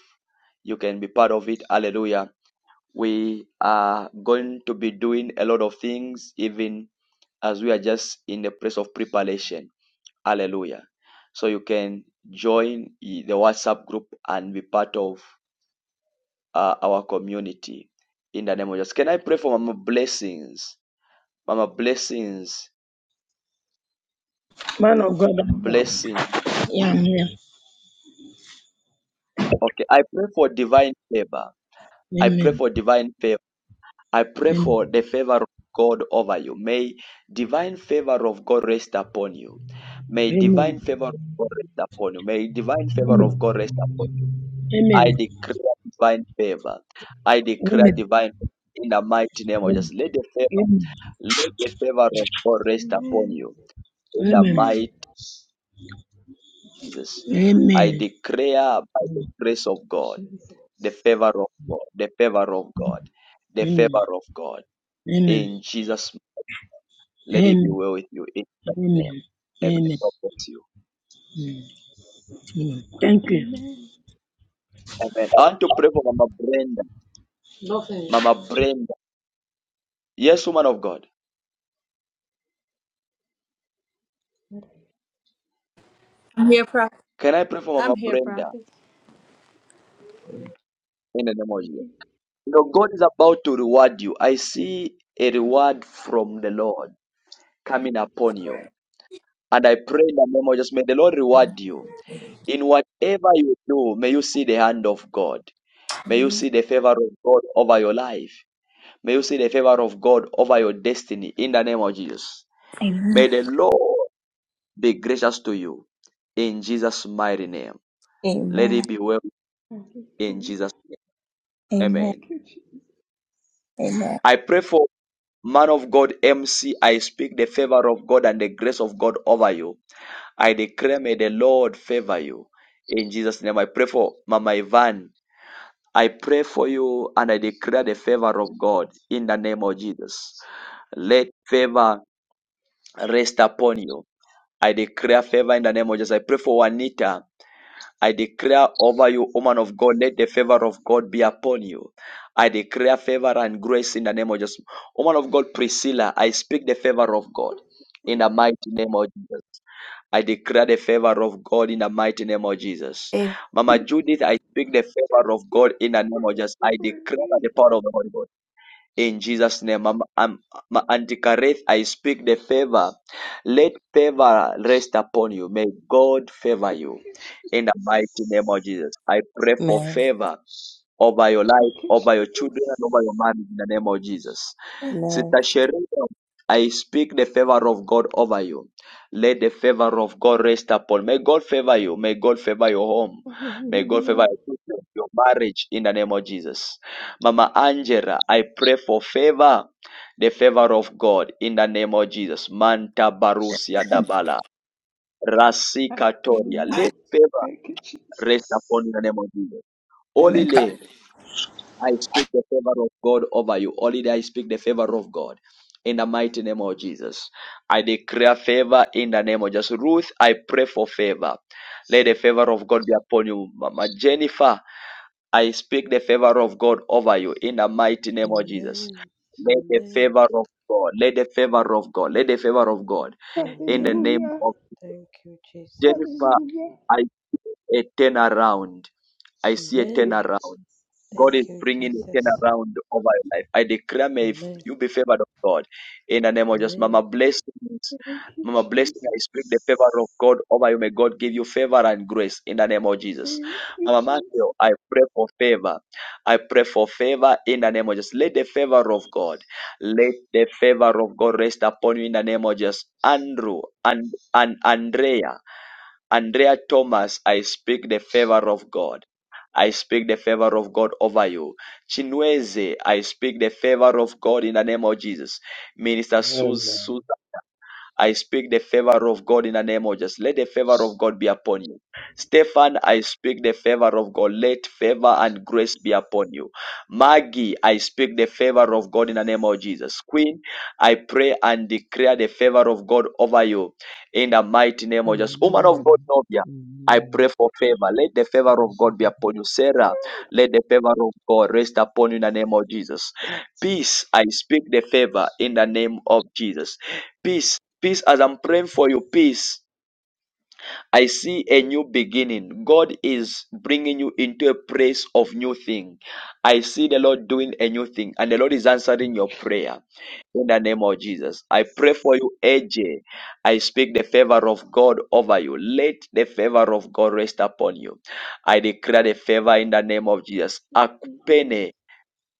Speaker 1: you can be part of it. Hallelujah. We are going to be doing a lot of things, even as we are just in the place of preparation. Hallelujah. So you can join the WhatsApp group and be part of uh, our community. In the name of Jesus. Can I pray for Mama Blessings? Mama Blessings,
Speaker 24: Man of God, I'm up.
Speaker 1: blessing.
Speaker 24: yeah, I'm here.
Speaker 1: Okay, I pray for divine favor. I pray
Speaker 24: Amen.
Speaker 1: for divine favor I pray
Speaker 24: Amen.
Speaker 1: for the favor of God over you. May divine favor of God rest upon you. May divine
Speaker 24: Amen.
Speaker 1: favor of God rest upon you. May divine favor
Speaker 24: Amen.
Speaker 1: of God rest upon you. I
Speaker 24: Amen.
Speaker 1: declare divine favor. I declare
Speaker 24: Amen.
Speaker 1: divine favor in the mighty name of Jesus. Let the favor,
Speaker 24: Amen.
Speaker 1: let the favor of God rest upon
Speaker 16: Amen.
Speaker 1: you.
Speaker 24: Amen.
Speaker 1: In the
Speaker 24: Amen.
Speaker 16: Amen.
Speaker 1: mighty Jesus.
Speaker 24: Amen. Amen.
Speaker 1: I declare by the grace of God, the
Speaker 16: Jesus.
Speaker 1: favor of God, the favor of God, the favor of God. In Jesus' Let it be
Speaker 24: Amen.
Speaker 1: well with you in Jesus'
Speaker 24: Amen.
Speaker 1: name. Amen.
Speaker 24: Amen.
Speaker 1: God bless you.
Speaker 24: Amen. Thank you.
Speaker 16: Amen.
Speaker 1: Amen. I want to pray for Mama Brenda.
Speaker 24: Nothing.
Speaker 1: Mama
Speaker 16: Hallelujah.
Speaker 1: Brenda. Yes, woman of God.
Speaker 12: I'm here, prophet.
Speaker 1: Can I pray for Mama
Speaker 12: I'm here,
Speaker 1: Brenda
Speaker 12: prophet.
Speaker 1: in the name of Jesus? You know, God is about to reward you. I see a reward from the Lord coming upon you. And I pray in the name of Jesus, may the Lord reward you. In whatever you do, may you see the hand of God. May you see the favor of God over your life. May you see the favor of God over your destiny in the name of Jesus. May
Speaker 12: Amen.
Speaker 1: the Lord be gracious to you in Jesus' mighty name. Let
Speaker 12: Amen.
Speaker 1: it be well in Jesus' name.
Speaker 12: Amen.
Speaker 1: Amen.
Speaker 16: Thank you, Jesus.
Speaker 12: Amen.
Speaker 1: I pray for man of God, MC. I speak the favor of God and the grace of God over you. I declare, may the Lord favor you in Jesus' name. I pray for Mama Ivan. I pray for you and I declare the favor of God in the name of Jesus. Let favor rest upon you. I declare favor in the name of Jesus. I pray for Juanita. I declare over you, woman of God, let the favor of God be upon you. I declare favor and grace in the name of Jesus. Woman of God, Priscilla, I speak the favor of God in
Speaker 16: Hallelujah.
Speaker 1: the mighty name of Jesus. I declare the favor of God in the mighty name of Jesus.
Speaker 25: Amen.
Speaker 1: Mama Judith, I speak the favor of
Speaker 16: Thank you
Speaker 1: God in the
Speaker 16: for
Speaker 1: name of Jesus. I
Speaker 16: remembering
Speaker 1: declare by
Speaker 16: me.
Speaker 1: the power of the Holy Ghost. In Jesus' name, I'm, I'm, Ma- Auntie Kareth, I speak the favor. Let favor rest upon you. May God favor
Speaker 16: Thank
Speaker 1: you.
Speaker 16: you,
Speaker 1: In the mighty name of
Speaker 16: Jesus.
Speaker 1: Jesus, I pray for
Speaker 7: Amen.
Speaker 1: favor over your
Speaker 16: Thank
Speaker 1: life,
Speaker 16: you,
Speaker 1: over your children, and over your
Speaker 16: Jesus.
Speaker 1: marriage in the name of Jesus.
Speaker 7: Amen.
Speaker 1: Sister Cheryl, I speak the favor of God over you. Let the favor of God rest upon. May God favor you. May God favor your home. May God favor
Speaker 16: Hallelujah.
Speaker 1: your children, your marriage in the name of Jesus. Mama Angela, I pray for favor, the favor of God in the name of Jesus. Manta Barusia Dabala. Rasika Toria.
Speaker 16: Hallelujah.
Speaker 1: Let favor
Speaker 16: Thank you,
Speaker 1: rest
Speaker 16: Jesus.
Speaker 1: upon you in the name of Jesus.
Speaker 13: Amen.
Speaker 1: Olile.
Speaker 13: Thank you.
Speaker 1: I speak the favor of God over you. Only I speak the favor of God. In the mighty name of Jesus, I declare favor in the name of Jesus. Ruth, I pray for favor. Let the favor of God be upon you. Mama Jennifer, I speak the favor of God over you in the mighty name of Jesus.
Speaker 15: Amen.
Speaker 1: Let the
Speaker 15: Amen.
Speaker 1: favor of God, let the favor of God, let the favor of God in the
Speaker 15: Amen.
Speaker 1: name
Speaker 16: Hallelujah.
Speaker 1: of
Speaker 15: Thank you, Jesus.
Speaker 1: Jennifer,
Speaker 16: Hallelujah.
Speaker 1: I see a turnaround. I see a
Speaker 16: Thank
Speaker 15: Amen.
Speaker 16: you,
Speaker 1: turnaround.
Speaker 16: Jesus.
Speaker 1: God
Speaker 15: Thank
Speaker 1: is
Speaker 15: you,
Speaker 1: bringing a
Speaker 15: Jesus.
Speaker 1: turnaround over your life. I declare, may
Speaker 15: Amen.
Speaker 1: you be favored of God. In the name of Jesus,
Speaker 15: Amen.
Speaker 1: Mama, blessings.
Speaker 16: Thank you,
Speaker 1: Mama, blessing.
Speaker 16: Jesus.
Speaker 1: I speak the favor of God over you. May God give you favor and grace in the name of Jesus.
Speaker 16: Thank you,
Speaker 1: Mama Matthew,
Speaker 16: Jesus.
Speaker 1: I pray for favor. I pray for favor in the name of Jesus. Let the favor of God, let the favor of God rest upon you in the name of Jesus. Andrew and, and Andrea. Andrea Thomas, I speak the favor of God. I speak the favor of God over you. Chinweze, I speak the favor of God in the name of Jesus. Minister
Speaker 26: Amen.
Speaker 1: Susan I speak the favor of God in the name of Jesus. Let the favor of God be upon you. Stefan, I speak the favor of God. Let favor and grace be upon you. Maggie, I speak the favor of God in the name of Jesus. Queen, I pray and declare the favor of God over you in the mighty name of Jesus. Woman of God,
Speaker 27: Amen.
Speaker 1: Novia, I pray
Speaker 27: Amen.
Speaker 1: for favor. Let the favor of God be upon you. Sarah, let the favor of God rest upon you in the name of Jesus. Peace, I speak the favor in the name of Jesus. Peace, peace, as I'm praying for you, peace. I see a new beginning. God is bringing you into a place of new thing. I see the Lord doing a new thing and the Lord is answering your prayer in the name of Jesus. I pray for
Speaker 16: Jesus.
Speaker 1: you, AJ. I speak the favor of God over you. Let the favor of God rest upon you. I declare the favor in the name of Jesus.
Speaker 16: Hallelujah.
Speaker 1: Akpene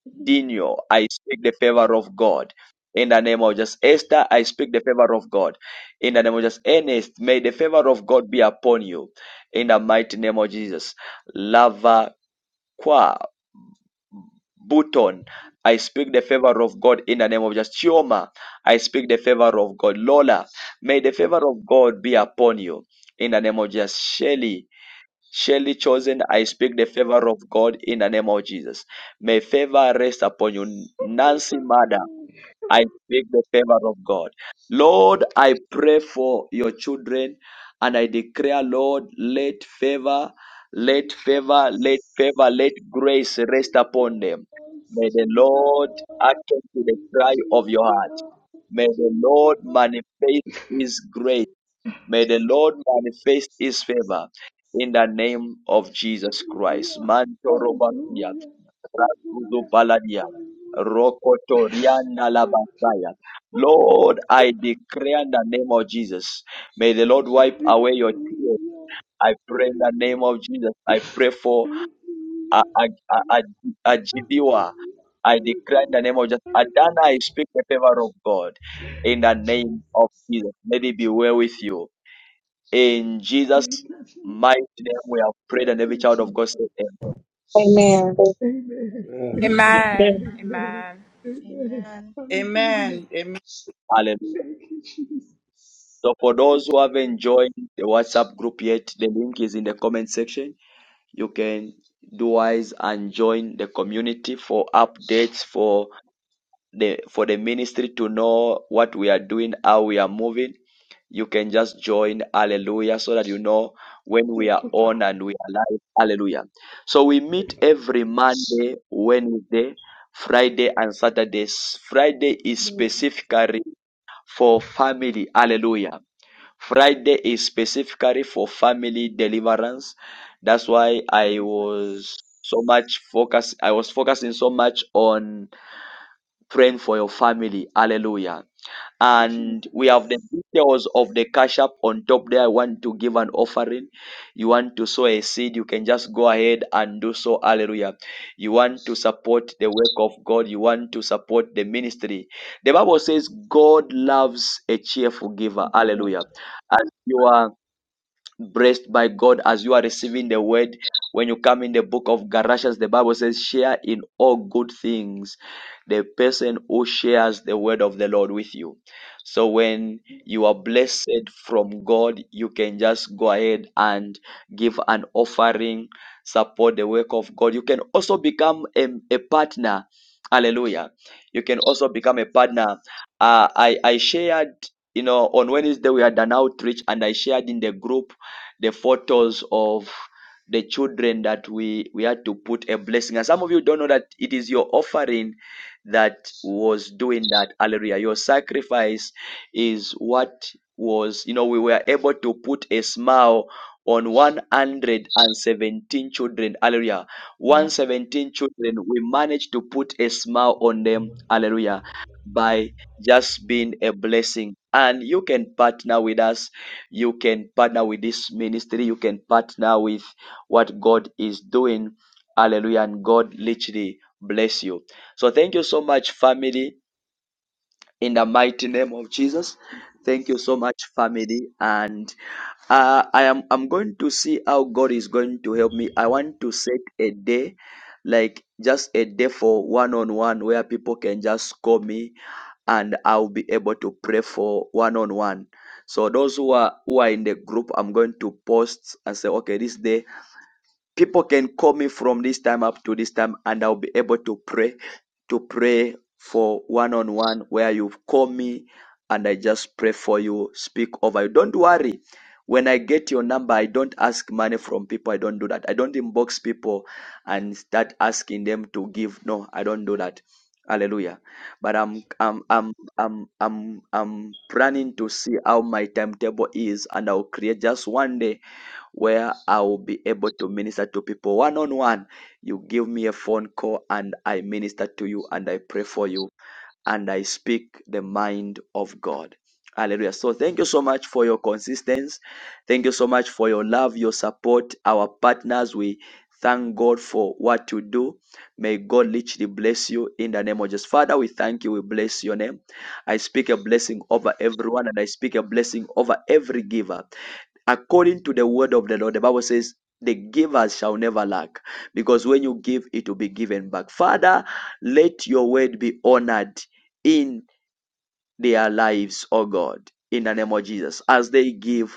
Speaker 16: Hallelujah.
Speaker 1: Dino, I speak the favor of God. In the name of just Esther, I speak the favor of God. In the name of just Ernest, may the favor of God be upon you. In the mighty name of Jesus. Lava Kwa Button, I speak the favor of God in the name of just Chioma. I speak the favor of God. Lola, may the favor of God be upon you. In the name of just Shelly, Surely chosen, I speak the favor of God in the name of Jesus. May favor rest upon you.
Speaker 16: Oh, my
Speaker 1: Nancy Mother,
Speaker 16: family.
Speaker 1: I
Speaker 16: Oh,
Speaker 1: speak the favor of God. Lord, I pray for your children and I declare, Lord, let favor, let
Speaker 16: Jesus.
Speaker 1: favor, let favor, let grace rest upon them. May
Speaker 16: Jesus.
Speaker 1: the Lord hearken to the cry of your heart.
Speaker 16: Jesus.
Speaker 1: May
Speaker 16: Jesus.
Speaker 1: the Lord
Speaker 16: Jesus.
Speaker 1: manifest his grace May the
Speaker 16: Jesus.
Speaker 1: Lord manifest his
Speaker 16: Jesus,
Speaker 1: favor in the name of Jesus Christ.
Speaker 16: Hallelujah. Hallelujah.
Speaker 1: Mantorobakia,
Speaker 16: Hallelujah. Hallelujah.
Speaker 1: Razuzubaladia,
Speaker 16: Hallelujah.
Speaker 1: Rokotoriana
Speaker 16: Hallelujah.
Speaker 1: Labasaya. Lord, I declare in the name of Jesus. May the Lord wipe
Speaker 16: Hallelujah.
Speaker 1: away your tears. I pray in the name of Jesus. I pray for
Speaker 16: Hallelujah.
Speaker 1: a a a, a, a Gideon. I declare in the name of Jesus.
Speaker 16: Hallelujah.
Speaker 1: Adana, I
Speaker 16: Hallelujah.
Speaker 1: speak the favor of God
Speaker 16: Thank
Speaker 1: in the
Speaker 16: you,
Speaker 1: name of
Speaker 16: Jesus.
Speaker 1: Jesus. Let it be well with you. In Jesus'
Speaker 16: Thank you, Jesus.
Speaker 1: mighty name, we have prayed, and
Speaker 16: Thank
Speaker 1: every
Speaker 16: you,
Speaker 1: child of
Speaker 16: Jesus.
Speaker 1: God said, Amen.
Speaker 16: Amen.
Speaker 26: Amen.
Speaker 16: Amen.
Speaker 28: Amen.
Speaker 16: Amen.
Speaker 28: Amen.
Speaker 16: Amen.
Speaker 29: Amen.
Speaker 16: Hallelujah.
Speaker 13: Amen. Amen.
Speaker 1: Hallelujah.
Speaker 16: Thank you, Jesus.
Speaker 1: So, for
Speaker 16: Thank you,
Speaker 1: those who
Speaker 16: Jesus.
Speaker 1: haven't joined the WhatsApp group yet, the link is in the comment section. You can do wise and join the community for updates, for the for the ministry to know what we are doing, how we are moving, you can just join hallelujah so that you know when we
Speaker 16: Take
Speaker 1: are
Speaker 16: it God.
Speaker 1: on and we are live hallelujah so we meet every monday wednesday friday and saturdays friday is
Speaker 16: Lord
Speaker 1: specifically for family hallelujah friday is specifically for family deliverance that's why
Speaker 16: Jesus.
Speaker 1: i was so much focus i was focusing so much on praying for your family. Hallelujah. And we
Speaker 16: Jesus.
Speaker 1: have the details of the cash app on top there. I want to give an offering. You want to sow a seed, you can just go ahead and do so. Hallelujah. You want to support the work of God, you want to support the ministry. The Bible says God loves a cheerful giver.
Speaker 16: Thank you,
Speaker 1: Hallelujah. As you are blessed by God as you are receiving the word. When you come in the book of Galatians, the Bible says, share in all good things the person who shares the word of the Lord with you. So when you are blessed from God, you can just go ahead and give an offering, support the work of God. You can also become a, a partner. Hallelujah. You can also become a
Speaker 16: Jesus.
Speaker 1: partner. Uh, I, I shared you know, on Wednesday we had an outreach and I shared in the group the photos of the children that we, we had to put a blessing. And some of you don't know that it is your offering that was doing that. Hallelujah. Your sacrifice is what was, you know, we were able to put a smile on 117 children. Hallelujah.
Speaker 16: Thank
Speaker 1: 117 children, we managed to put a smile on them. Hallelujah. By just being a blessing. And you can partner with us you can partner with this ministry. You can partner with what God is doing. Hallelujah. And God literally bless you. So thank you so much, family, in the mighty name of Jesus.
Speaker 16: Jesus.
Speaker 1: Thank you so much, family. And uh, I am I'm going to see how God is going to help me. I want to set a day, like just a day for one on one where people can just call me and I'll be able to pray for one on one. So those who are who are in the group, I'm going to post and say, okay, this day people can call me from this time up to this time, and I'll be able to pray to pray for one on one where you call me and I just pray for you, speak over you. Don't worry. When I get your number, I don't ask money from people. I don't do that. I don't inbox people and start asking them to give. No, I don't do that. Hallelujah. But I'm
Speaker 16: Jesus.
Speaker 1: I'm I'm I'm I'm I'm planning to see how my timetable is and I'll create just one day where I will be able to minister to people one on one. You give me a phone call and I minister to you and I pray for you and I speak the mind of God. Hallelujah. So thank you so much for your consistency. Thank you so much for your love, your support, our partners. We thank God for what you do. May God literally bless you in the name of Jesus. Father, we thank you. We bless your name. I speak a
Speaker 16: Jesus.
Speaker 1: blessing over everyone and I speak a blessing over every giver according to the word of the Lord, the Bible says, the givers shall never lack because when you give, it will be given back. Father, let your word be honored in their lives, oh God, in the name of Jesus, as
Speaker 16: Jesus.
Speaker 1: they give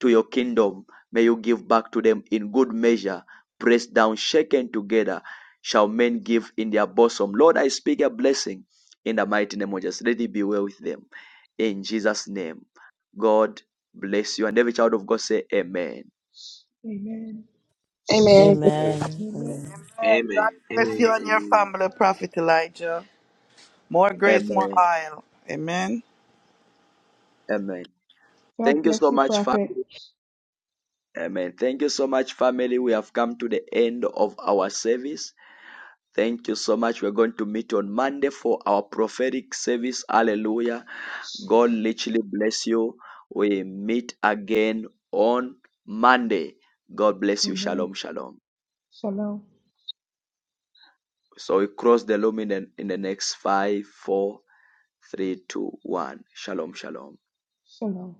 Speaker 1: to your kingdom. May you give back to them in good measure, pressed down, shaken together, shall men give in their bosom. Lord, I speak a blessing in the mighty name of Jesus. Let it be well with them. In Jesus' name, God bless you. And every child of God say, Amen.
Speaker 16: Amen.
Speaker 7: Amen.
Speaker 16: Amen.
Speaker 7: Amen.
Speaker 13: Amen.
Speaker 6: amen,
Speaker 13: God bless you
Speaker 6: amen,
Speaker 13: and your
Speaker 6: amen.
Speaker 13: family, Prophet Elijah. More grace, more
Speaker 1: Amen.
Speaker 13: oil. Amen.
Speaker 1: Amen.
Speaker 16: God
Speaker 1: Thank you
Speaker 16: bless
Speaker 1: so
Speaker 16: you,
Speaker 1: much, family.
Speaker 16: Prophet.
Speaker 1: Amen. Thank you so much, family. We have come to the end of our service. Thank you so much. We're going to meet on Monday for our prophetic service. Hallelujah. God literally bless you. We meet again on Monday. God bless you.
Speaker 16: Amen.
Speaker 1: Shalom, shalom.
Speaker 16: Shalom.
Speaker 1: So we cross the loom in the, in the next five, four, three, two, one. Shalom, shalom.
Speaker 16: Shalom.